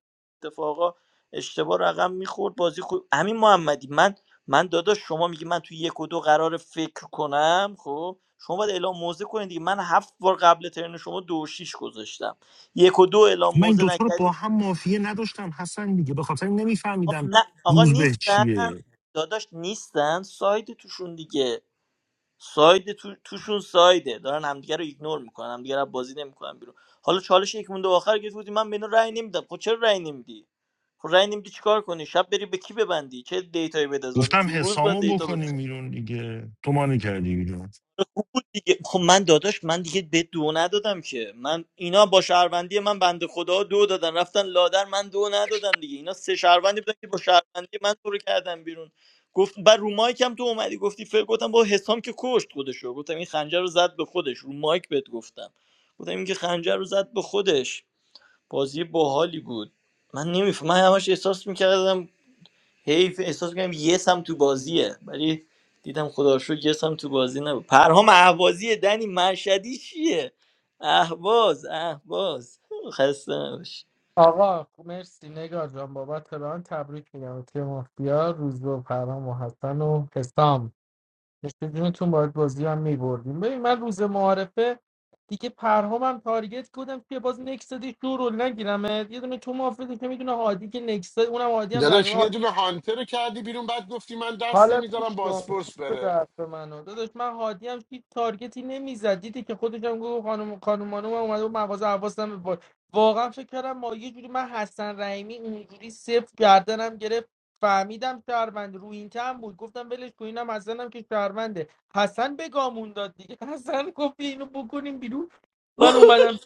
B: اتفاقا اشتباه رقم میخورد بازی خوب امین محمدی من من داداش شما میگی من توی یک و دو قرار فکر کنم خب شما باید اعلام موزه کنید دیگه من هفت بار قبل ترن شما دو و شیش گذاشتم یک و دو اعلام
G: من این
B: موزه
G: دوتا رو با
B: نکردید
G: هم مافیه نداشتم حسن دیگه به خاطر
B: خب
G: نمیفهمیدم
B: نه آقا
G: روز به
B: نیستن
G: چیه
B: داداش نیستن ساید توشون دیگه ساید تو... توشون سایده دارن همدیگه رو ایگنور میکنن همدیگه رو بازی نمیکنن بیرون حالا چالش یک مونده آخر گفت بودی من به اینا رأی نمیدم خب چرا رأی نمیدی خب رأی نمیدی چیکار کنی شب بری به کی ببندی چه دیتایی بدازامی
G: گفتم
B: تو روز باید
G: حسامو
B: دیتا
G: بکنیم بیرون دیگه تو مانی کردی بیرون
B: خوب بود دیگه خب من داداش من دیگه به دو ندادم که من اینا با شهروندی من بنده خدا دو دادن رفتن لادر من دو ندادم دیگه اینا سه شهروندی بودن که با شهروندی من تو رو کردم بیرون گفت بر رو مایک هم تو اومدی گفتی فکر گفتم با حسام که کشت خودشو گفتم این خنجر رو زد به خودش رو مایک بهت گفتم گفتم این که خنجر رو زد به خودش بازی باحالی بود من نمیفهم من همش احساس میکردم حیف احساس کنم یس هم تو بازیه ولی دیدم خدا رو شکر یس هم تو بازی نبود پرهام اهوازی دنی مشهدی چیه اهواز اهواز خسته نباشی
C: آقا مرسی نگار جان بابت ران تبریک میگم تیم مافیا روز و پرام و حسن و حسام مثل جونتون باید بازی هم میبردیم ببین من روز معارفه دیگه پرهامم تارگت بودم که باز نکس دی شو رول نگیرم یه دونه تو مافیا که میدونه هادی که نکس اونم هادی هم
L: داداش
C: تقریبا
L: یه دونه هانتر رو کردی بیرون بعد گفتی من دست
C: حالا
L: نمیذارم
C: گوش کن
L: بازپرس
C: گوش بده
L: بره
C: حرف منو داداش من هادی هم هیچ تارگتی نمیزد دیدی که خودش هم گفت خانم خانم خانم اومده و مغازه حواسم به با- واقعا فکر کردم ما یه جوری من حسن رحیمی اونجوری صفر گردنم گرفت فهمیدم شهروند رو این تم بود گفتم ولش کن اینم حسنم که شهرونده حسن به گامون داد دیگه حسن گفت اینو بکنیم بیرون من اومدم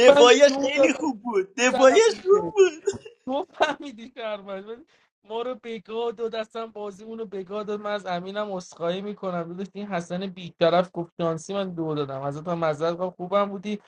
C: من دو
B: خیلی خوب
C: دادم
B: بود
C: طرف
B: دفاعیش
C: دیگه.
B: خوب بود
C: تو فهمیدی شهروند ولی ما رو بگاه دو دستم بازی اونو بگاه داد من از امینم اسخایی میکنم داداش این حسن بیطرف گفت شانسی من دو دادم ازت هم معذرت خواهم خوبم بودی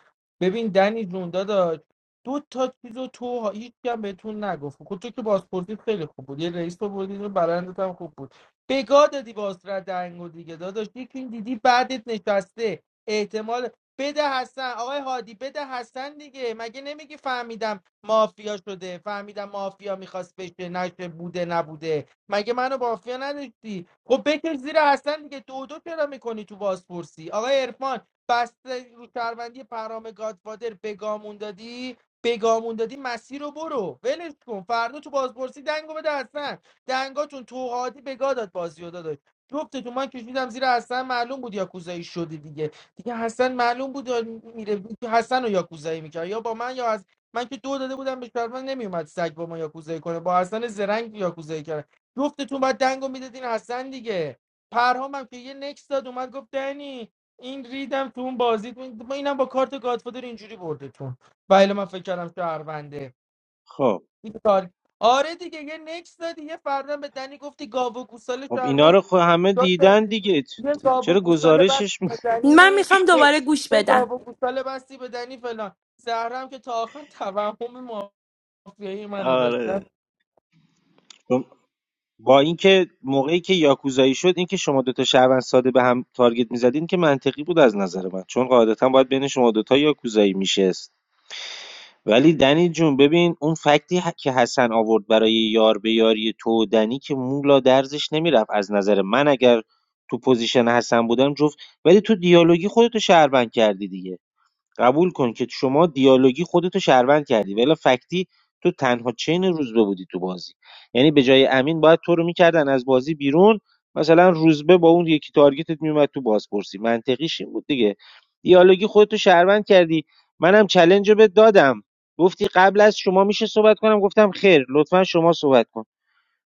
C: ببین دنی جون داداش دو تا چیزو تو هیچ هم بهتون نگفت کجا که بازپرسی خیلی خوب بود یه رئیس تو بردی اینو برندت هم خوب بود بگاه دادی باز را دنگو دیگه داداش یکی این دیدی بعدت نشسته احتمال بده حسن آقای هادی بده حسن دیگه مگه نمیگی فهمیدم مافیا شده فهمیدم مافیا میخواست بشه نشه بوده نبوده مگه منو مافیا نداشتی خب بکش زیر حسن دیگه دو دو چرا میکنی تو بازپرسی آقای عرفان بسته رو شهروندی پرام گادفادر بگامون دادی بگامون دادی مسیر رو برو ولش کن فردا تو بازپرسی دنگو بده حسن دنگاتون تو هادی بگا داد بازی رو داداش جفتتون من کشیدم زیر حسن معلوم بود یاکوزایی شده دیگه دیگه حسن معلوم بود میره حسن رو یاکوزایی میکرد یا با من یا من که دو داده بودم به شرمن نمیومد سگ با ما یاکوزایی کنه با حسن زرنگ یاکوزایی کرد جفتتون باید دنگو میدادین حسن دیگه پرهام هم که یه نکس داد اومد گفت دنی این ریدم تو اون بازی ما اینم با کارت گادفادر اینجوری بردتون بله من فکر کردم شهرونده
E: خب
C: این کار آره دیگه یه نکس دادی یه فردم به دنی گفتی گاو و گوساله
E: خب اینا
C: شهروند
E: رو خب همه
C: شد.
E: دیدن دیگه چ-
C: یه گاو و
E: چرا
C: گوساله بس
E: گزارشش می-
C: به
D: من
C: دنی
D: میخوام
C: یه
D: دوباره گوش
C: یه
D: بدم
C: گاو و گوساله بستی به دنی فلان زهرم که تا آخر توهم مافیایی منو داشت
E: آره
C: رفت
E: چون با اینکه موقعی که یاکوزایی شد اینکه شما دوتا شهروند ساده به هم تارگت میزدین که منطقی بود از نظر من چون قاعدتا باید بین شما دوتا یاکوزایی میشست ولی دنی جون ببین اون فکتی ه- که حسن آورد برای یار به یاری تو و دنی که مولا درزش نمیرفت از نظر من اگر تو پوزیشن حسن بودم جفت ولی تو دیالوگی خودتو شهروند کردی دیگه قبول کن که شما دیالوگی خودتو شهروند کردی ولی فکتی تو تنها چین روزبه بودی تو بازی یعنی به جای امین باید تو رو میکردن از بازی بیرون مثلا روزبه با اون یکی تارگتت میومد تو بازپرسی منطقیش این بود دیگه دیالوگی خودتو شهروند کردی منم چلنج رو بهت دادم گفتی قبل از شما میشه صحبت کنم گفتم خیر لطفا شما صحبت کن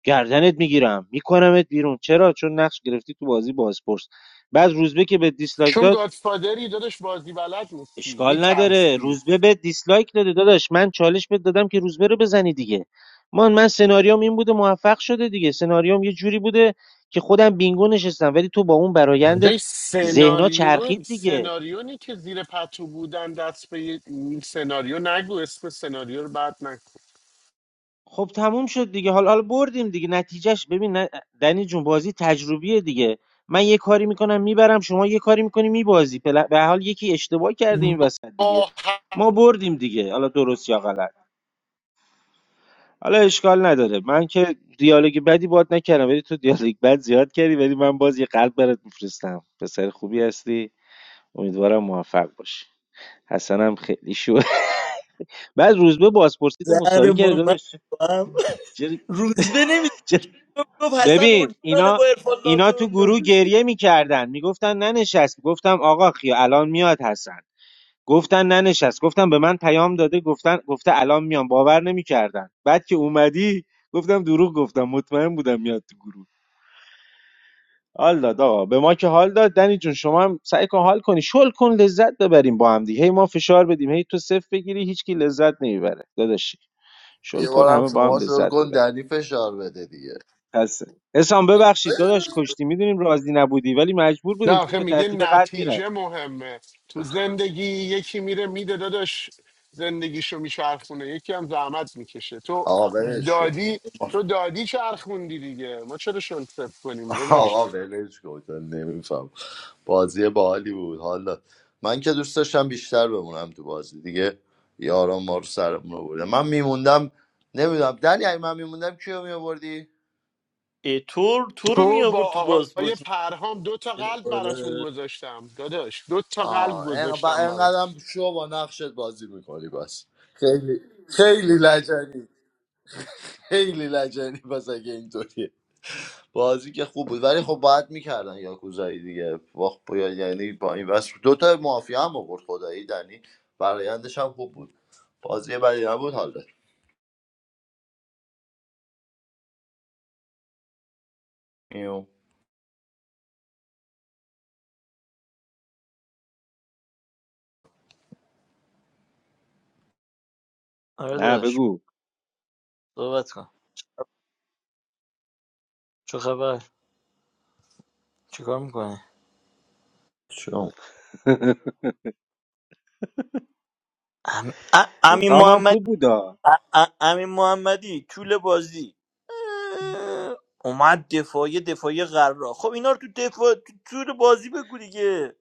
E: گردنت میگیرم میکنمت بیرون چرا چون نقش گرفتی تو بازی بازپرس بعد روزبه که به دیسلایک
L: چون
E: داد
L: گادفادری داداش بازی بلد نیستی
E: اشکال نداره
L: میترسی
E: روزبه به دیسلایک داده داداش من چالش بهت دادم که روزبه رو بزنی دیگه من من سناریوم این بوده موفق شده دیگه سناریوم یه جوری بوده که خودم بینگو نشستم ولی تو با اون
L: اونجای
E: برایندت ذهنا
L: سناریو
E: چرخید دیگه
L: سناریونی که زیر پتو بودن دست به یه- این سناریو نگو اسم سناریو رو بعد
E: خب تموم شد دیگه حالا حالا بردیم دیگه نتیجهش ببین نه- دنی جون بازی تجربیه دیگه من یه کاری میکنم میبرم شما یه کاری میکنی میبازی به هر حال یکی اشتباه کرده این
L: نکن
E: وسط دیگه
L: با
E: ما بردیم دیگه حالا درست یا غلط حالا اشکال نداره من که دیالوگ بدی باد نکردم ولی تو دیالوگ بد زیاد کردی ولی من باز یه قلب برات میفرستم پسر خوبی هستی امیدوارم موفق باشی حسنم خیلی شو بعد روزبه بازپرسی تو
B: زهر
E: مساوی کرد
B: ما من
E: داداش
B: تو هم.
E: چرا-
B: روزبه نمیدونم
E: چرا-
B: گفت حسن
E: ببین
B: اورجینال
E: اینا
B: با ارفان
E: اینا
B: ناتو
E: تو
B: یا
E: گروه
B: روز-
E: گریه میکردن میگفتن ننشست گفتم آقا خیا الان میاد حسن گفتن ننشست گفتم به من پیام داده گفتن گفته الان میام باور نمیکردن بعد که اومدی گفتم دروغ گفتم مطمئن بودم میاد تو گروه حال داد آقا به ما که حال داد دنی جون شما هم سعی کن حال کنی شل کن لذت ببریم با هم دیگه هی ما فشار بدیم هی تو صفر بگیری هیچکی لذت نمیبره داداشی شل
M: یه
E: کن
M: بارم
E: همه با هم
M: شما شل
E: لذت
M: کن
E: ببریم
M: دنی فشار بده دیگه
E: پس حسام ببخشید داداش کشتی میدونیم راضی نبودی ولی مجبور
L: نه
E: بودیم چون
L: آخه
E: به
L: میگه
E: ترتیب قد
L: نتیجه
E: میرفت
L: مهمه تو زندگی یکی میره میده داداش زندگیشو میچرخونه یکی هم زحمت میکشه تو
M: آقا ولش کن
L: دادی تو دادی چرخوندی دیگه ما چرا شلتف کنیم داداش
M: آقا ولش کن نمیفهم بازی باحالی بود حالا من که دوست داشتم بیشتر بمونم تو بازی دیگه یاران ما رو سرمون آوردن من میموندم نمیدونم دنی اگه من میموندم کیو میآوردی
B: اه، تو تو رو می
L: تو
B: آورد
L: با
B: تو
L: آقای
B: بازپورت
L: پرهام دو تا قلب براتون
B: آره
L: گذاشتم داداش دو تا قلب
M: آه انق- و
L: گذاشتم برات
M: انقدرم شو با نقشت بازی میکنی بس خیلی خیلی لجنی خیلی لجنی بس اگه اینطوریه بازی که خوب بود ولی خب باید میکردن یاکوزایی دیگه وقت یعنی با این بس دو تا مافیا هم آورد خدایی دنی برایندش هم خوب بود بازی بدی نبود حالا ایو.
B: آره
E: نه
B: داداش
E: بگو
B: صحبت کن چه خبر چیکار میکنه
M: شو.
B: ام... ا-
E: حسام هم
B: امین
E: خوب بودا
B: ا- ا- امین محمدی طول بازی اه، اومد دفاعی دفاعی قرار خب اینا رو تو دفاع تو طول بازی بگو دیگه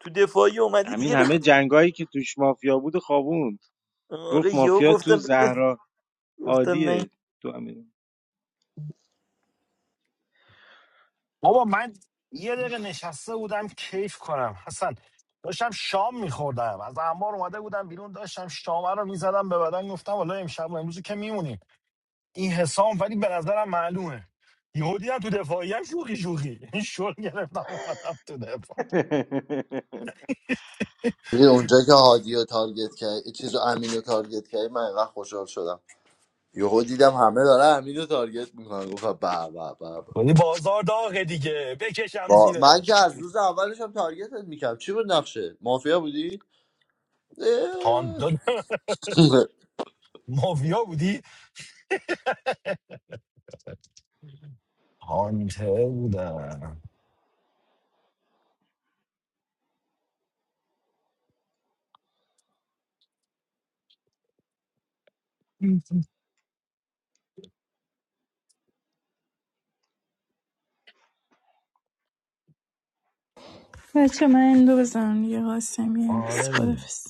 B: تو دفاعی اومدی
E: همین
B: دیگه
E: همه جنگایی که توش مافیا بود و خوابوند گفت
B: آره یهو
E: مافیا تو
B: گفتم
E: زهرا
B: گفتم نه
E: عادیه تو همین
G: بابا من یه دقیقه نشسته بودم کیف کنم حسن داشتم شام میخوردم از انبار اومده بودم بیرون داشتم شام رو میزدم به بدن گفتم والا امشب و امروز که میمونیم این حسام ولی به نظرم معلومه یهودی هم تو دفاعی هم شوخی شوخی این شل گرفتم اومدم تو
M: دیدی اونجا که هادی رو تارگت کرد چیز رو امین رو تارگت کرد من اینقدر خوشحال شدم یهو دیدم همه داره امین رو تارگت میکنن گفتم به به به به.
G: یعنی بازار داغه دیگه بکشم
M: با من که
G: زیرش
M: از روز اولش هم تارگتت میکردم چی بود نقشه مافیا بودی
G: هانتر
M: اه.
G: مافیا بودی هانتر بودم
H: بچه من این دو بزنم دیگه قاسمی
G: آره
H: خدافز